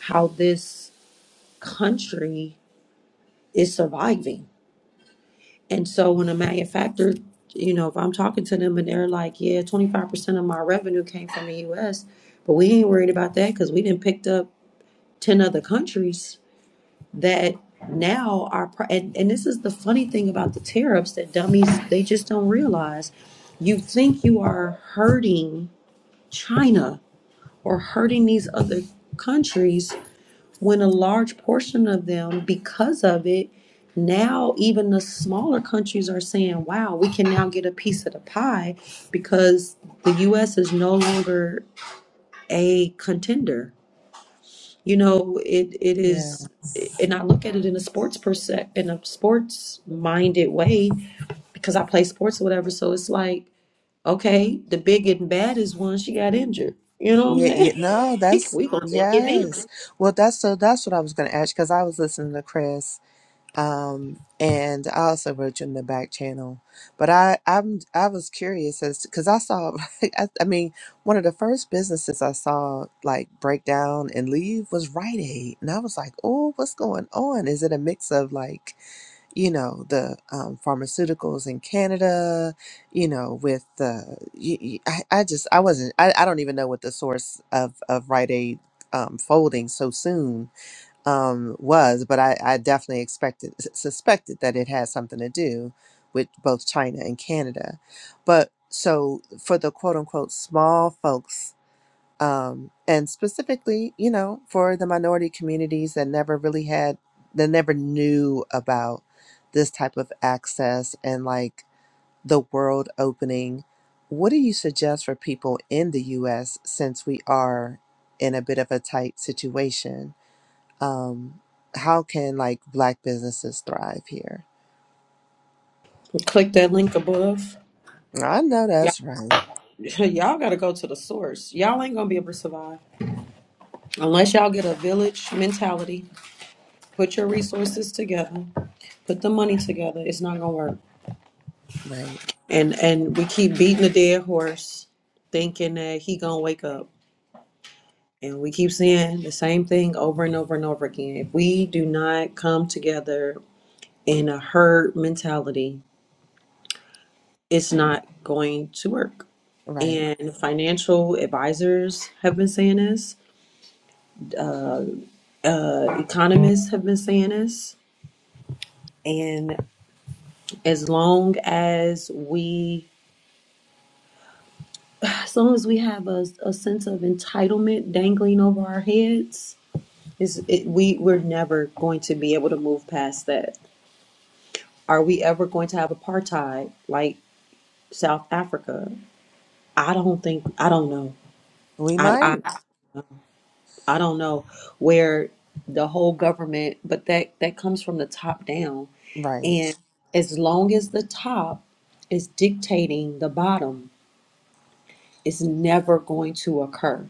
Speaker 1: how this country is surviving. And so when a manufacturer, you know, if I'm talking to them and they're like, yeah, 25% of my revenue came from the US, but we ain't worried about that because we didn't picked up 10 other countries that now are, and, and this is the funny thing about the tariffs that dummies, they just don't realize. You think you are hurting China or hurting these other countries when a large portion of them, because of it, now even the smaller countries are saying, wow, we can now get a piece of the pie because the U.S. is no longer a contender. You know, it, it
Speaker 5: Yeah.
Speaker 1: is, and I look at it in a sports perse- in a sports minded way because I play sports or whatever. So it's like, okay, the big and bad is one, she got injured. You know what
Speaker 5: Yeah,
Speaker 1: I'm
Speaker 5: yeah. No,
Speaker 1: saying?
Speaker 5: that's
Speaker 1: we gonna take advantage.
Speaker 5: yes. Well, that's so that's what I was going to ask because I was listening to Chris um, and I also wrote you in the back channel. But I I'm I was curious as because I saw I, I mean one of the first businesses I saw like break down and leave was Rite Aid, and I was like, oh, what's going on? Is it a mix of like you know the um, pharmaceuticals in Canada, you know, with the y- y- I, I just I wasn't I, I don't even know what the source of of Rite Aid um, folding so soon um, was, but I, I definitely expected s- suspected that it had something to do with both China and Canada. But so for the quote unquote small folks, um, and specifically, you know, for the minority communities that never really had, that never knew about this type of access and like the world opening, what do you suggest for people in the U.S. since we are in a bit of a tight situation? um, how can like black businesses thrive here?
Speaker 1: Click that link above.
Speaker 5: I know that's right,
Speaker 1: y'all got to go to the source. Y'all ain't gonna be able to survive unless y'all get a village mentality. Put your resources together. Put the money together. It's not gonna work.
Speaker 5: right,
Speaker 1: And and we keep beating the dead horse, thinking that he gonna wake up. And we keep seeing the same thing over and over and over again. If we do not come together in a herd mentality, it's not going to work.
Speaker 5: right.
Speaker 1: And financial advisors have been saying this. Uh, economists have been saying this And as long as we, as long as we have a, a sense of entitlement dangling over our heads, is it, we we're never going to be able to move past that. Are we ever going to have apartheid like South Africa? I don't think. I don't know.
Speaker 5: We
Speaker 1: I
Speaker 5: might,
Speaker 1: I, I don't know where the whole government, but that that comes from the top down.
Speaker 5: right,
Speaker 1: And as long as the top is dictating the bottom, it's never going to occur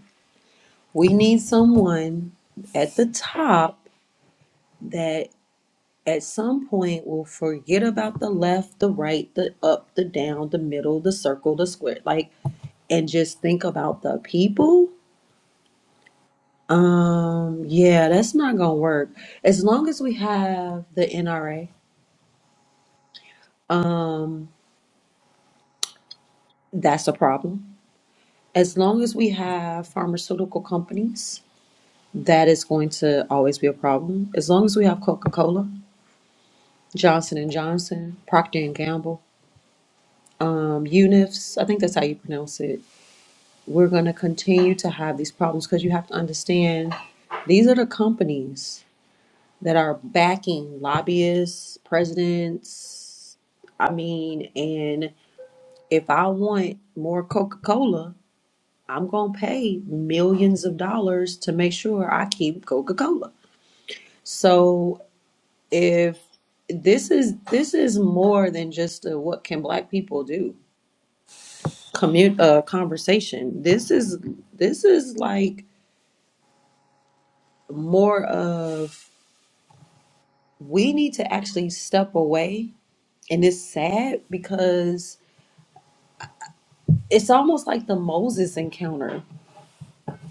Speaker 1: We
Speaker 5: yeah,
Speaker 1: need someone at the top that at some point will forget about the left, the right, the up, the down, the middle, the circle, the square, like, and just think about the people. Um, yeah, that's not gonna work. As long as we have the NRA, um, that's a problem. As long as we have pharmaceutical companies, that is going to always be a problem. As long as we have Coca-Cola, Johnson and Johnson, Procter and Gamble um, UNIFs, I Fs, I think that's how you pronounce it. We're going to continue to have these problems because you have to understand these are the companies that are backing lobbyists, presidents. I mean, and if I want more Coca Cola, I'm going to pay millions of dollars to make sure I keep Coca Cola. So if this is this is more than just a, what can black people do commu- uh, conversation. This is this is like more of we need to actually step away, and it's sad because it's almost like the Moses encounter.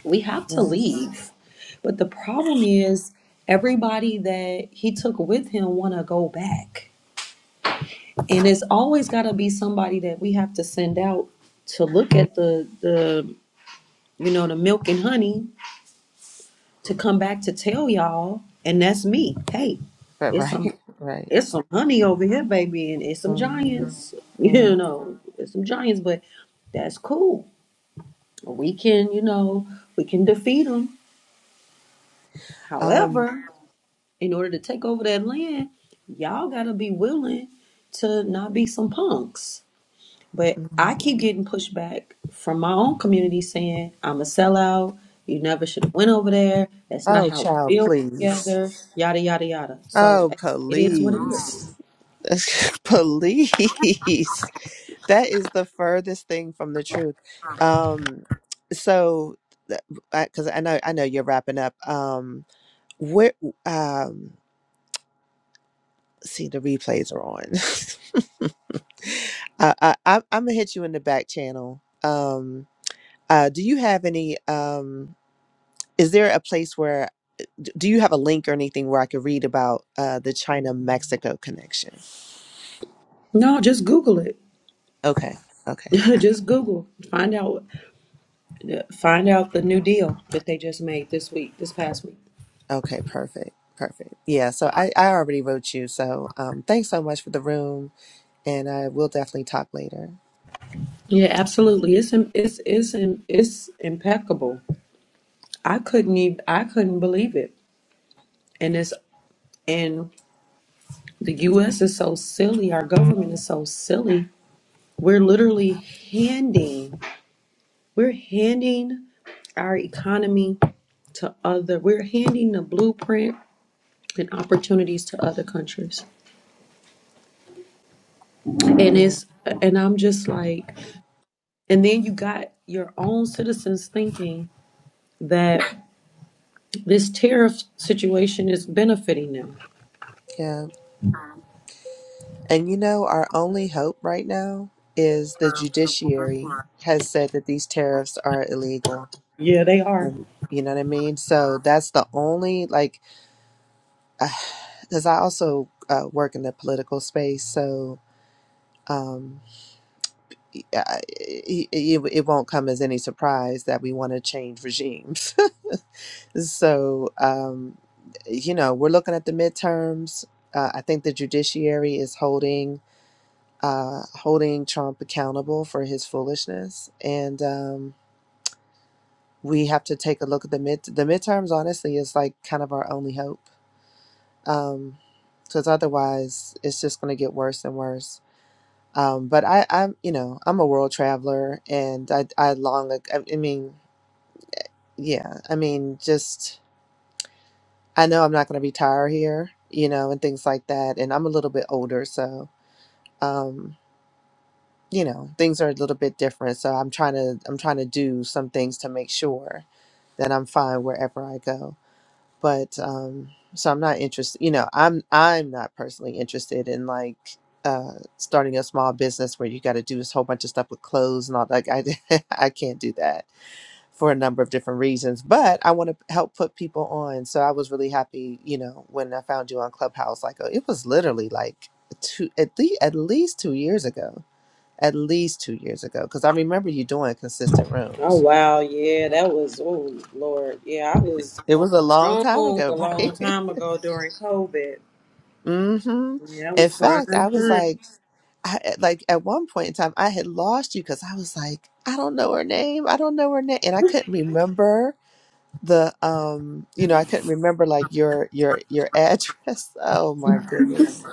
Speaker 1: We have to
Speaker 5: yeah,
Speaker 1: leave, but the problem is everybody that he took with him want to go back, and it's always got to be somebody that we have to send out to look at the the you know the milk and honey to come back to tell y'all, and that's me. Hey,
Speaker 5: right,
Speaker 1: it's some
Speaker 5: right, right.
Speaker 1: it's some honey over here, baby, and it's some
Speaker 5: hmm
Speaker 1: giants.
Speaker 5: hmm
Speaker 1: You know, it's some giants, but that's cool. We can, you know, we can defeat them.
Speaker 5: Um,
Speaker 1: However, in order to take over that land, y'all gotta be willing to not be some punks. But I keep
Speaker 5: mhm.
Speaker 1: getting pushback from my own community saying I'm a sellout. You never should have went over there. That's not
Speaker 5: oh,
Speaker 1: how we
Speaker 5: child,
Speaker 1: build
Speaker 5: please,
Speaker 1: together. Yada yada yada. So
Speaker 5: oh,
Speaker 1: it is what it is.
Speaker 5: please, police. That is the furthest thing from the truth. Um, so because I, 'cause I know I know you're wrapping up. Um, Where um see the replays are on. I, I I I'm gonna hit you in the back channel. Um uh do you have any um is there a place where d- do you have a link or anything where I could read about uh the China Mexico connection?
Speaker 1: No, just Google it.
Speaker 5: Okay. Okay.
Speaker 1: just Google. Find out. Find out the new deal that they just made this week, this past week.
Speaker 5: Okay, perfect. Perfect. Yeah, so I I already wrote you. So, um thanks so much for the room and I will definitely talk later.
Speaker 1: Yeah, absolutely. It's im- it's it's im- it's impeccable. I couldn't even I couldn't believe it. And it's and the U.S. is so silly. Our government is so silly We're literally handing, we're handing our economy to other, we're handing the blueprint and opportunities to other countries. And
Speaker 5: Yeah.
Speaker 1: it's, and I'm just like, and then you got your own citizens thinking that this tariff situation is benefiting them.
Speaker 5: Yeah. And you know, our only hope right now is the judiciary has said that these tariffs are illegal.
Speaker 1: Yeah, they are.
Speaker 5: And you know what I mean? So that's the only, like, because I also uh, work in the political space. So um, I- it, it, it won't come as any surprise that we want to change regimes. So, um, you know, we're looking at the midterms. Uh, I think the judiciary is holding uh, holding Trump accountable for his foolishness. And um, we have to take a look at the mid the midterms. Honestly, is like kind of our only hope, because otherwise it's just going to get worse and worse. Um, but I, I'm, you know, I'm a world traveler, and I, I long, ag- I I mean, yeah, I mean, just I know I'm not going to retire here, you know, and things like that. And I'm a little bit older, so. Um, you know things are a little bit different so i'm trying to i'm trying to do some things to make sure that i'm fine wherever i go but um so i'm not interested you know i'm i'm not personally interested in like uh starting a small business where you got to do this whole bunch of stuff with clothes and all that i i can't do that for a number of different reasons but i want to help put people on so i was really happy you know when i found you on clubhouse like uh, it was literally like two at least at least two years ago at least two years ago because I remember you doing consistent
Speaker 1: Oh
Speaker 5: rooms.
Speaker 1: wow, yeah, that was oh Lord, yeah, I was
Speaker 5: It
Speaker 1: going
Speaker 5: was a long time
Speaker 1: strong
Speaker 5: ago,
Speaker 1: a long
Speaker 5: right?
Speaker 1: time ago during COVID.
Speaker 5: hmm
Speaker 1: Yeah, that
Speaker 5: In
Speaker 1: was
Speaker 5: fact, I
Speaker 1: prime
Speaker 5: was
Speaker 1: time.
Speaker 5: like, I, eh, like at one point in time, I had lost you because I was like, I don't know her name. I don't know her name, and I couldn't remember the um, you know, I couldn't remember like your your your address. Oh my goodness,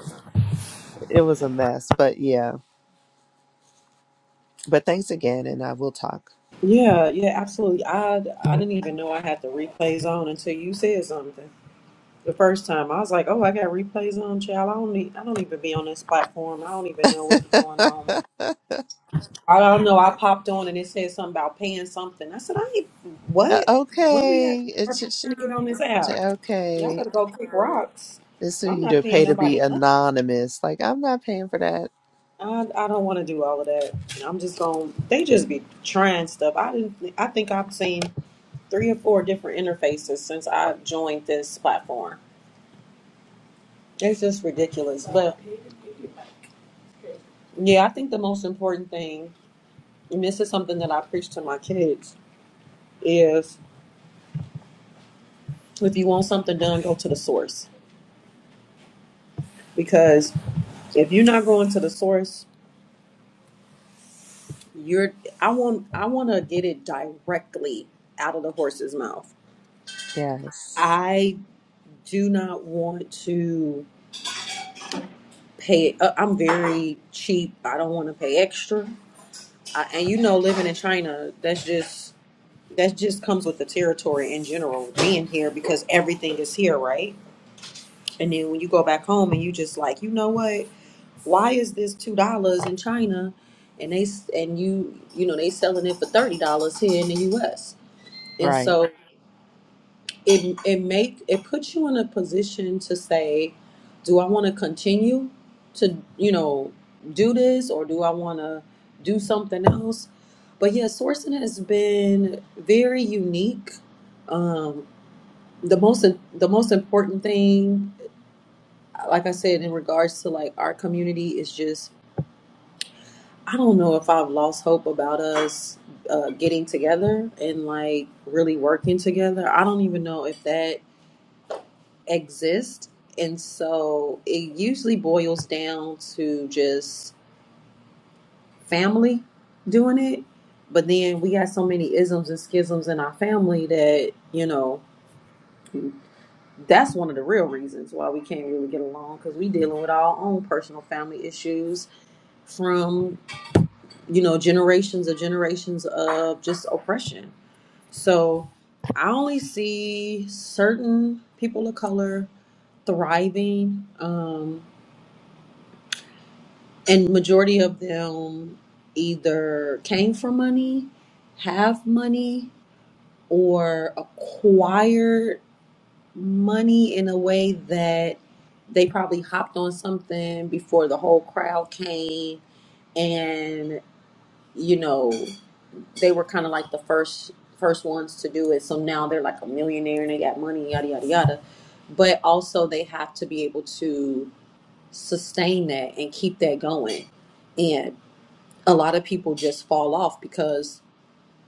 Speaker 5: it was a mess. But yeah, but thanks again, and I will talk.
Speaker 1: Yeah, yeah, absolutely. I I didn't even know I had the replays on until you said something the first time. I was like, oh, I got replays on, child. I don't need, I don't even be on this platform. I don't even know what's going on. I don't know. I popped on and it said something about paying something. I said, I ain't
Speaker 5: Uh,
Speaker 1: what? When we had
Speaker 5: Okay,
Speaker 1: our
Speaker 5: it's
Speaker 1: time to
Speaker 5: just
Speaker 1: get on this app, y'all
Speaker 5: okay.
Speaker 1: better go kick rocks.
Speaker 5: They sue
Speaker 1: I'm
Speaker 5: you
Speaker 1: not
Speaker 5: to
Speaker 1: paying
Speaker 5: pay to be
Speaker 1: nobody. nothing.
Speaker 5: anonymous. Like, I'm not paying for that.
Speaker 1: I I don't want to do all of that. I'm just going. to They just be trying stuff. I didn't. I think I've seen. three or four different interfaces since I joined this platform. It's just ridiculous. But yeah, I think the most important thing, and this is something that I preach to my kids, is if you want something done, go to the source. Because if you're not going to the source, you're I want I want to get it directly out of the horse's mouth.
Speaker 5: Yes.
Speaker 1: I do not want to pay uh, I'm very cheap. I don't want to pay extra. I, and you know living in China, that's just that just comes with the territory in general being here because everything is here right and then when you go back home and you just like you know what why is this two dollars in china and they s- and you you know they selling it for thirty dollars here in the us and
Speaker 5: Right.
Speaker 1: so it it make it puts you in a position to say do i want to continue to you know do this or do i want to do something else but yeah sourcing has been very unique Um, the most the most important thing like i said in regards to like our community is just i don't know if i've lost hope about us uh, getting together and like really working together i don't even know if that exists and so it usually boils down to just family doing it but then we got so many isms and schisms in our family that you know That's one of the real reasons why we can't really get along because we dealing with our own personal family issues from you know generations of generations of just oppression. So I only see certain people of color thriving, um, and majority of them either came from money, have money, or acquired money in a way that they probably hopped on something before the whole crowd came and you know they were kind of like the first first ones to do it so now they're like a millionaire and they got money yada yada yada but also they have to be able to sustain that and keep that going and a lot of people just fall off because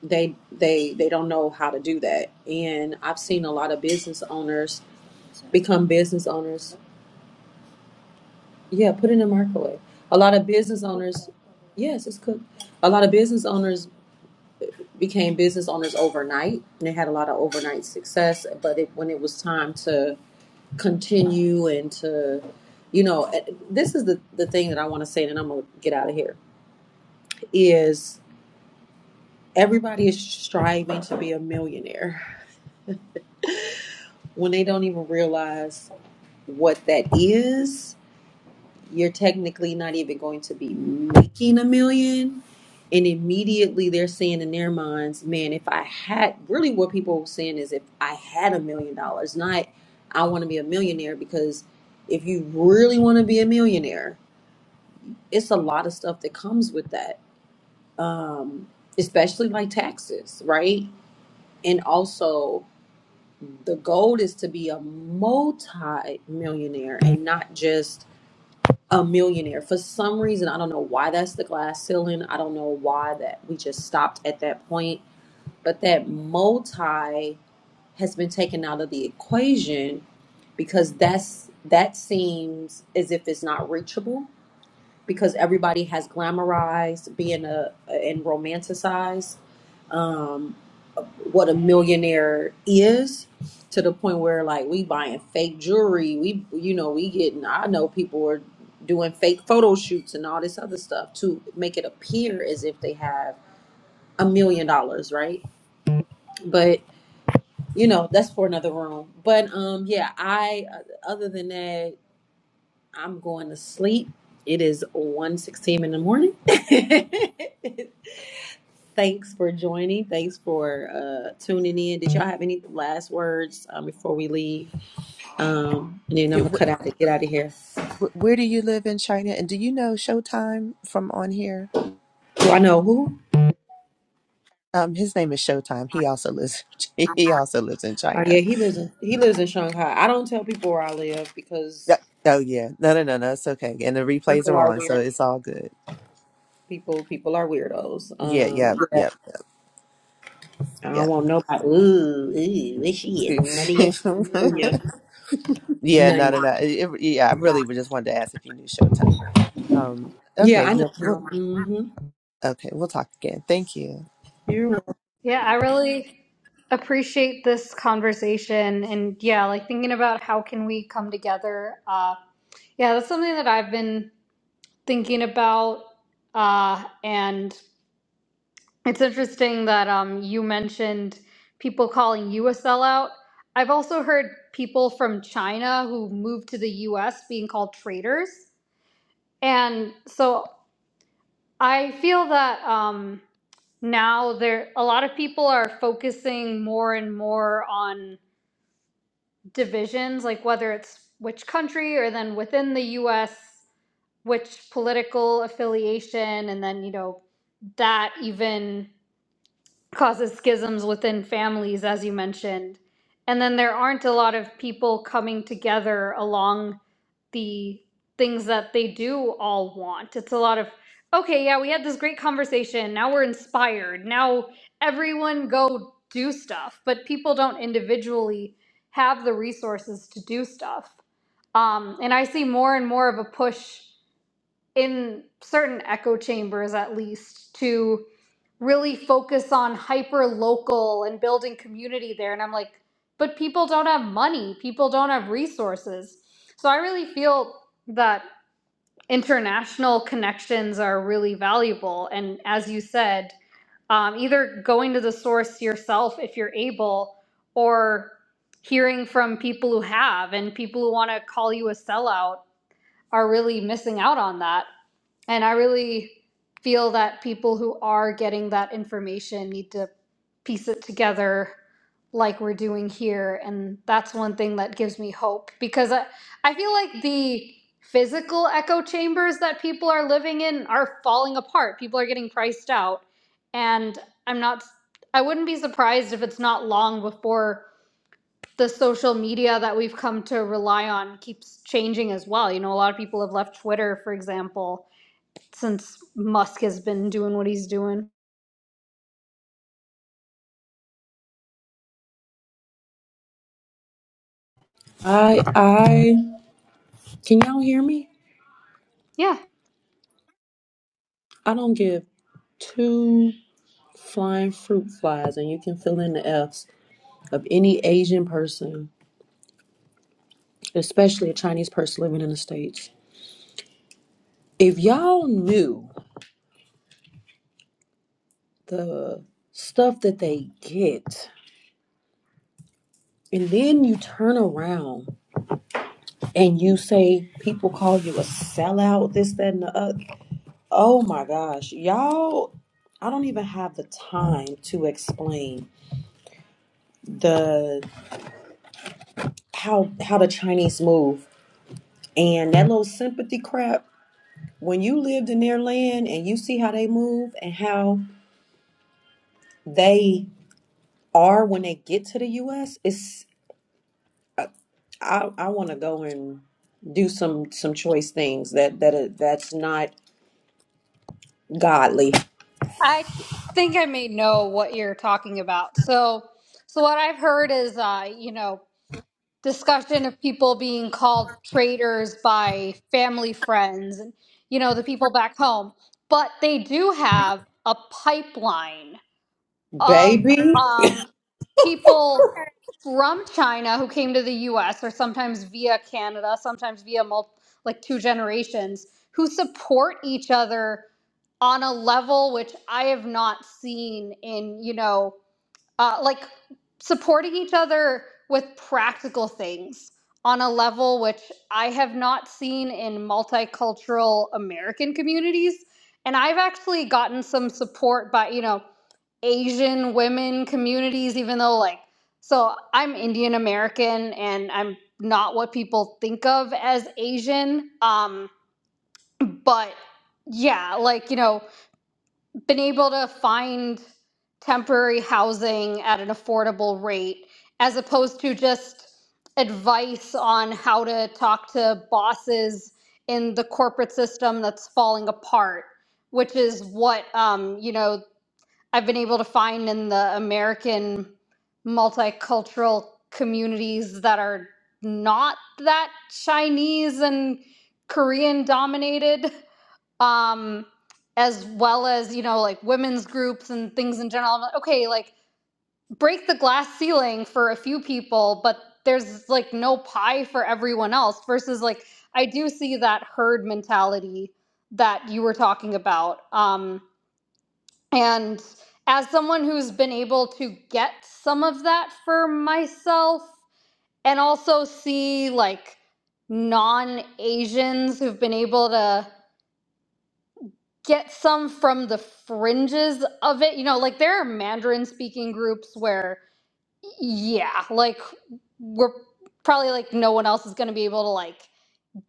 Speaker 1: they they they don't know how to do that and i've seen a lot of business owners become business owners Yeah, put it in the microwave. A lot of business owners, yes, it's cooked. A lot of business owners became business owners overnight, and they had a lot of overnight success. But it, when it was time to continue and to, you know, eh, this is the the thing that I want to say, and I'm gonna get out of here. Is everybody is striving to be a millionaire when they don't even realize what that is? You're technically not even going to be making a million And immediately they're saying in their minds, man, if I had really what people are saying is if I had a million dollars, not I want to be a millionaire, because if you really want to be a millionaire, it's a lot of stuff that comes with that. Um, especially like taxes, right? And also the goal is to be a multi millionaire and not just a millionaire. For some reason, I don't know why that's the glass ceiling. I don't know why that we just stopped at that point but that multi has been taken out of the equation because that's that seems as if it's not reachable because everybody has glamorized being a and romanticized um, what a millionaire is to the point where like we buying fake jewelry we you know we getting i know people are doing fake photo shoots and all this other stuff to make it appear as if they have a million dollars right but. you know that's for another room but um yeah i uh, other than that i'm going to sleep it is one sixteen in the morning thanks for joining thanks for uh tuning in did y'all have any last words um, before we leave um and then i'm
Speaker 5: Yeah,
Speaker 1: gonna cut out
Speaker 5: wh-
Speaker 1: and get out of here
Speaker 5: wh- where do you live in China? And do you know Showtime from on here?
Speaker 1: do i know who
Speaker 5: Um, his name is Showtime. He also lives. He also lives in
Speaker 1: oh yeah
Speaker 5: China.
Speaker 1: he lives in he lives in shanghai i don't tell people where i live because
Speaker 5: Yeah. Oh yeah. No, no, no, no. It's okay. And the replays
Speaker 1: people
Speaker 5: are
Speaker 1: are
Speaker 5: on, so
Speaker 1: weird
Speaker 5: it's all good.
Speaker 1: people people are weirdos
Speaker 5: Yeah.
Speaker 1: um
Speaker 5: Yeah.
Speaker 1: yeah.
Speaker 5: Yeah.
Speaker 1: I don't
Speaker 5: Yeah.
Speaker 1: want nobody. Ooh, ooh, where she is? None of your, none of your,
Speaker 5: yeah.
Speaker 1: none. of
Speaker 5: No, no,
Speaker 1: your-
Speaker 5: no. It- it- yeah. I really just wanted to ask if you knew Showtime. Um.
Speaker 1: Yeah,
Speaker 5: Okay.
Speaker 1: I know.
Speaker 5: Yeah. We'll,
Speaker 1: Mm-hmm.
Speaker 5: okay. We'll talk again. Thank you.
Speaker 1: You're right.
Speaker 3: Yeah, I really appreciate this conversation and yeah, like thinking about how can we come together. Uh yeah, that's something that I've been thinking about uh and it's interesting that um you mentioned people calling you a sellout. I've also heard people from China who moved to the US being called traitors. And so I feel that um, now there a lot of people are focusing more and more on divisions, like whether it's which country or then within the U.S. which political affiliation, and then you know that even causes schisms within families, as you mentioned. And then there aren't a lot of people coming together along the things that they do all want. It's a lot of, okay, yeah, we had this great conversation. Now we're inspired. Now everyone go do stuff. But people don't individually have the resources to do stuff. Um, and I see more and more of a push in certain echo chambers at least to really focus on hyper local and building community there and i'm like but people don't have money people don't have resources so i really feel that international connections are really valuable and as you said um, either going to the source yourself if you're able or hearing from people who have and people who want to call you a sellout are really missing out on that and I really feel that people who are getting that information need to piece it together like we're doing here. And that's one thing that gives me hope because I, I feel like the physical echo chambers that people are living in are falling apart. People are getting priced out. And I'm not, I wouldn't be surprised if it's not long before the social media that we've come to rely on keeps changing as well. You know, a lot of people have left Twitter, for example since Musk has been doing what he's doing.
Speaker 1: I, I. Can y'all hear me?
Speaker 3: Yeah,
Speaker 1: I don't give two flying fruit flies, and you can fill in the F's of any Asian person, especially a Chinese person living in the States. If y'all knew the stuff that they get, and then you turn around and you say people call you a sellout, this, that, and the other. Oh my gosh, y'all, I don't even have the time to explain the how how the Chinese move and that little sympathy crap. When you lived in their land and you see how they move and how they are when they get to the US, it's I I, I want to go and do some some choice things that that that's not godly.
Speaker 3: I think I may know what you're talking about. So, so what I've heard is, uh, you know, discussion of people being called traitors by family friends and you know the people back home, but they do have a pipeline of
Speaker 1: Baby,
Speaker 3: um, people from China who came to the U.S. or sometimes via Canada, sometimes via mul- like two generations who support each other on a level which I have not seen in you know uh, like supporting each other with practical things on a level which I have not seen in multicultural American communities. And I've actually gotten some support by, you know, Asian women communities, even though, like, so I'm Indian American and I'm not what people think of as Asian. Um, but yeah, like, you know, been able to find temporary housing at an affordable rate as opposed to just advice on how to talk to bosses in the corporate system that's falling apart which is what um, you know I've been able to find in the American multicultural communities that are not that Chinese and Korean dominated, um, as well as, you know, like women's groups and things in general. I'm like, okay, like break the glass ceiling for a few people, but there's like no pie for everyone else versus like I do see that herd mentality that you were talking about. Um, and as someone who's been able to get some of that for myself and also see like non Asians who've been able to get some from the fringes of it, you know, like there are Mandarin speaking groups where, yeah, like we're probably like no one else is going to be able to like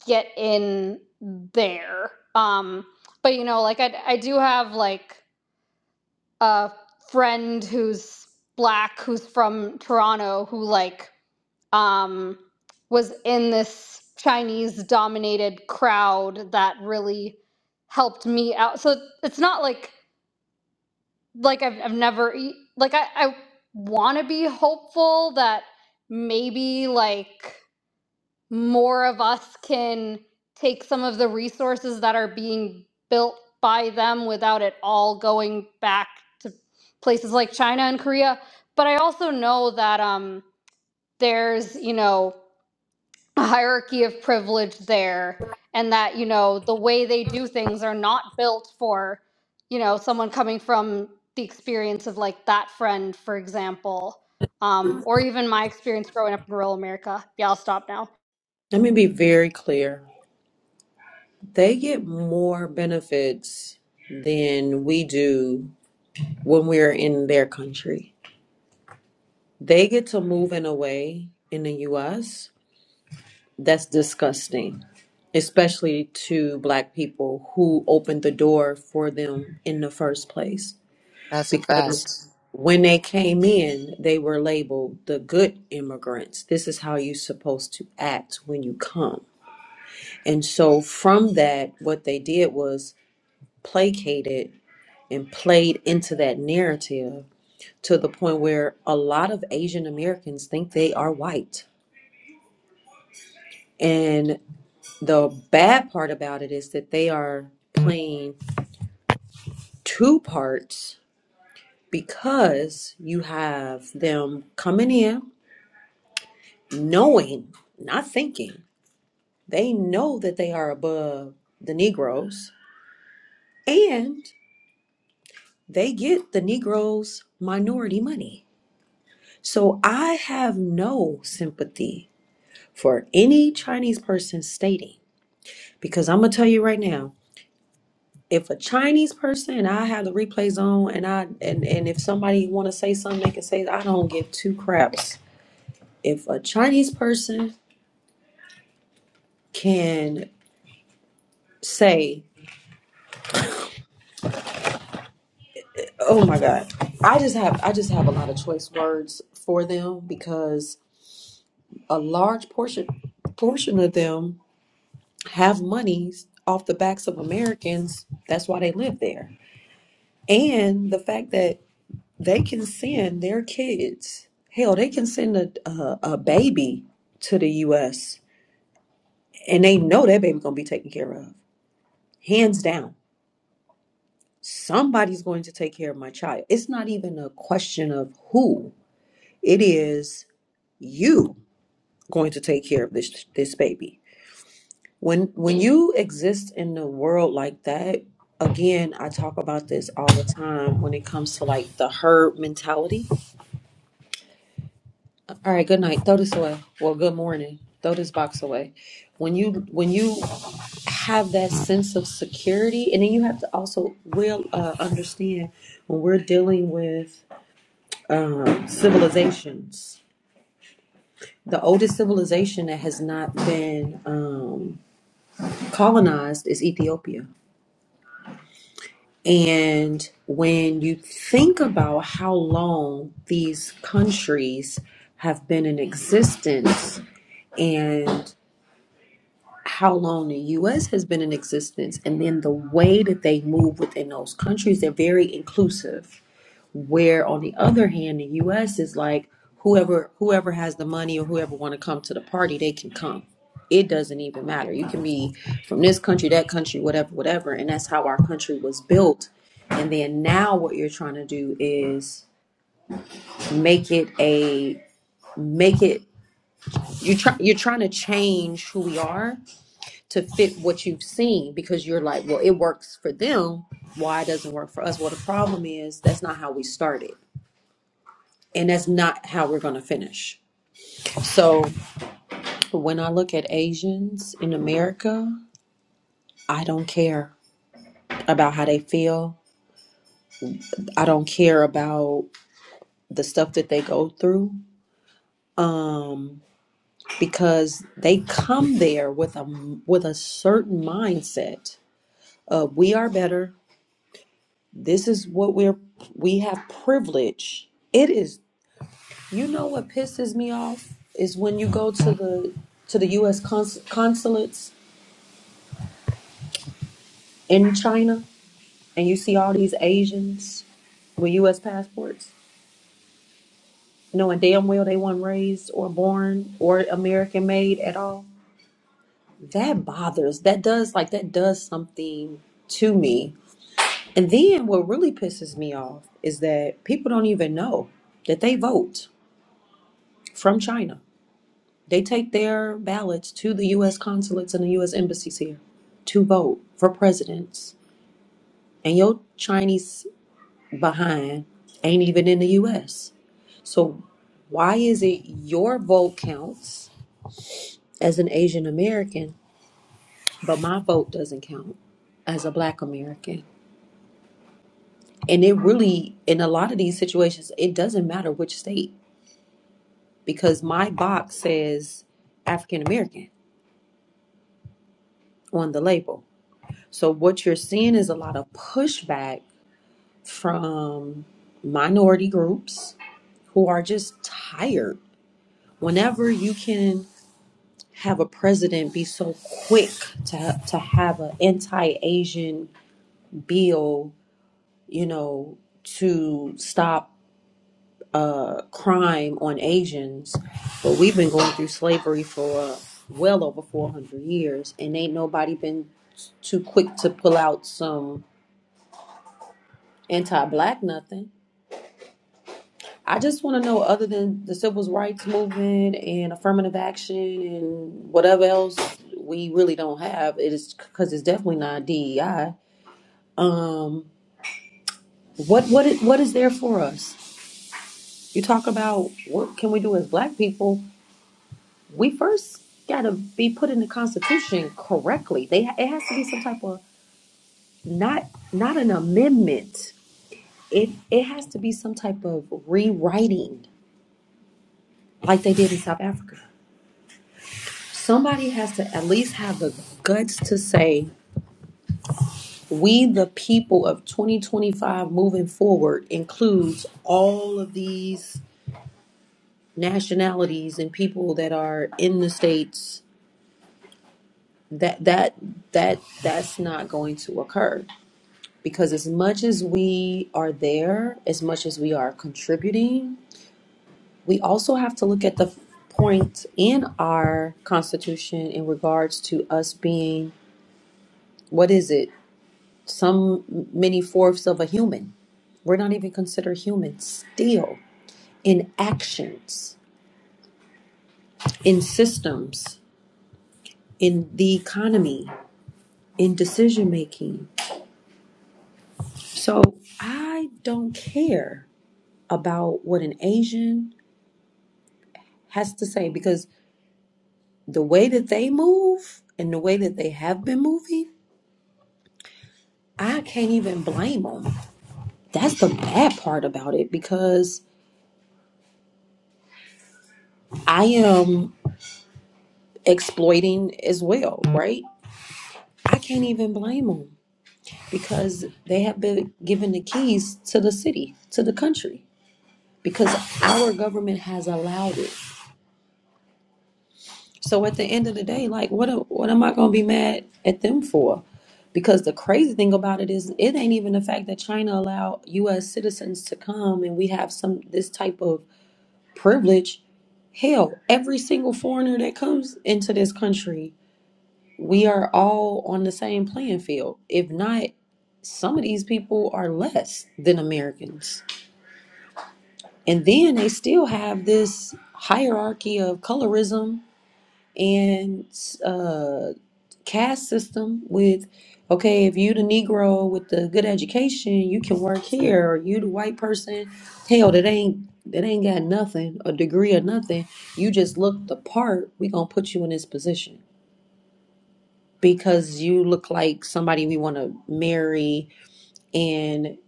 Speaker 3: get in there. Um, but you know, like I, I do have like a friend who's black who's from Toronto who like um was in this Chinese dominated crowd that really helped me out. So it's not like like I've I've never e- like I I want to be hopeful that maybe like more of us can take some of the resources that are being built by them without it all going back to places like China and Korea. But I also know that um, there's, you know, a hierarchy of privilege there, and that, you know, the way they do things are not built for, you know, someone coming from the experience of like that friend, for example, um, or even my experience growing up in rural America. Yeah, I'll stop now.
Speaker 1: let me be very clear. They get more benefits than we do when we're in their country. They get to move in a way in the US that's disgusting, especially to black people who opened the door for them in the first place.
Speaker 5: That's a
Speaker 1: Because
Speaker 5: fact.
Speaker 1: when they came in, they were labeled the good immigrants. This is how you're supposed to act when you come. And so, from that, what they did was placated and played into that narrative to the point where a lot of Asian Americans think they are white. And the bad part about it is that they are playing two parts because you have them coming in knowing, not thinking, they know that they are above the Negroes and they get the Negroes' minority money. So I have no sympathy for any Chinese person stating, because I'm gonna tell you right now, if a Chinese person and I have the replays on and I and, and if somebody wanna say something, they can say it. I don't give two craps. If a Chinese person can say, Oh my god, I just have I just have a lot of choice words for them because a large portion portion of them have monies off the backs of Americans. That's why they live there. And the fact that they can send their kids. Hell, they can send a a, a baby to the U.S. and they know that baby gonna be taken care of, hands down. Somebody's going to take care of my child. It's not even a question of who. It is you going to take care of this this baby. When when you exist in the world like that, again, I talk about this all the time when it comes to like the herd mentality All right, good night. Throw this away. Well, good morning. Throw this box away. When you when you have that sense of security, and then you have to also will uh, understand when we're dealing with um, civilizations. The oldest civilization that has not been um, colonized is Ethiopia. And when you think about how long these countries have been in existence, and how long the US has been in existence and then the way that they move within those countries, they're very inclusive. Where on the other hand, the US is like whoever whoever has the money or whoever want to come to the party, they can come. It doesn't even matter. You can be from this country, that country, whatever, whatever. And that's how our country was built. And then now what you're trying to do is make it a make it you're try, you're trying to change who we are to fit what you've seen because you're like, well, it works for them. Why it doesn't work for us? Well, the problem is that's not how we started, and that's not how we're going to finish. So when I look at Asians in America, I don't care about how they feel. I don't care about the stuff that they go through um, because they come there with a with a certain mindset of we are better. This is what we're we have privilege. It is You know what pisses me off is when you go to the to the U.S. Cons- consulates in China and you see all these Asians with U.S. passports, knowing damn well they weren't raised or born or American made at all. That bothers. That does like that does something to me. And then what really pisses me off is that people don't even know that they vote from China. They take their ballots to the U.S. consulates and the U.S. embassies here to vote for presidents. And your Chinese behind ain't even in the U.S. So why is it your vote counts as an Asian American, but my vote doesn't count as a Black American? And it really, in a lot of these situations, it doesn't matter which state because my box says African American on the label. So what you're seeing is a lot of pushback from minority groups who are just tired. Whenever you can have a president be so quick to to have an anti-Asian bill, you know, to stop uh, crime on Asians, but we've been going through slavery for uh, well over 400 years, and ain't nobody been too quick to pull out some anti-black nothing. I just want to know, other than the civil rights movement and affirmative action and whatever else we really don't have, it is because it's definitely not DEI. Um, what what is, what is there for us? You talk about what can we do as Black people? We first got to be put in the Constitution correctly. They it has to be some type of not not an amendment. It it has to be some type of rewriting, like they did in South Africa. Somebody has to at least have the guts to say, we, the people of 2025 moving forward, includes all of these nationalities and people that are in the states that that that that's not going to occur because as much as we are there as much as we are contributing we also have to look at the point in our constitution in regards to us being what is it some many fourths of a human. We're not even considered humans still in actions, in systems, in the economy, in decision making. So I don't care about what an Asian has to say because the way that they move and the way that they have been moving, I can't even blame them. That's the bad part about it because I am exploiting as well, right? I can't even blame them because they have been given the keys to the city, to the country, because our government has allowed it. So at the end of the day, like, what a- what am I gonna be mad at them for? Because the crazy thing about it is, it ain't even the fact that China allowed U.S. citizens to come, and we have some this type of privilege. Hell, every single foreigner that comes into this country we are all on the same playing field. If not, some of these people are less than Americans. And then they still have this hierarchy of colorism and uh, caste system with, okay, if you the Negro with the good education, you can work here, or you the white person, hell, that ain't that ain't got nothing, a degree or nothing. You just look the part, we gonna put you in this position because you look like somebody we want to marry and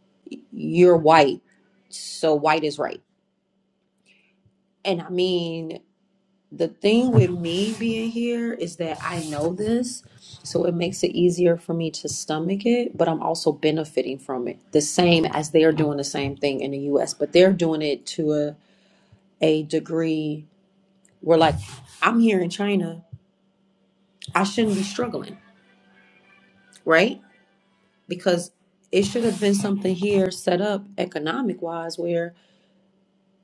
Speaker 1: you're white. So white is right. And I mean, the thing with me being here is that I know this. So it makes it easier for me to stomach it, but I'm also benefiting from it. The same as they are doing the same thing in the US, but they're doing it to a, a degree where, like, I'm here in China, I shouldn't be struggling, right? because it should have been something here set up economic wise where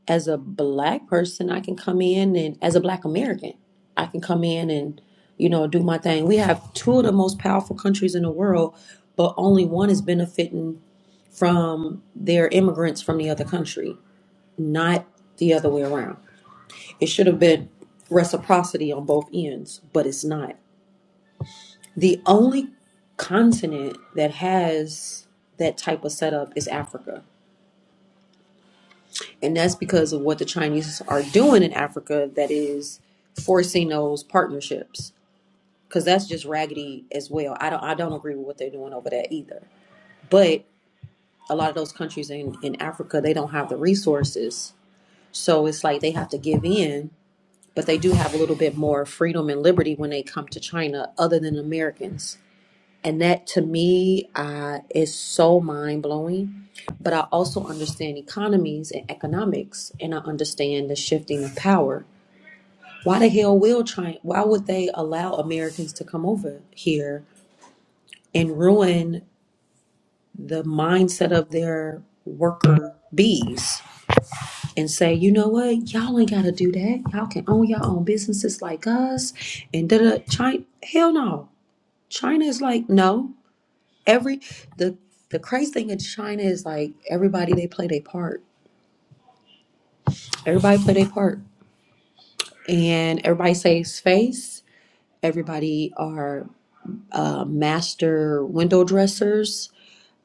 Speaker 1: as a black person I can come in and as a black American I can come in and you know do my thing. We have two of the most powerful countries in the world, but only one is benefiting from their immigrants from the other country, not the other way around. It should have been reciprocity on both ends, but it's not. The only continent that has that type of setup is Africa and that's because of what the Chinese are doing in Africa that is forcing those partnerships because that's just raggedy as well. I don't I don't agree with what they're doing over there either. But a lot of those countries in in Africa they don't have the resources, so it's like they have to give in. But they do have a little bit more freedom and liberty when they come to China, other than Americans. And that to me uh, is so mind blowing. But I also understand economies and economics, and I understand the shifting of power. Why the hell will China, why would they allow Americans to come over here and ruin the mindset of their worker bees and say, you know what, y'all ain't got to do that. Y'all can own your own businesses like us. And da da, China, hell no. China is like, no, every the the crazy thing in China is like everybody they play their part. Everybody play their part, and everybody saves face. Everybody are uh, master window dressers.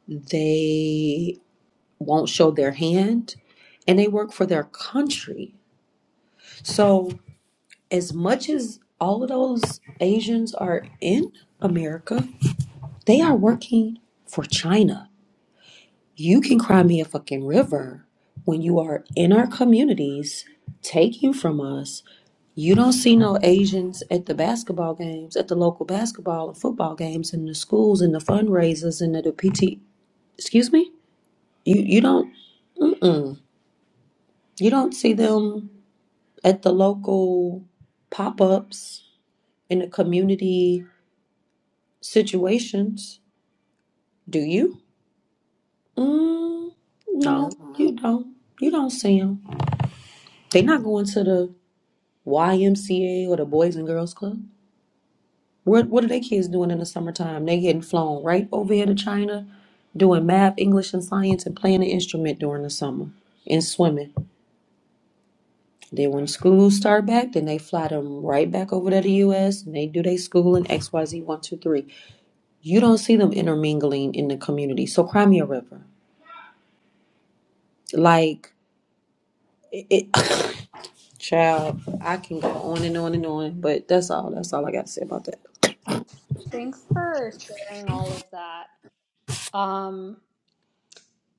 Speaker 1: They won't show their hand, and they work for their country. So as much as all of those Asians are in America, they are working for China. You can cry me a fucking river when you are in our communities taking from us. You don't see no Asians at the basketball games, at the local basketball and football games, in the schools, and the fundraisers, and the, the PT. Excuse me. You you don't. Mm-mm. You don't see them at the local pop ups in the community situations, do you? Mm,
Speaker 5: Nope.
Speaker 1: no, you don't. You don't see them. They're not going to the YMCA or the Boys and Girls Club. What what are they kids doing in the summertime? They getting flown right over here to China, doing math, English, and science, and playing an instrument during the summer and swimming. Then when school start back, then they fly them right back over to the U.S. and they do their school in X Y Z one two three. You don't see them intermingling in the community. So Crimea River, like it, it child, I can go on and on and on, but that's all. That's all I got to say about that.
Speaker 3: Thanks for sharing all of that. Um,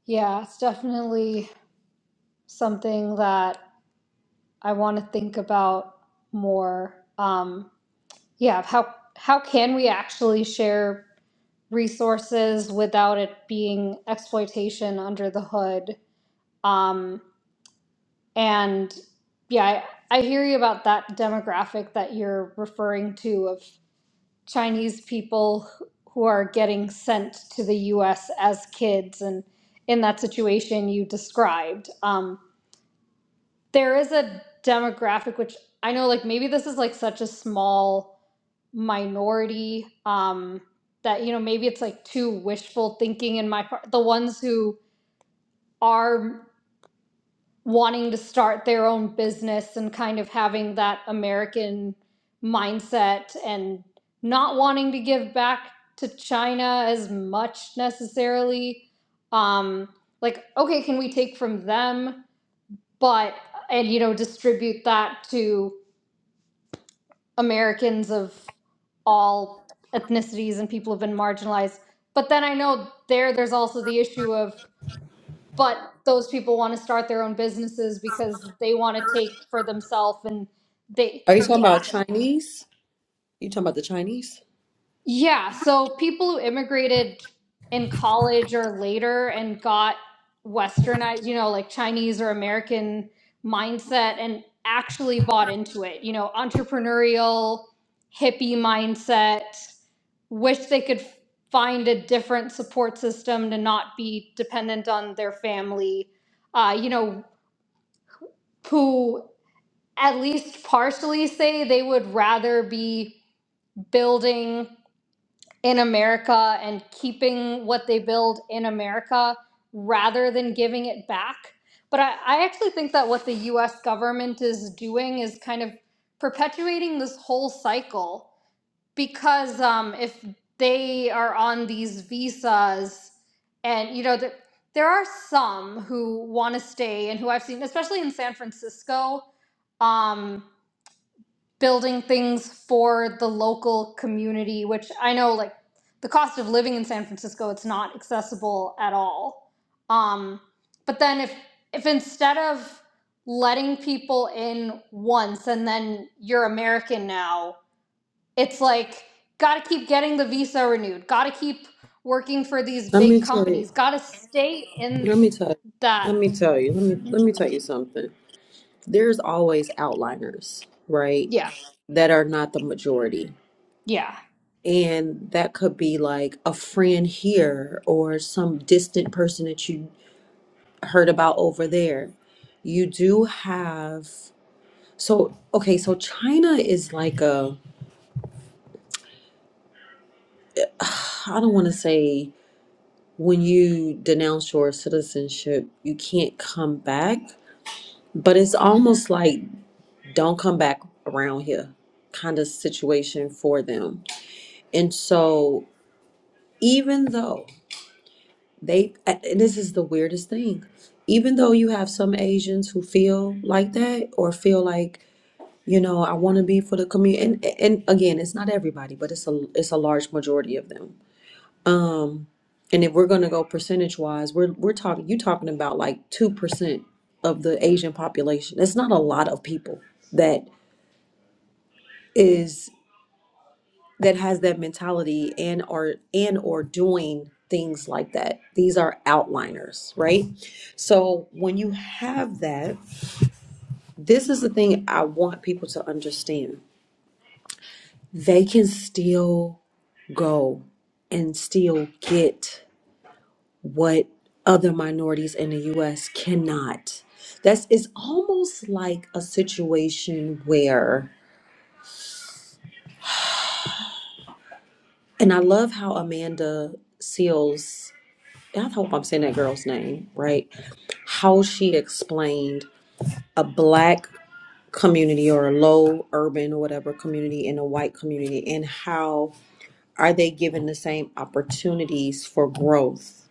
Speaker 3: yeah, it's definitely something that I want to think about more. Um, yeah, how how can we actually share resources without it being exploitation under the hood? Um, and yeah, I, I hear you about that demographic that you're referring to of Chinese people who are getting sent to the US as kids and in that situation you described. Um, there is a demographic which I know like maybe this is like such a small minority um, that you know maybe it's like too wishful thinking in my part the ones who are wanting to start their own business and kind of having that American mindset and not wanting to give back to China as much necessarily. Um, like, okay, can we take from them, but and you know distribute that to Americans of all ethnicities and people who've been marginalized. But then I know there there's also the issue of but those people want to start their own businesses because they want to take for themselves and they
Speaker 1: Are you talking about
Speaker 3: yeah
Speaker 1: Chinese? You talking about the Chinese?
Speaker 3: yeah so people who immigrated in college or later and got westernized you know like chinese or american mindset and actually bought into it you know entrepreneurial hippie mindset wish they could find a different support system to not be dependent on their family uh, you know, who at least partially say they would rather be building in America and keeping what they build in America rather than giving it back. But I, I actually think that what the US government is doing is kind of perpetuating this whole cycle because um, if they are on these visas and, you know, there, there are some who want to stay and who I've seen, especially in San Francisco. Um, building things for the local community, which I know like the cost of living in San Francisco, it's not accessible at all. Um, but then if if instead of letting people in once and then you're American now, it's like got to keep getting the visa renewed, got to keep working for these
Speaker 1: Let
Speaker 3: big
Speaker 1: me tell you.
Speaker 3: companies, got to stay in
Speaker 1: Let me tell you.
Speaker 3: that.
Speaker 1: Let me tell you. Let me let me tell you something. There's always outliners, right?
Speaker 3: Yeah,
Speaker 1: That are not the majority.
Speaker 3: yeah.
Speaker 1: And that could be like a friend here or some distant person that you heard about over there. You do have so okay, so China is like a I don't want to say when you denounce your citizenship, you can't come back but it's almost like don't come back around here kind of situation for them. And so, even though they, and this is the weirdest thing, even though you have some Asians who feel like that or feel like, you know, I want to be for the community. And, and again, it's not everybody, but it's a it's a large majority of them. Um, and if we're gonna go percentage wise, we're we're talking you talking about like two percent of the Asian population. It's not a lot of people that is that has that mentality and are and or doing things like that these are outliners right so when you have that this is the thing i want people to understand they can still go and still get what other minorities in the us cannot that's it's almost like a situation where and i love how amanda seals I hope I'm saying that girl's name right, how she explained a black community or a low urban or whatever community and a white community and how are they given the same opportunities for growth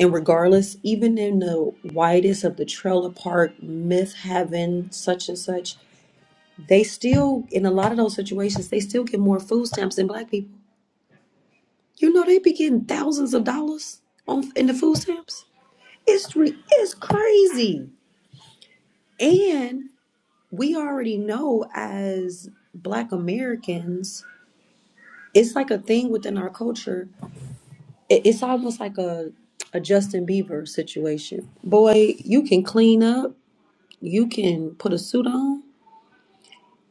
Speaker 1: and regardless even in the widest of the trailer park myth having such and such they still in a lot of those situations they still get more food stamps than black people you know they be getting thousands of dollars on in the food stamps it's re- it's crazy And we already know as Black Americans, it's like a thing within our culture. It- It's almost like a, a Justin Bieber situation. Boy, you can clean up, you can put a suit on,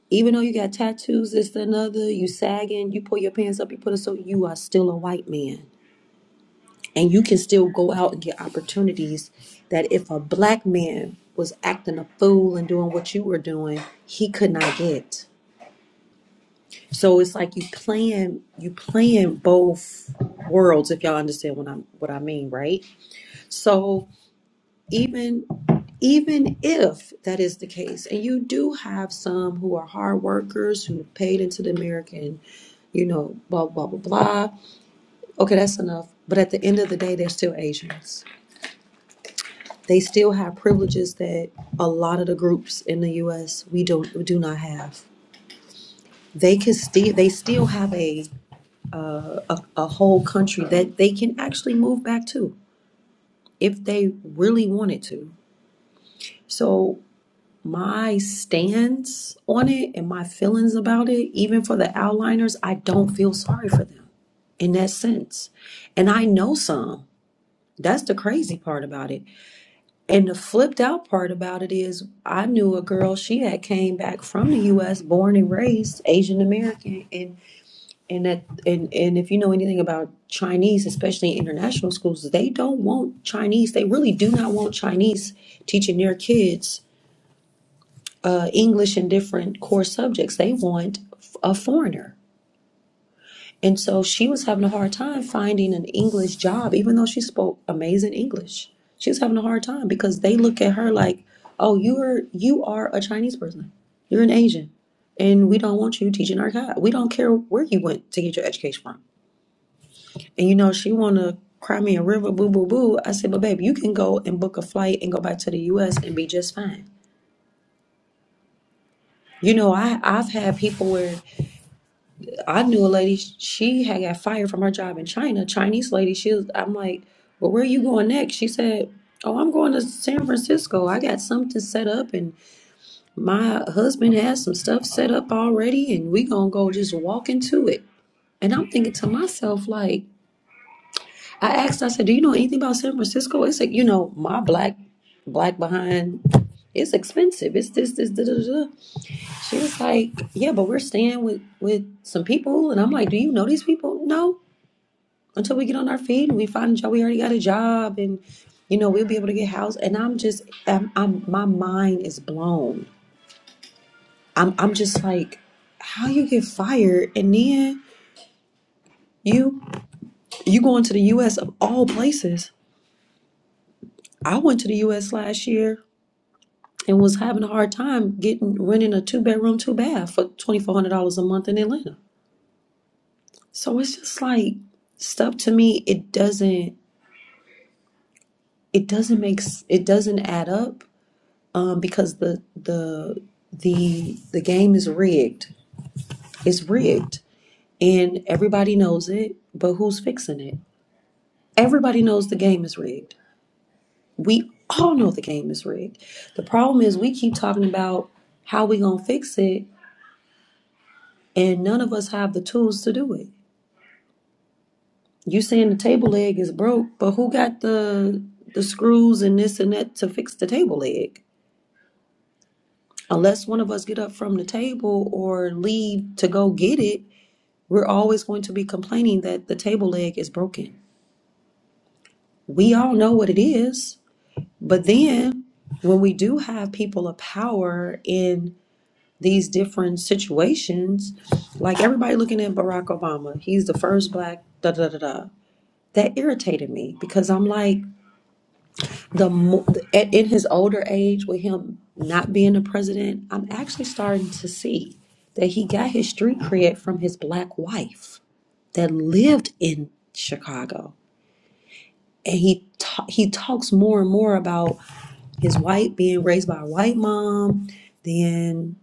Speaker 1: even though you got tattoos, this, that, and other, you sagging, you pull your pants up, you put a suit, you are still a white man. And you can still go out and get opportunities that if a black man was acting a fool and doing what you were doing, he could not get. So it's like you playing you playing both worlds if y'all understand what I'm what I mean, right? So even even if that is the case, and you do have some who are hard workers who paid into the American, you know, blah blah blah blah. Okay, that's enough. But at the end of the day, they're still Asians. They still have privileges that a lot of the groups in the U.S. we don't do not have. They can still they still have a a whole country that they can actually move back to if they really wanted to. So, my stance on it and my feelings about it, even for the outliners, I don't feel sorry for them in that sense. And I know some. That's the crazy part about it. And the flipped out part about it is I knew a girl, she had came back from the US, born and raised Asian American, and And that and, and if you know anything about Chinese, especially international schools, they don't want Chinese. They really do not want Chinese teaching their kids uh, English and different core subjects. They want f- a foreigner. And so she was having a hard time finding an English job, even though she spoke amazing English. She was having a hard time because they look at her like, "Oh, you are you are a Chinese person. You're an Asian, and we don't want you teaching our God. We don't care where you went to get your education from." And you know, she wanna cry me a river, boo boo boo. I said, but babe, you can go and book a flight and go back to the US and be just fine. You know, I, I've had people where I knew a lady, she had got fired from her job in China, Chinese lady. She was, I'm like, well, where are you going next? She said, oh, I'm going to San Francisco. I got something set up and my husband has some stuff set up already and we gonna go just walk into it. And I'm thinking to myself, like, I asked, I said, Do you know anything about San Francisco? It's like, you know, my black black behind it's expensive. It's this, this, da, da, da. She was like, Yeah, but we're staying with with some people and I'm like, Do you know these people? No. Until we get on our feet and we find a job, we already got a job and you know, we'll be able to get housed. And I'm just I'm, I'm my mind is blown. I'm I'm just like, how you get fired and then you you going to the US of all places. I went to the US last year and was having a hard time getting renting a two bedroom, two bath for twenty four hundred dollars a month in Atlanta. So it's just like stuff to me. It doesn't. It doesn't make. s- It doesn't add up um, because the the the the game is rigged. It's rigged, and everybody knows it. But who's fixing it? Everybody knows the game is rigged. We all know the game is rigged. The problem is we keep talking about how we gonna fix it, and none of us have the tools to do it You saying the table leg is broke, but who got the the screws and this and that to fix the table leg? Unless one of us get up from the table or leave to go get it, we're always going to be complaining that the table leg is broken. We all know what it is, but then when we do have people of power in these different situations, like everybody looking at Barack Obama, he's the first black da da da da. That irritated me because I'm like the mo- at, in his older age with him not being the president i'm actually starting to see that he got his street cred from his black wife that lived in chicago and he ta- he talks more and more about his white being raised by a white mom then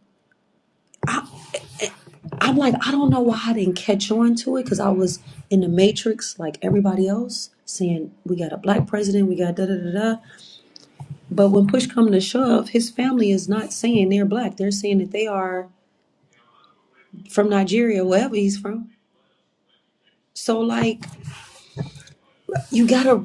Speaker 1: I, i'm like i don't know why i didn't catch on to it because i was in the matrix like everybody else saying we got a black president we got da da da da But when push come to shove, his family is not saying they're black. They're saying that they are from Nigeria, wherever he's from. So like you gotta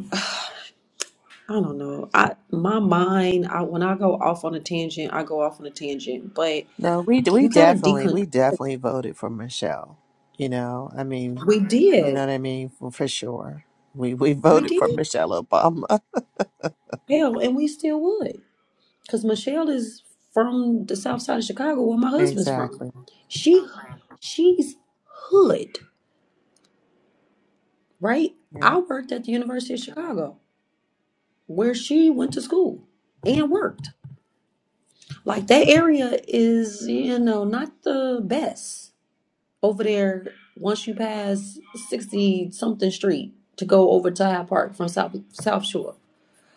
Speaker 1: I don't know. I my mind, I when I go off on a tangent, I go off on a tangent. But
Speaker 5: No, we we
Speaker 1: you gotta
Speaker 5: definitely
Speaker 1: decon
Speaker 5: we definitely voted for Michelle. You know, I mean,
Speaker 1: we
Speaker 5: you know
Speaker 1: did.
Speaker 5: what I mean for, for sure. We we
Speaker 1: We
Speaker 5: voted for
Speaker 1: did.
Speaker 5: Michelle Obama.
Speaker 1: Hell, and we still would. Cause Michelle is from the south side of Chicago where my husband's from.
Speaker 5: Exactly.
Speaker 1: She she's hood, right? I
Speaker 5: Yeah.
Speaker 1: worked at the University of Chicago. where she went to school and worked. Like that area is, you know, not the best over there once you pass 60 something street to go over to Hyde Park from South South Shore.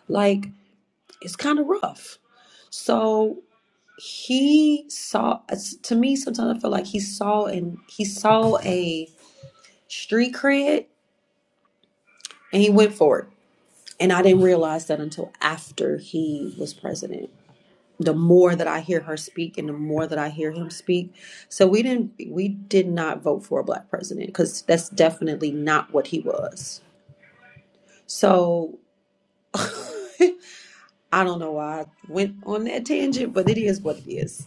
Speaker 1: Like it's kind of rough. So he saw to me sometimes I feel like he saw and he saw a street cred and he went for it. And I didn't realize that until after he was president the more that I hear her speak and the more that I hear him speak. So we didn't we did not vote for a black president because that's definitely not what he was. So I don't know why I went on that tangent, but it is what it is.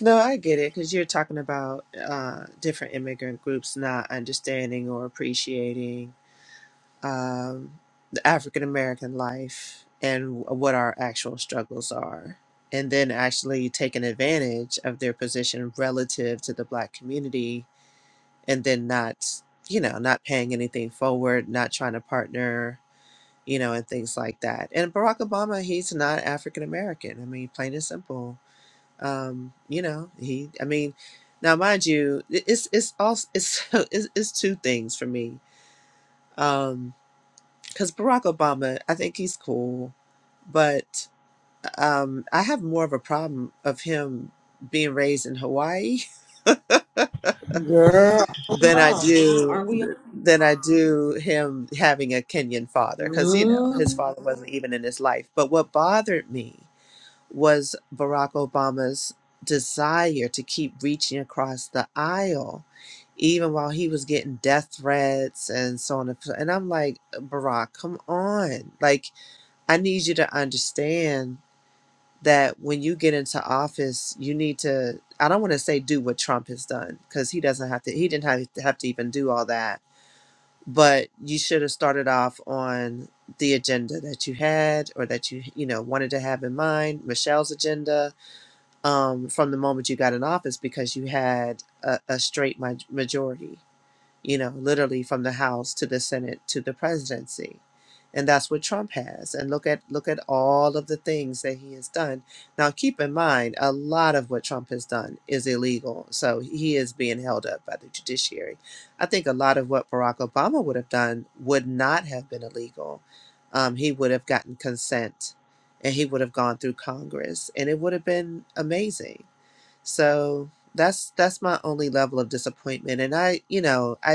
Speaker 5: No, I get it because you're talking about uh, different immigrant groups not understanding or appreciating um, the African American life and what our actual struggles are, and then actually taking advantage of their position relative to the Black community and then not you know not paying anything forward not trying to partner you know and things like that and barack obama he's not african american i mean plain and simple um you know he i mean now mind you i- it's it's also it's it's, it's two things for me um because barack obama i think he's cool but um i have more of a problem of him being raised in hawaii
Speaker 1: Girl, we
Speaker 5: than I
Speaker 1: are.
Speaker 5: do
Speaker 1: Aren't we?
Speaker 5: than I do him having a Kenyan father because you know his
Speaker 1: Mm,
Speaker 5: father wasn't even in his life. But what bothered me was Barack Obama's desire to keep reaching across the aisle, even while he was getting death threats and so on. And so- and I'm like, Barack, come on! Like I need you to understand that when you get into office, you need to, I don't want to say do what Trump has done because he doesn't have to, he didn't have to, have to even do all that. But you should have started off on the agenda that you had or that you, you know, wanted to have in mind, Michelle's agenda um, from the moment you got in office because you had a, a straight ma- majority you know, literally from the House to the Senate to the presidency. And that's what Trump has. And look at look at all of the things that he has done. Now keep in mind a lot of what Trump has done is illegal. So he is being held up by the judiciary. I think a lot of what Barack Obama would have done would not have been illegal. Um, he would have gotten consent and he would have gone through Congress and it would have been amazing. So that's that's my only level of disappointment and i you know i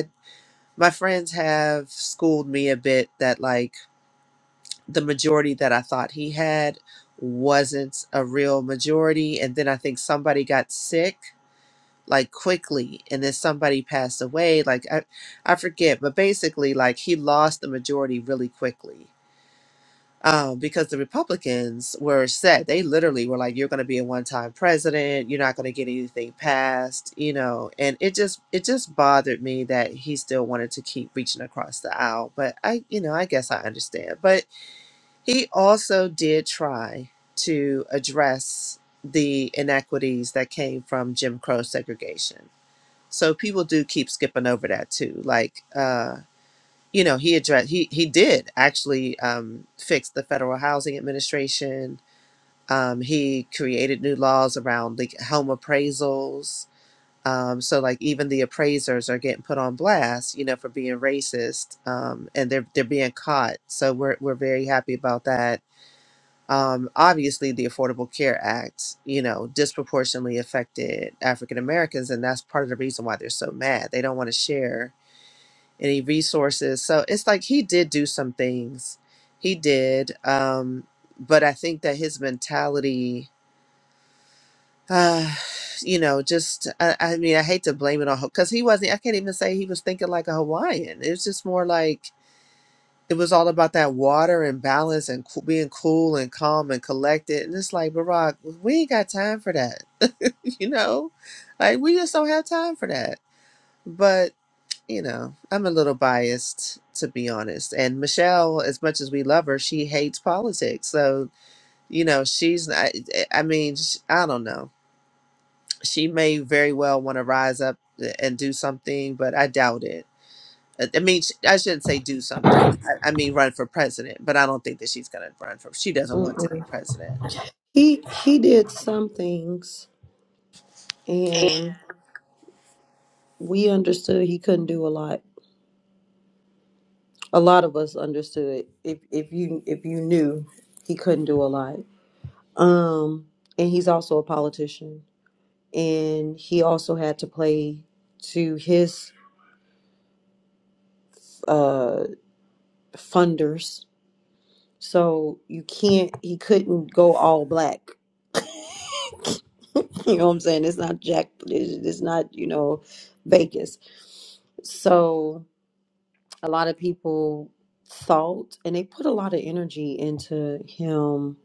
Speaker 5: my friends have schooled me a bit that like the majority that I thought he had wasn't a real majority and then I think somebody got sick like quickly and then somebody passed away like I I forget but basically like he lost the majority really quickly um, because the Republicans were set. They literally were like, "You're going to be a one-time president. You're not going to get anything passed," you know. And it just it just bothered me that he still wanted to keep reaching across the aisle. But I, you know, I guess I understand. But he also did try to address the inequities that came from Jim Crow segregation. So people do keep skipping over that too. Like, uh, you know he addressed he he did actually um, fix the federal housing administration um, he created new laws around like home appraisals um, so like even the appraisers are getting put on blast you know for being racist um, and they're they're being caught so we're, we're very happy about that um, obviously the affordable care act you know disproportionately affected african americans and that's part of the reason why they're so mad they don't want to share any resources. So it's like he did do some things. He did. Um, but I think that his mentality, uh, you know, just, I, I mean, I hate to blame it on him because he wasn't, I can't even say he was thinking like a Hawaiian. It was just more like, it was all about that water and balance and cool, being cool and calm and collected. And it's like, Barack, we ain't got time for that. you know, like we just don't have time for that. but. you know, I'm a little biased to be honest. And Michelle, as much as we love her, she hates politics. So, you know, she's I, I mean, sh- I don't know. She may very well want to rise up uh, and do something, but I doubt it. I I mean, sh- I shouldn't say do something. I, I mean, run for president, but I don't think that she's going to run for. She doesn't want to be
Speaker 1: mm-mm.
Speaker 5: president.
Speaker 1: He he did some things, and we understood he couldn't do a lot. A lot of us understood if if you if you knew he couldn't do a lot. Um, and he's also a politician, and he also had to play to his uh, funders. So you can't. He couldn't go all black. you know what I'm saying? It's not Jack. It's it's not you know Vegas. So a lot of people thought, and they put a lot of energy into him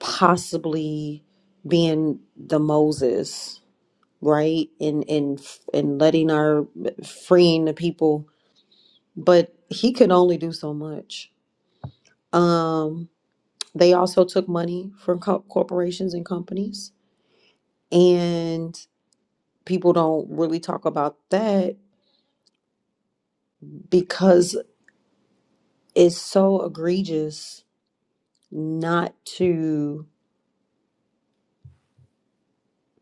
Speaker 1: possibly being the Moses right? And and and letting our freeing the people, but he could only do so much. Um, they also took money from co- corporations and companies, and people don't really talk about that because it's so egregious not to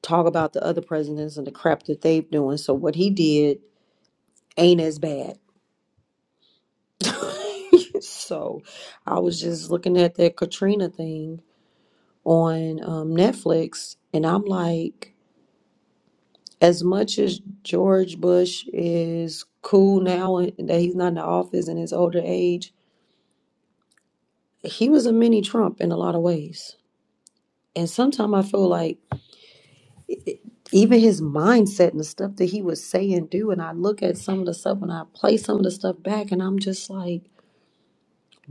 Speaker 1: talk about the other presidents and the crap that they've doing. So what he did ain't as bad. so I was just looking at that Katrina thing on um, Netflix, and I'm like, as much as George Bush is cool now and that he's not in the office in his older age, he was a mini Trump in a lot of ways. And sometimes I feel like it- it- even his mindset and the stuff that he would say and do, and I look at some of the stuff and I play some of the stuff back, and I'm just like,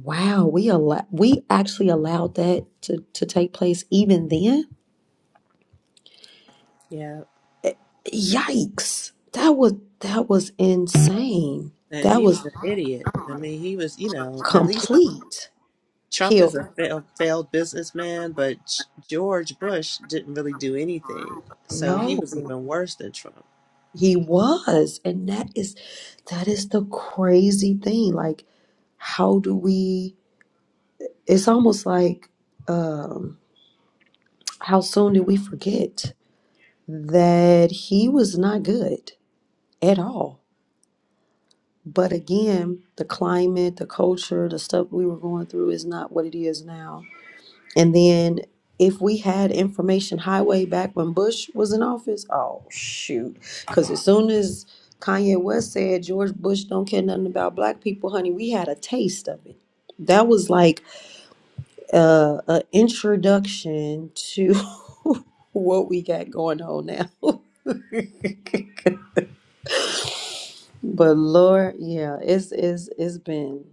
Speaker 1: wow, we allow we actually allowed that to to take place even then
Speaker 5: Yeah.
Speaker 1: Yikes. That was that was insane.
Speaker 5: And
Speaker 1: That
Speaker 5: he was
Speaker 1: was
Speaker 5: an idiot. I mean, he was, you know, at least.
Speaker 1: complete
Speaker 5: Trump is
Speaker 1: heal.
Speaker 5: a failed, failed businessman, but G- George Bush didn't really do anything. So he
Speaker 1: No,
Speaker 5: was even worse than Trump.
Speaker 1: he was. And that is that is the crazy thing. Like, how do we it's almost like um how soon do we forget that he was not good at all. But again, the climate, the culture, the stuff we were going through is not what it is now And then if we had information highway back when Bush was in office, oh shoot. Cause as soon as Kanye West said George Bush don't care nothing about black people, honey, we had a taste of it. That was like uh, a introduction to what we got going on now. but Lord, yeah, it's it's it's been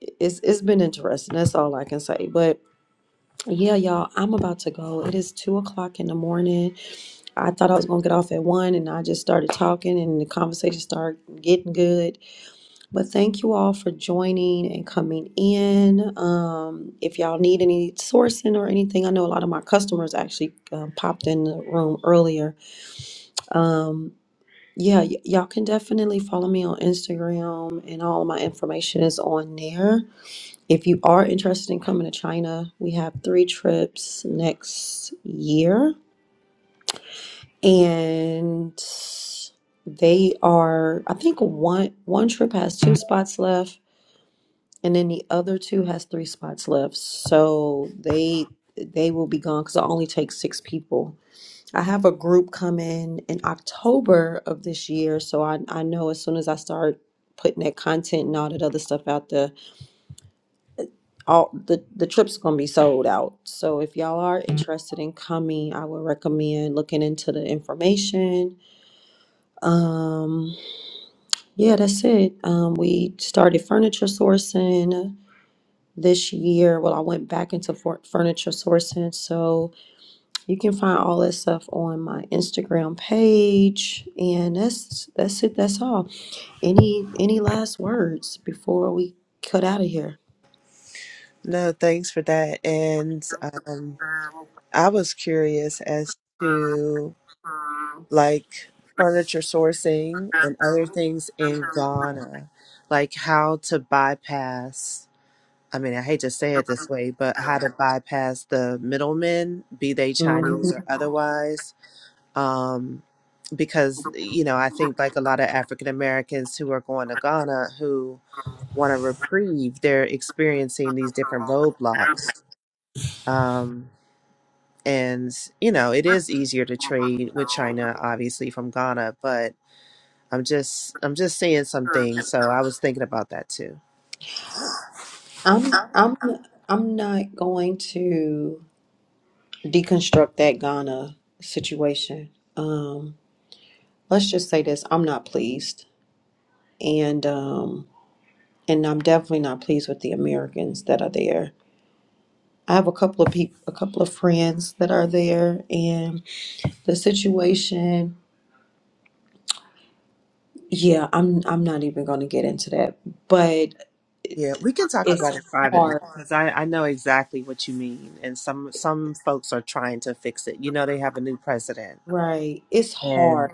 Speaker 1: it's it's been interesting. That's all I can say. But Yeah, y'all, I'm about to go. It is two o'clock in the morning. I thought I was gonna get off at one, and I just started talking, and the conversation started getting good. But thank you all for joining and coming in. Um, if y'all need any sourcing or anything, I know a lot of my customers actually um, popped in the room earlier. Um, yeah, y- y'all can definitely follow me on Instagram, and all my information is on there. If you are interested in coming to China, we have three trips next year, and they are. I think one one trip has two spots left, and then the other two has three spots left. So they they will be gone because I only take six people. I have a group coming in October of this year, so I I know as soon as I start putting that content and all that other stuff out there all the the trip's gonna be sold out. So if y'all are interested in coming, I would recommend looking into the information. Um, yeah, that's it. Um, we started furniture sourcing this year. Well, I went back into for- furniture sourcing, so you can find all that stuff on my Instagram page. And that's that's it. That's all. Any any last words before we cut out of here?
Speaker 5: No, thanks for that. And um, I was curious as to like furniture sourcing and other things in Ghana, like how to bypass. I mean, I hate to say it this way, but how to bypass the middlemen, be they Chinese or otherwise, um, because you know i think like a lot of african americans who are going to ghana who want a reprieve they're experiencing these different roadblocks um, and you know it is easier to trade with china obviously from ghana but i'm just i'm just seeing some things so i was thinking about that too
Speaker 1: I'm I'm I'm not going to deconstruct that Ghana situation. Um, let's just say this: I'm not pleased, and um, and I'm definitely not pleased with the Americans that are there. I have a couple of people, a couple of friends that are there, and the situation. Yeah, I'm I'm not even going to get into that, but
Speaker 5: yeah we can talk about
Speaker 1: it's
Speaker 5: it privately
Speaker 1: hard,
Speaker 5: because I, I know exactly what you mean and some some folks are trying to fix it you know they have a new president
Speaker 1: right? It's hard,
Speaker 5: and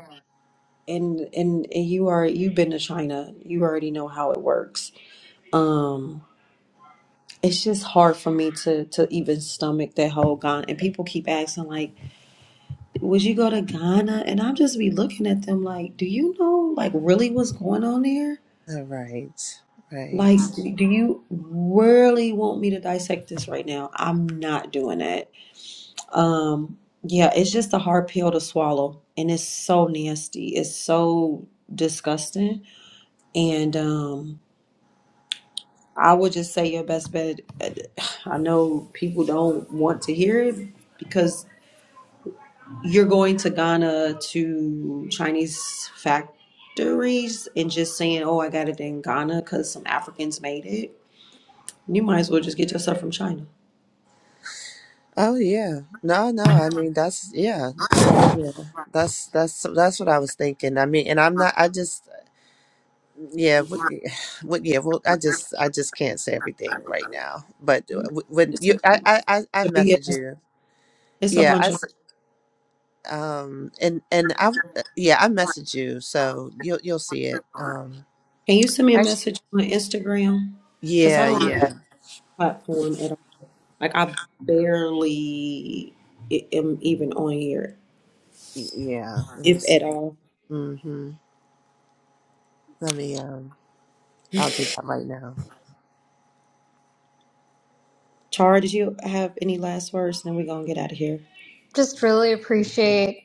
Speaker 1: and and and you are you've been to China, you already know how it works um it's just hard for me to to even stomach that whole Ghana and people keep asking like would you go to Ghana and I'll just be looking at them like do you know like really what's going on there
Speaker 5: all right right
Speaker 1: like do, do you really want me to dissect this right now I'm not doing that um yeah it's just a hard pill to swallow and it's so nasty it's so disgusting and um I would just say your best bet. I know people don't want to hear it because you're going to Ghana to Chinese factories and just saying, "Oh, I got it in Ghana because some Africans made it." You might as well just get your stuff from China.
Speaker 5: Oh yeah. No, no. I mean, that's yeah. Yeah. That's that's that's what I was thinking. I mean, and I'm not I just yeah, what what yeah, well I just I just can't say everything right now. But uh, w- when
Speaker 1: It's a
Speaker 5: you I
Speaker 1: bunch
Speaker 5: I I I
Speaker 1: of
Speaker 5: message
Speaker 1: BS.
Speaker 5: you.
Speaker 1: It's a
Speaker 5: Yeah, I
Speaker 1: bunch of.
Speaker 5: s- um and and I yeah, I message you. So you'll you'll see it. Um
Speaker 1: Can you send me a
Speaker 5: I s-
Speaker 1: message on Instagram? Because I
Speaker 5: yeah,
Speaker 1: don't use that
Speaker 5: yeah.
Speaker 1: platform at all. Like I barely i- am even on here,
Speaker 5: Yeah, let me
Speaker 1: if
Speaker 5: see.
Speaker 1: at all.
Speaker 5: Mhm. Let me um I'll do that right now.
Speaker 1: Char, did you have any last words? Then we're gonna get out of here.
Speaker 3: Just really appreciate.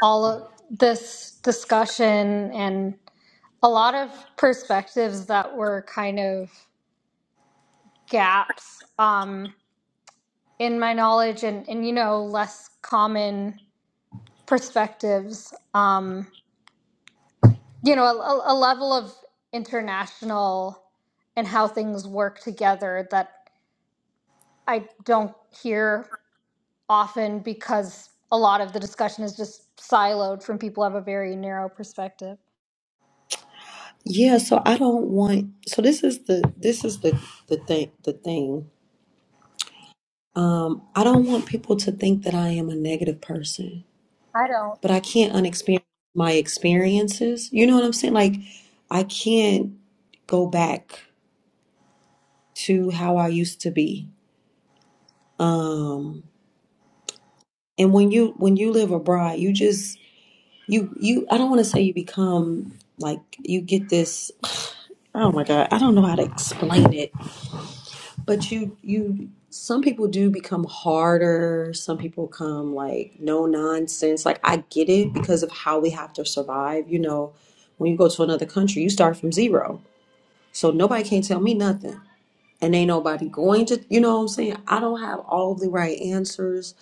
Speaker 3: all of this discussion and a lot of perspectives that were kind of gaps um, in my knowledge and, and you know less common perspectives um, you know a, a a level of international and how things work together that i don't hear often because a lot of the discussion is just siloed from people who have a very narrow perspective
Speaker 1: Yeah, so I don't want so this is the this is the the thing the thing. Um I don't want people to think that I am a negative person,
Speaker 3: i don't
Speaker 1: but I can't unexperience my experiences. You know what I'm saying? Like I can't go back to how I used to be. Um and when you when you live abroad, you just you you I don't want to say you become like you get this Oh my God, I don't know how to explain it But you you some people do become harder, some people come like no nonsense. Like I get it because of how we have to survive, you know, when you go to another country, you start from zero. So nobody can not tell me nothing. And ain't nobody going to, you know what I'm saying? I don't have all the right answers.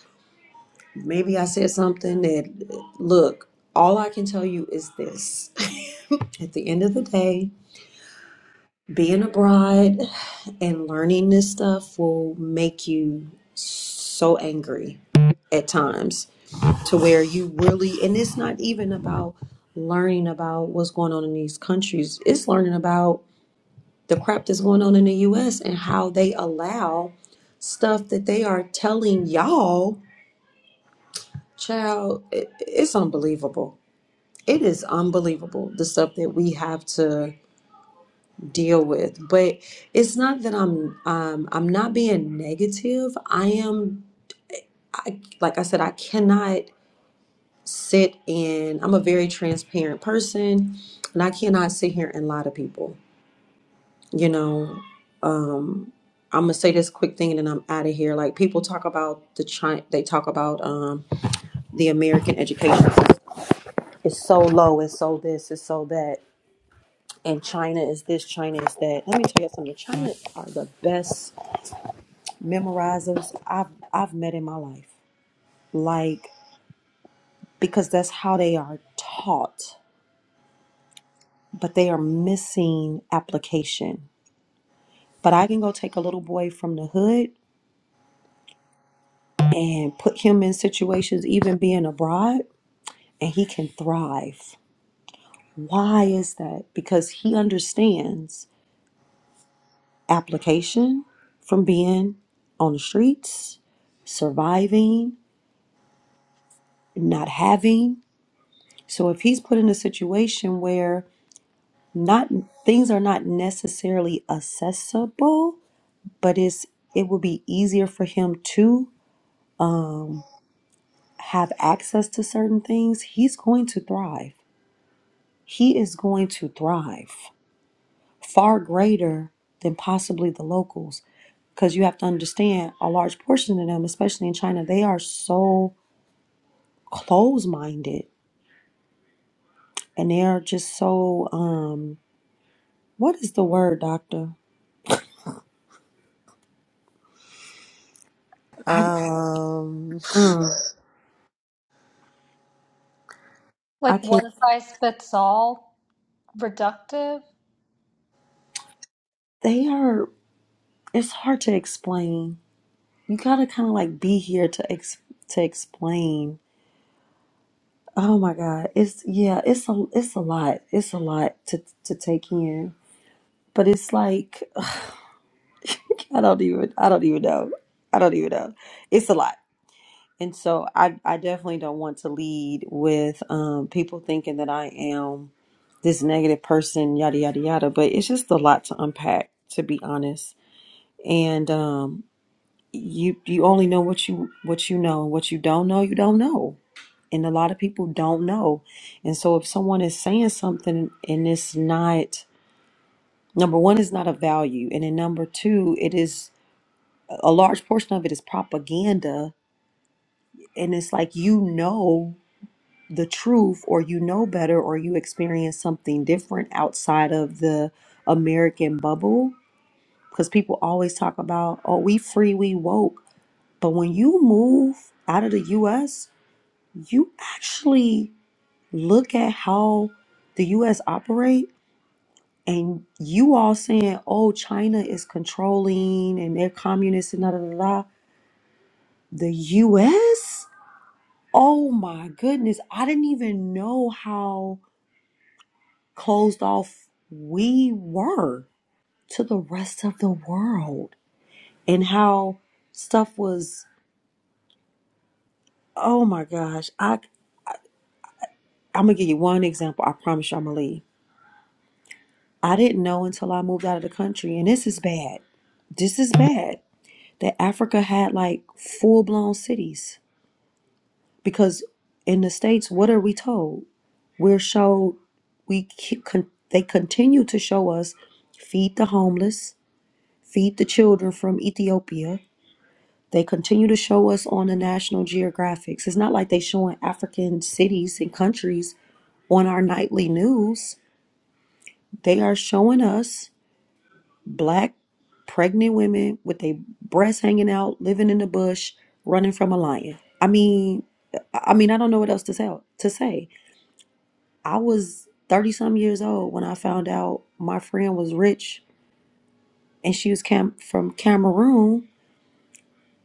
Speaker 1: Maybe I said something that look, all I can tell you is this. At the end of the day, being a bride and learning this stuff will make you so angry at times to where you really and it's not even about learning about what's going on in these countries it's learning about the crap that's going on in the US and how they allow stuff that they are telling y'all child it, it's unbelievable it is unbelievable the stuff that we have to deal with. But it's not that I'm um I'm not being negative. I am I, like I said I cannot sit and I'm a very transparent person and I cannot sit here and lie to people. You know, um I'm gonna say this quick thing and then I'm out of here. Like people talk about the China, they talk about um, the American education. system. It's so low. It's so this. It's so that. And China is this. China is that. Let me tell you something. China are the best memorizers I've I've met in my life. Like because that's how they are taught, but they are missing application. But I can go take a little boy from the hood and put him in situations even being abroad and he can thrive. Why is that? Because he understands application from being on the streets, surviving, not having. So if he's put in a situation where not things are not necessarily accessible, but it's it will be easier for him to um, have access to certain things. He's going to thrive. He is going to thrive far greater than possibly the locals, because you have to understand a large portion of them, especially in China, they are so close-minded and they are just so um, what is the word, doctor? I
Speaker 5: Um
Speaker 1: mm, I
Speaker 3: like
Speaker 1: can't.
Speaker 3: one size fits all reductive
Speaker 1: They are. it's hard to explain. You gotta kind of like be here to ex- to explain. Oh my God, it's yeah, it's a it's a lot. It's a lot to to take in, but it's like I don't even I don't even know. I don't even know. It's a lot, and so I I definitely don't want to lead with um people thinking that I am this negative person, yada yada yada. But it's just a lot to unpack, to be honest. And um you you only know what you what you know what you don't know you don't know and a lot of people don't know and so if someone is saying something and it's not number one is not a value and then number two it is a large portion of it is propaganda and it's like you know the truth or you know better or you experience something different outside of the american bubble because people always talk about oh we free we woke but when you move out of the US you actually look at how the US operate and you all saying, oh, China is controlling and they're communists and da da da da. The US? Oh my goodness. I didn't even know how closed off we were to the rest of the world and how stuff was, oh my gosh. I, I'm going to give you one example. I promise you I'm going to leave I didn't know until I moved out of the country, and this is bad. This is bad that Africa had like full blown cities because in the states, what are we told? We're showed we keep, con- they continue to show us feed the homeless, feed the children from Ethiopia. They continue to show us on the National Geographics. It's not like they showing African cities and countries on our nightly news. They are showing us Black pregnant women with their breasts hanging out, living in the bush, running from a lion. I mean, I mean, I don't know what else to say. To say, I was thirty some years old when I found out my friend was rich and she was cam- from Cameroon,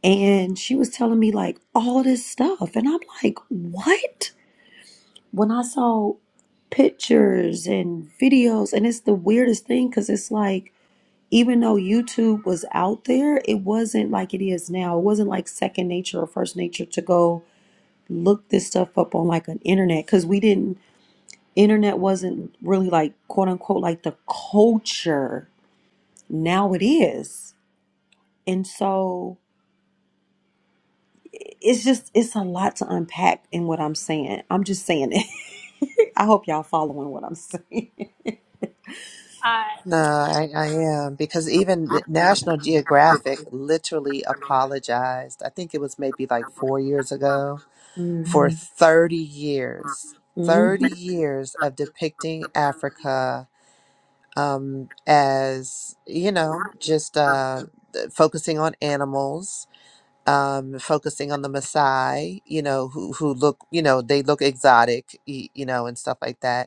Speaker 1: and she was telling me like all this stuff, and I'm like, what? When I saw pictures and videos, and it's the weirdest thing because it's like even though YouTube was out there, it wasn't like it is now. It wasn't like second nature or first nature to go look this stuff up on like an internet because we didn't, internet wasn't really like quote unquote like the culture. Now it is. And so it's just, it's a lot to unpack in what I'm saying. I'm just saying it. I hope y'all following what I'm saying.
Speaker 3: I
Speaker 5: No, I, I am because even the National Geographic literally apologized. I think it was maybe like four years ago
Speaker 1: hmm
Speaker 5: for Mhm. 30 years, 30
Speaker 1: Girl,
Speaker 5: years of depicting Africa um, as, you know, just uh, th- focusing on animals, um, focusing on the Maasai, you know, who, who look, you know, they look exotic, y- you know, and stuff like that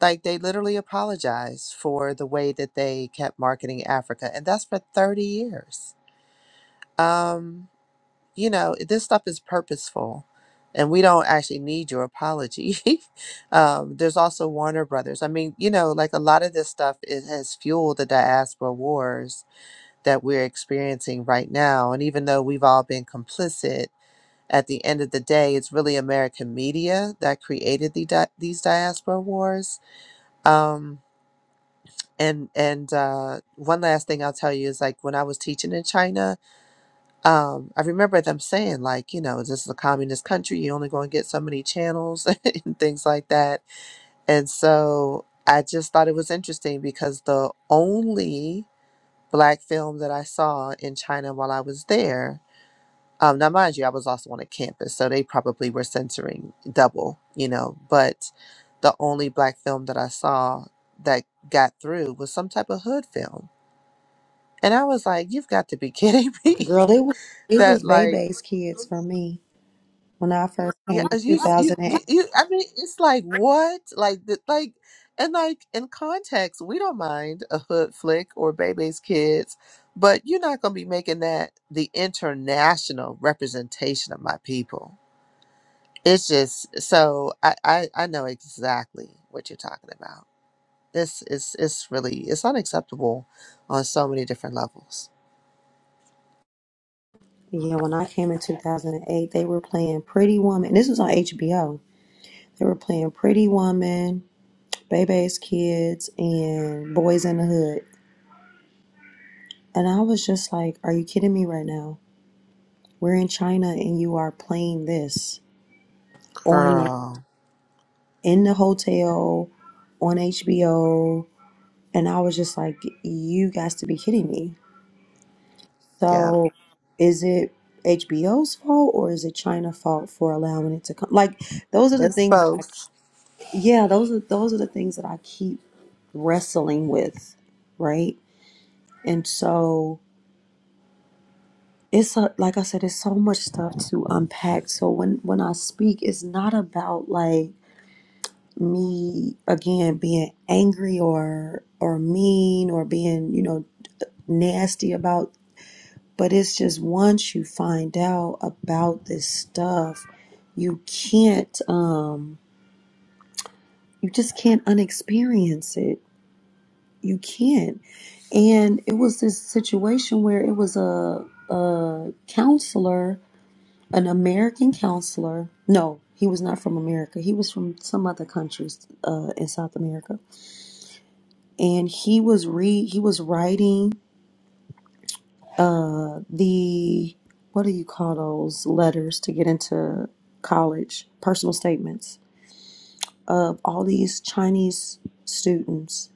Speaker 5: like they literally apologized for the way that they kept marketing Africa, and that's for 30 years. Um, you know, this stuff is purposeful, and we don't actually need your apology. um, there's also Warner Brothers. I mean, you know, like a lot of this stuff it has fueled the diaspora wars that we're experiencing right now. And even though we've all been complicit, at the end of the day, it's really American media that created the di- these diaspora wars. Um, and and uh, one last thing I'll tell you is like when I was teaching in China, um, I remember them saying like, you know, this is a communist country. You only going to get so many channels and things like that. And so I just thought it was interesting because the only black film that I saw in China while I was there. Um, now, mind you, I was also on a campus, so they probably were censoring double, you know. But the only black film that I saw that got through was some type of hood film and I was like, "You've got to be kidding me!"
Speaker 1: it was, it
Speaker 5: That
Speaker 1: was
Speaker 5: Mhm. like,
Speaker 1: Bebe's kids for me when I first
Speaker 5: yeah,
Speaker 1: came
Speaker 5: as you,
Speaker 1: in
Speaker 5: you,
Speaker 1: 2008.
Speaker 5: you, you. I mean, it's like what, like, the, like, and like in context, we don't mind a hood flick or Bebe's Kids, but you're not gonna be making that the international representation of my people. It's just so I, I, I know exactly what you're talking about. This is it's really it's unacceptable on so many different levels,
Speaker 1: Yeah, when I came in 2008, they were playing Pretty Woman. This was on HBO. They were playing Pretty Woman, Baby's Kids, and Boys in the Hood. And I was just like, are you kidding me right now? We're in China and you are playing this on
Speaker 5: girl.
Speaker 1: in the hotel on HBO. And I was just like, you guys to be kidding me.
Speaker 5: Yeah,
Speaker 1: So is it HBO's fault or is it China fault for allowing it to come? Like those are the
Speaker 5: it's
Speaker 1: things I
Speaker 5: both.
Speaker 1: yeah those are those are the things that i keep wrestling with right and so it's a, like i said it's so much stuff to unpack so when when i speak it's not about like me again being angry or or mean or being you know nasty about but it's just once you find out about this stuff you can't um you just can't unexperience it you can't. And it was this situation where it was a a counselor, an American counselor. No, he was not from America. He was from some other countries uh, in South America, and he was re he was writing uh, the what do you call those letters to get into college? Personal statements of all these Chinese students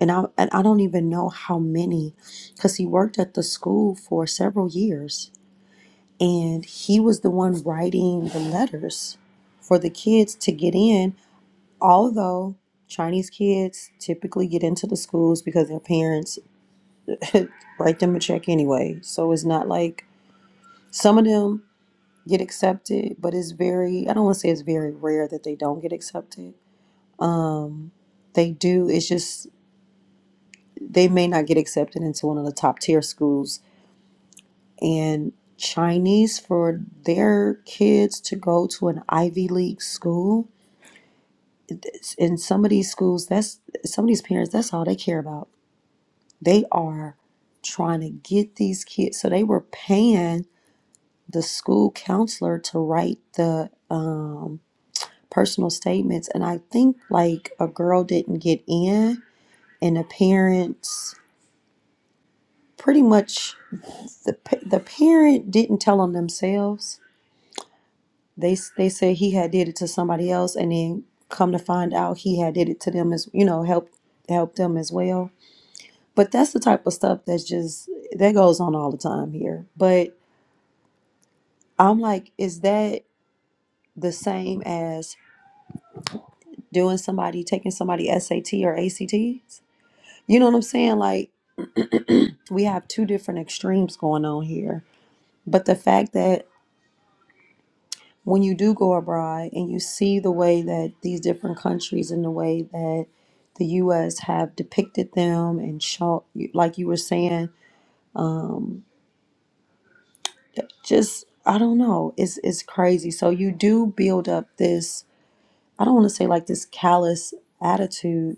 Speaker 1: and I and I don't even know how many, because he worked at the school for several years, and he was the one writing the letters for the kids to get in. Although Chinese kids typically get into the schools because their parents write them a check anyway, so it's not like some of them get accepted, but it's very I don't want to say it's very rare that they don't get accepted. Um, they do. It's just they may not get accepted into one of the top tier schools and Chinese for their kids to go to an Ivy League school. In some of these schools, that's some of these parents, that's all they care about. They are trying to get these kids. So they were paying the school counselor to write the um, personal statements. And I think like a girl didn't get in, and the parents pretty much the, pa- the parent didn't tell on themselves They they said he had did it to somebody else, and then come to find out he had did it to them as you know help help them as well. But that's the type of stuff that's just that goes on all the time here. But I'm like, is that the same as doing somebody taking somebody SAT or ACTs? You know what I'm saying? Like we have two different extremes going on here. But the fact that when you do go abroad and you see the way that these different countries and the way that the U.S. have depicted them and shown, like you were saying, um, just I don't know, it's it's crazy. So you do build up this I don't want to say like this callous attitude.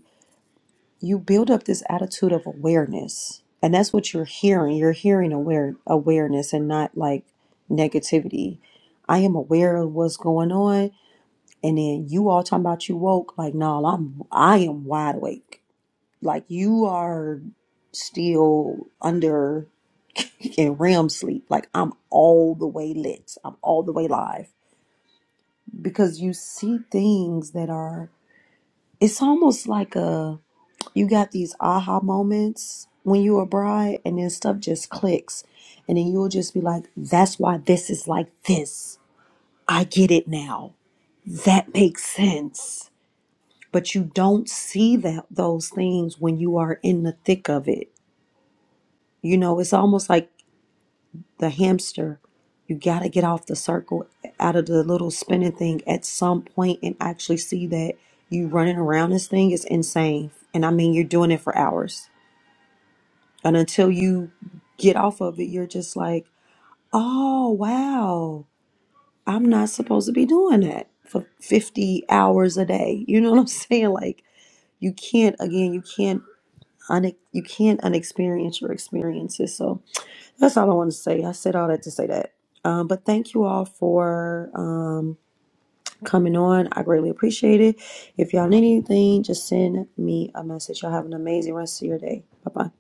Speaker 1: You build up this attitude of awareness, and that's what you're hearing. You're hearing aware awareness and not like negativity. I am aware of what's going on And then you all talking about you woke, like, no, I'm I am wide awake. Like you are still under in REM sleep. Like I'm all the way lit. I'm all the way live. Because you see things that are it's almost like a you got these aha moments when you're a bride and then stuff just clicks. And then you'll just be like, that's why this is like this. I get it now. That makes sense but you don't see that those things when you are in the thick of it. You know, it's almost like the hamster. You got to get off the circle out of the little spinning thing at some point and actually see that you running around this thing is insane. And I mean, you're doing it for hours. And until you get off of it, you're just like, oh, wow, I'm not supposed to be doing that for 50 hours a day. You know what I'm saying? Like, you can't, again, you can't un- you can't unexperience your experiences. So that's all I want to say. I said all that to say that. Um, but thank you all for um, coming on. I greatly appreciate it. If y'all need anything, just send me a message. Y'all have an amazing rest of your day. Bye bye.